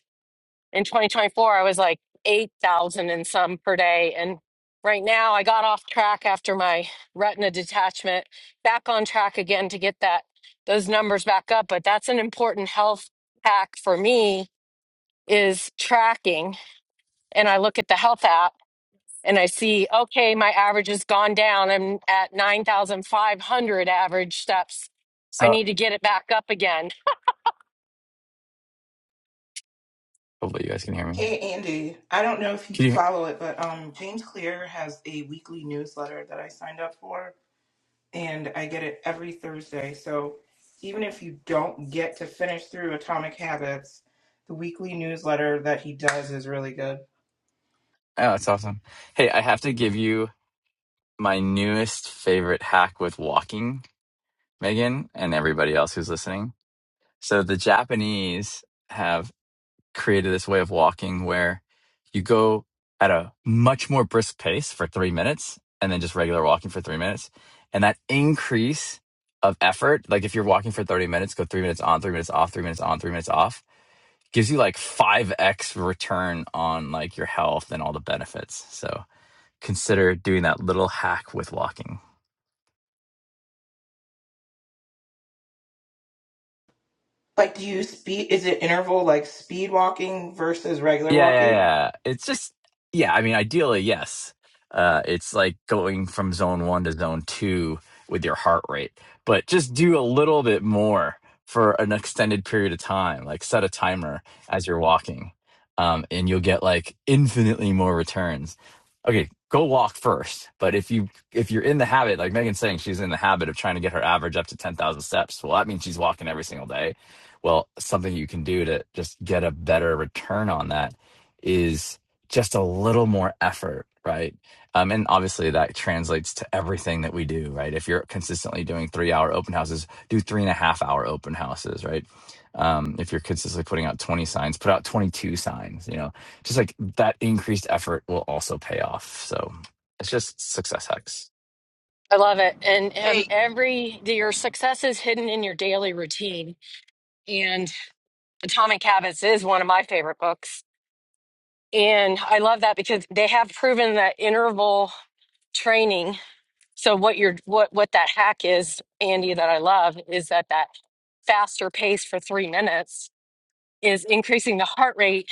A: in 2024, I was like 8,000 and some per day. And right now, I got off track after my retina detachment, back on track again to get that those numbers back up. But that's an important health hack for me is tracking. And I look at the health app and I see, okay, my average has gone down. I'm at 9,500 average steps. I
T: So
A: need to get it back up again
T: hopefully you guys can hear me.
U: Hey Andy, I don't know if you
T: Can you?
U: follow it, but um, James Clear has a weekly newsletter that I signed up for, and I get it every Thursday. So even if you don't get to finish through Atomic Habits, the weekly newsletter that he does is really good.
T: Oh, that's awesome. Hey, I have to give you my newest favorite hack with walking, Megan, and everybody else who's listening. So the Japanese have. created this way of walking where you go at a much more brisk pace for three minutes and then just regular walking for three minutes. And that increase of effort, like if you're walking for 30 minutes, go three minutes on, three minutes off, three minutes on, three minutes off, gives you like 5x return on like your health and all the benefits. So consider doing that little hack with walking.
U: Like, do you speed? Is it interval like speed walking versus regular
T: Yeah, yeah,
U: walking?
T: yeah. It's just, yeah, I mean, ideally, yes. Uh, it's like going from zone one to zone two with your heart rate, but just do a little bit more for an extended period of time. Like set a timer as you're walking, um, and you'll get like infinitely more returns. Okay, go walk first. But if you if you're in the habit, like Megan's saying, she's in the habit of trying to get her average up to ten thousand steps. Well, that means she's walking every single day. Well, something you can do to just get a better return on that is just a little more effort, right? Um, and obviously that translates to everything that we do, right? If you're consistently doing three hour open houses, do three and a half hour open houses, right? Um, if you're consistently putting out 20 signs, put out 22 signs, you know, just like that increased effort will also pay off. So it's just success hacks.
A: I love it. And
V: Hey.
A: um, every your success is hidden in your daily routine. And Atomic Habits is one of my favorite books. And I love that because they have proven that interval training. So what your what what that hack is, Andy, that I love is that that faster pace for three minutes is increasing the heart rate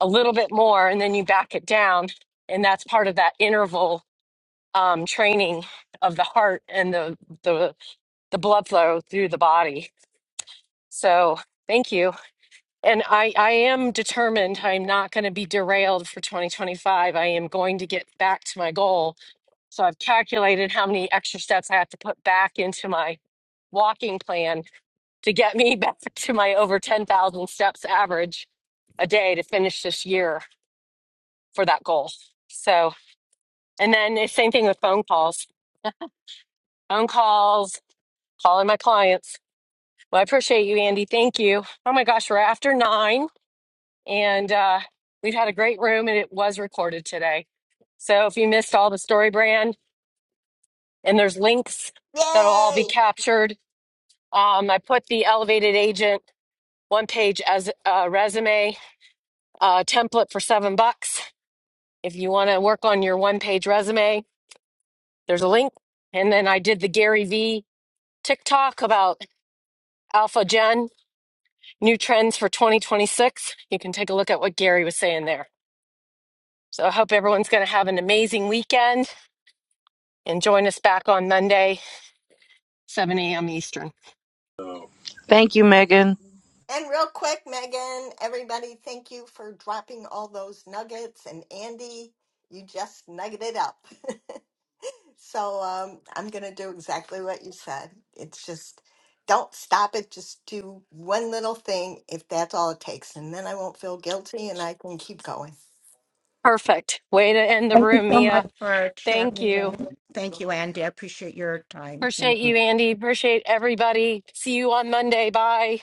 A: a little bit more, and then you back it down, and that's part of that interval um, training of the heart and the the the blood flow through the body. So thank you. And I, I am determined I'm not going to be derailed for 2025. I am going to get back to my goal. So I've calculated how many extra steps I have to put back into my walking plan to get me (laughs) back to my over 10,000 steps average a day to finish this year for that goal. So, and then the same thing with phone calls, phone calls, calling my clients Well, I appreciate you, Andy. Thank you. Oh my gosh, we're after nine, and uh, we've had a great room, and it was recorded today. So if you missed all the story brand, and there's links that'll all be
E: Yay!
A: captured. Um, I put the elevated agent one page as a resume uh, template for seven bucks. If you want to work on your one page resume, there's a link. And then I did the Gary V TikTok about Alpha Gen new trends for 2026. You can take a look at what Gary was saying there. So I hope everyone's going to have an amazing weekend and join us back on Monday, 7 a.m. Eastern.
W: Thank you, Megan.
E: And real quick, Megan, everybody, thank you for dropping all those nuggets. And Andy, you just nuggeted it up. (laughs) So um, I'm going to do exactly what you said. It's just don't stop it. Just do one little thing if that's all it takes. And then I won't feel guilty and I can keep going.
A: Perfect. Way to end the
N: Thank you
A: room,
N: so
A: Mia.
N: much for chatting
A: Thank you.
N: again. Thank you, Andy. I appreciate your time.
A: Appreciate you, Andy. Appreciate everybody. See you on Monday. Bye.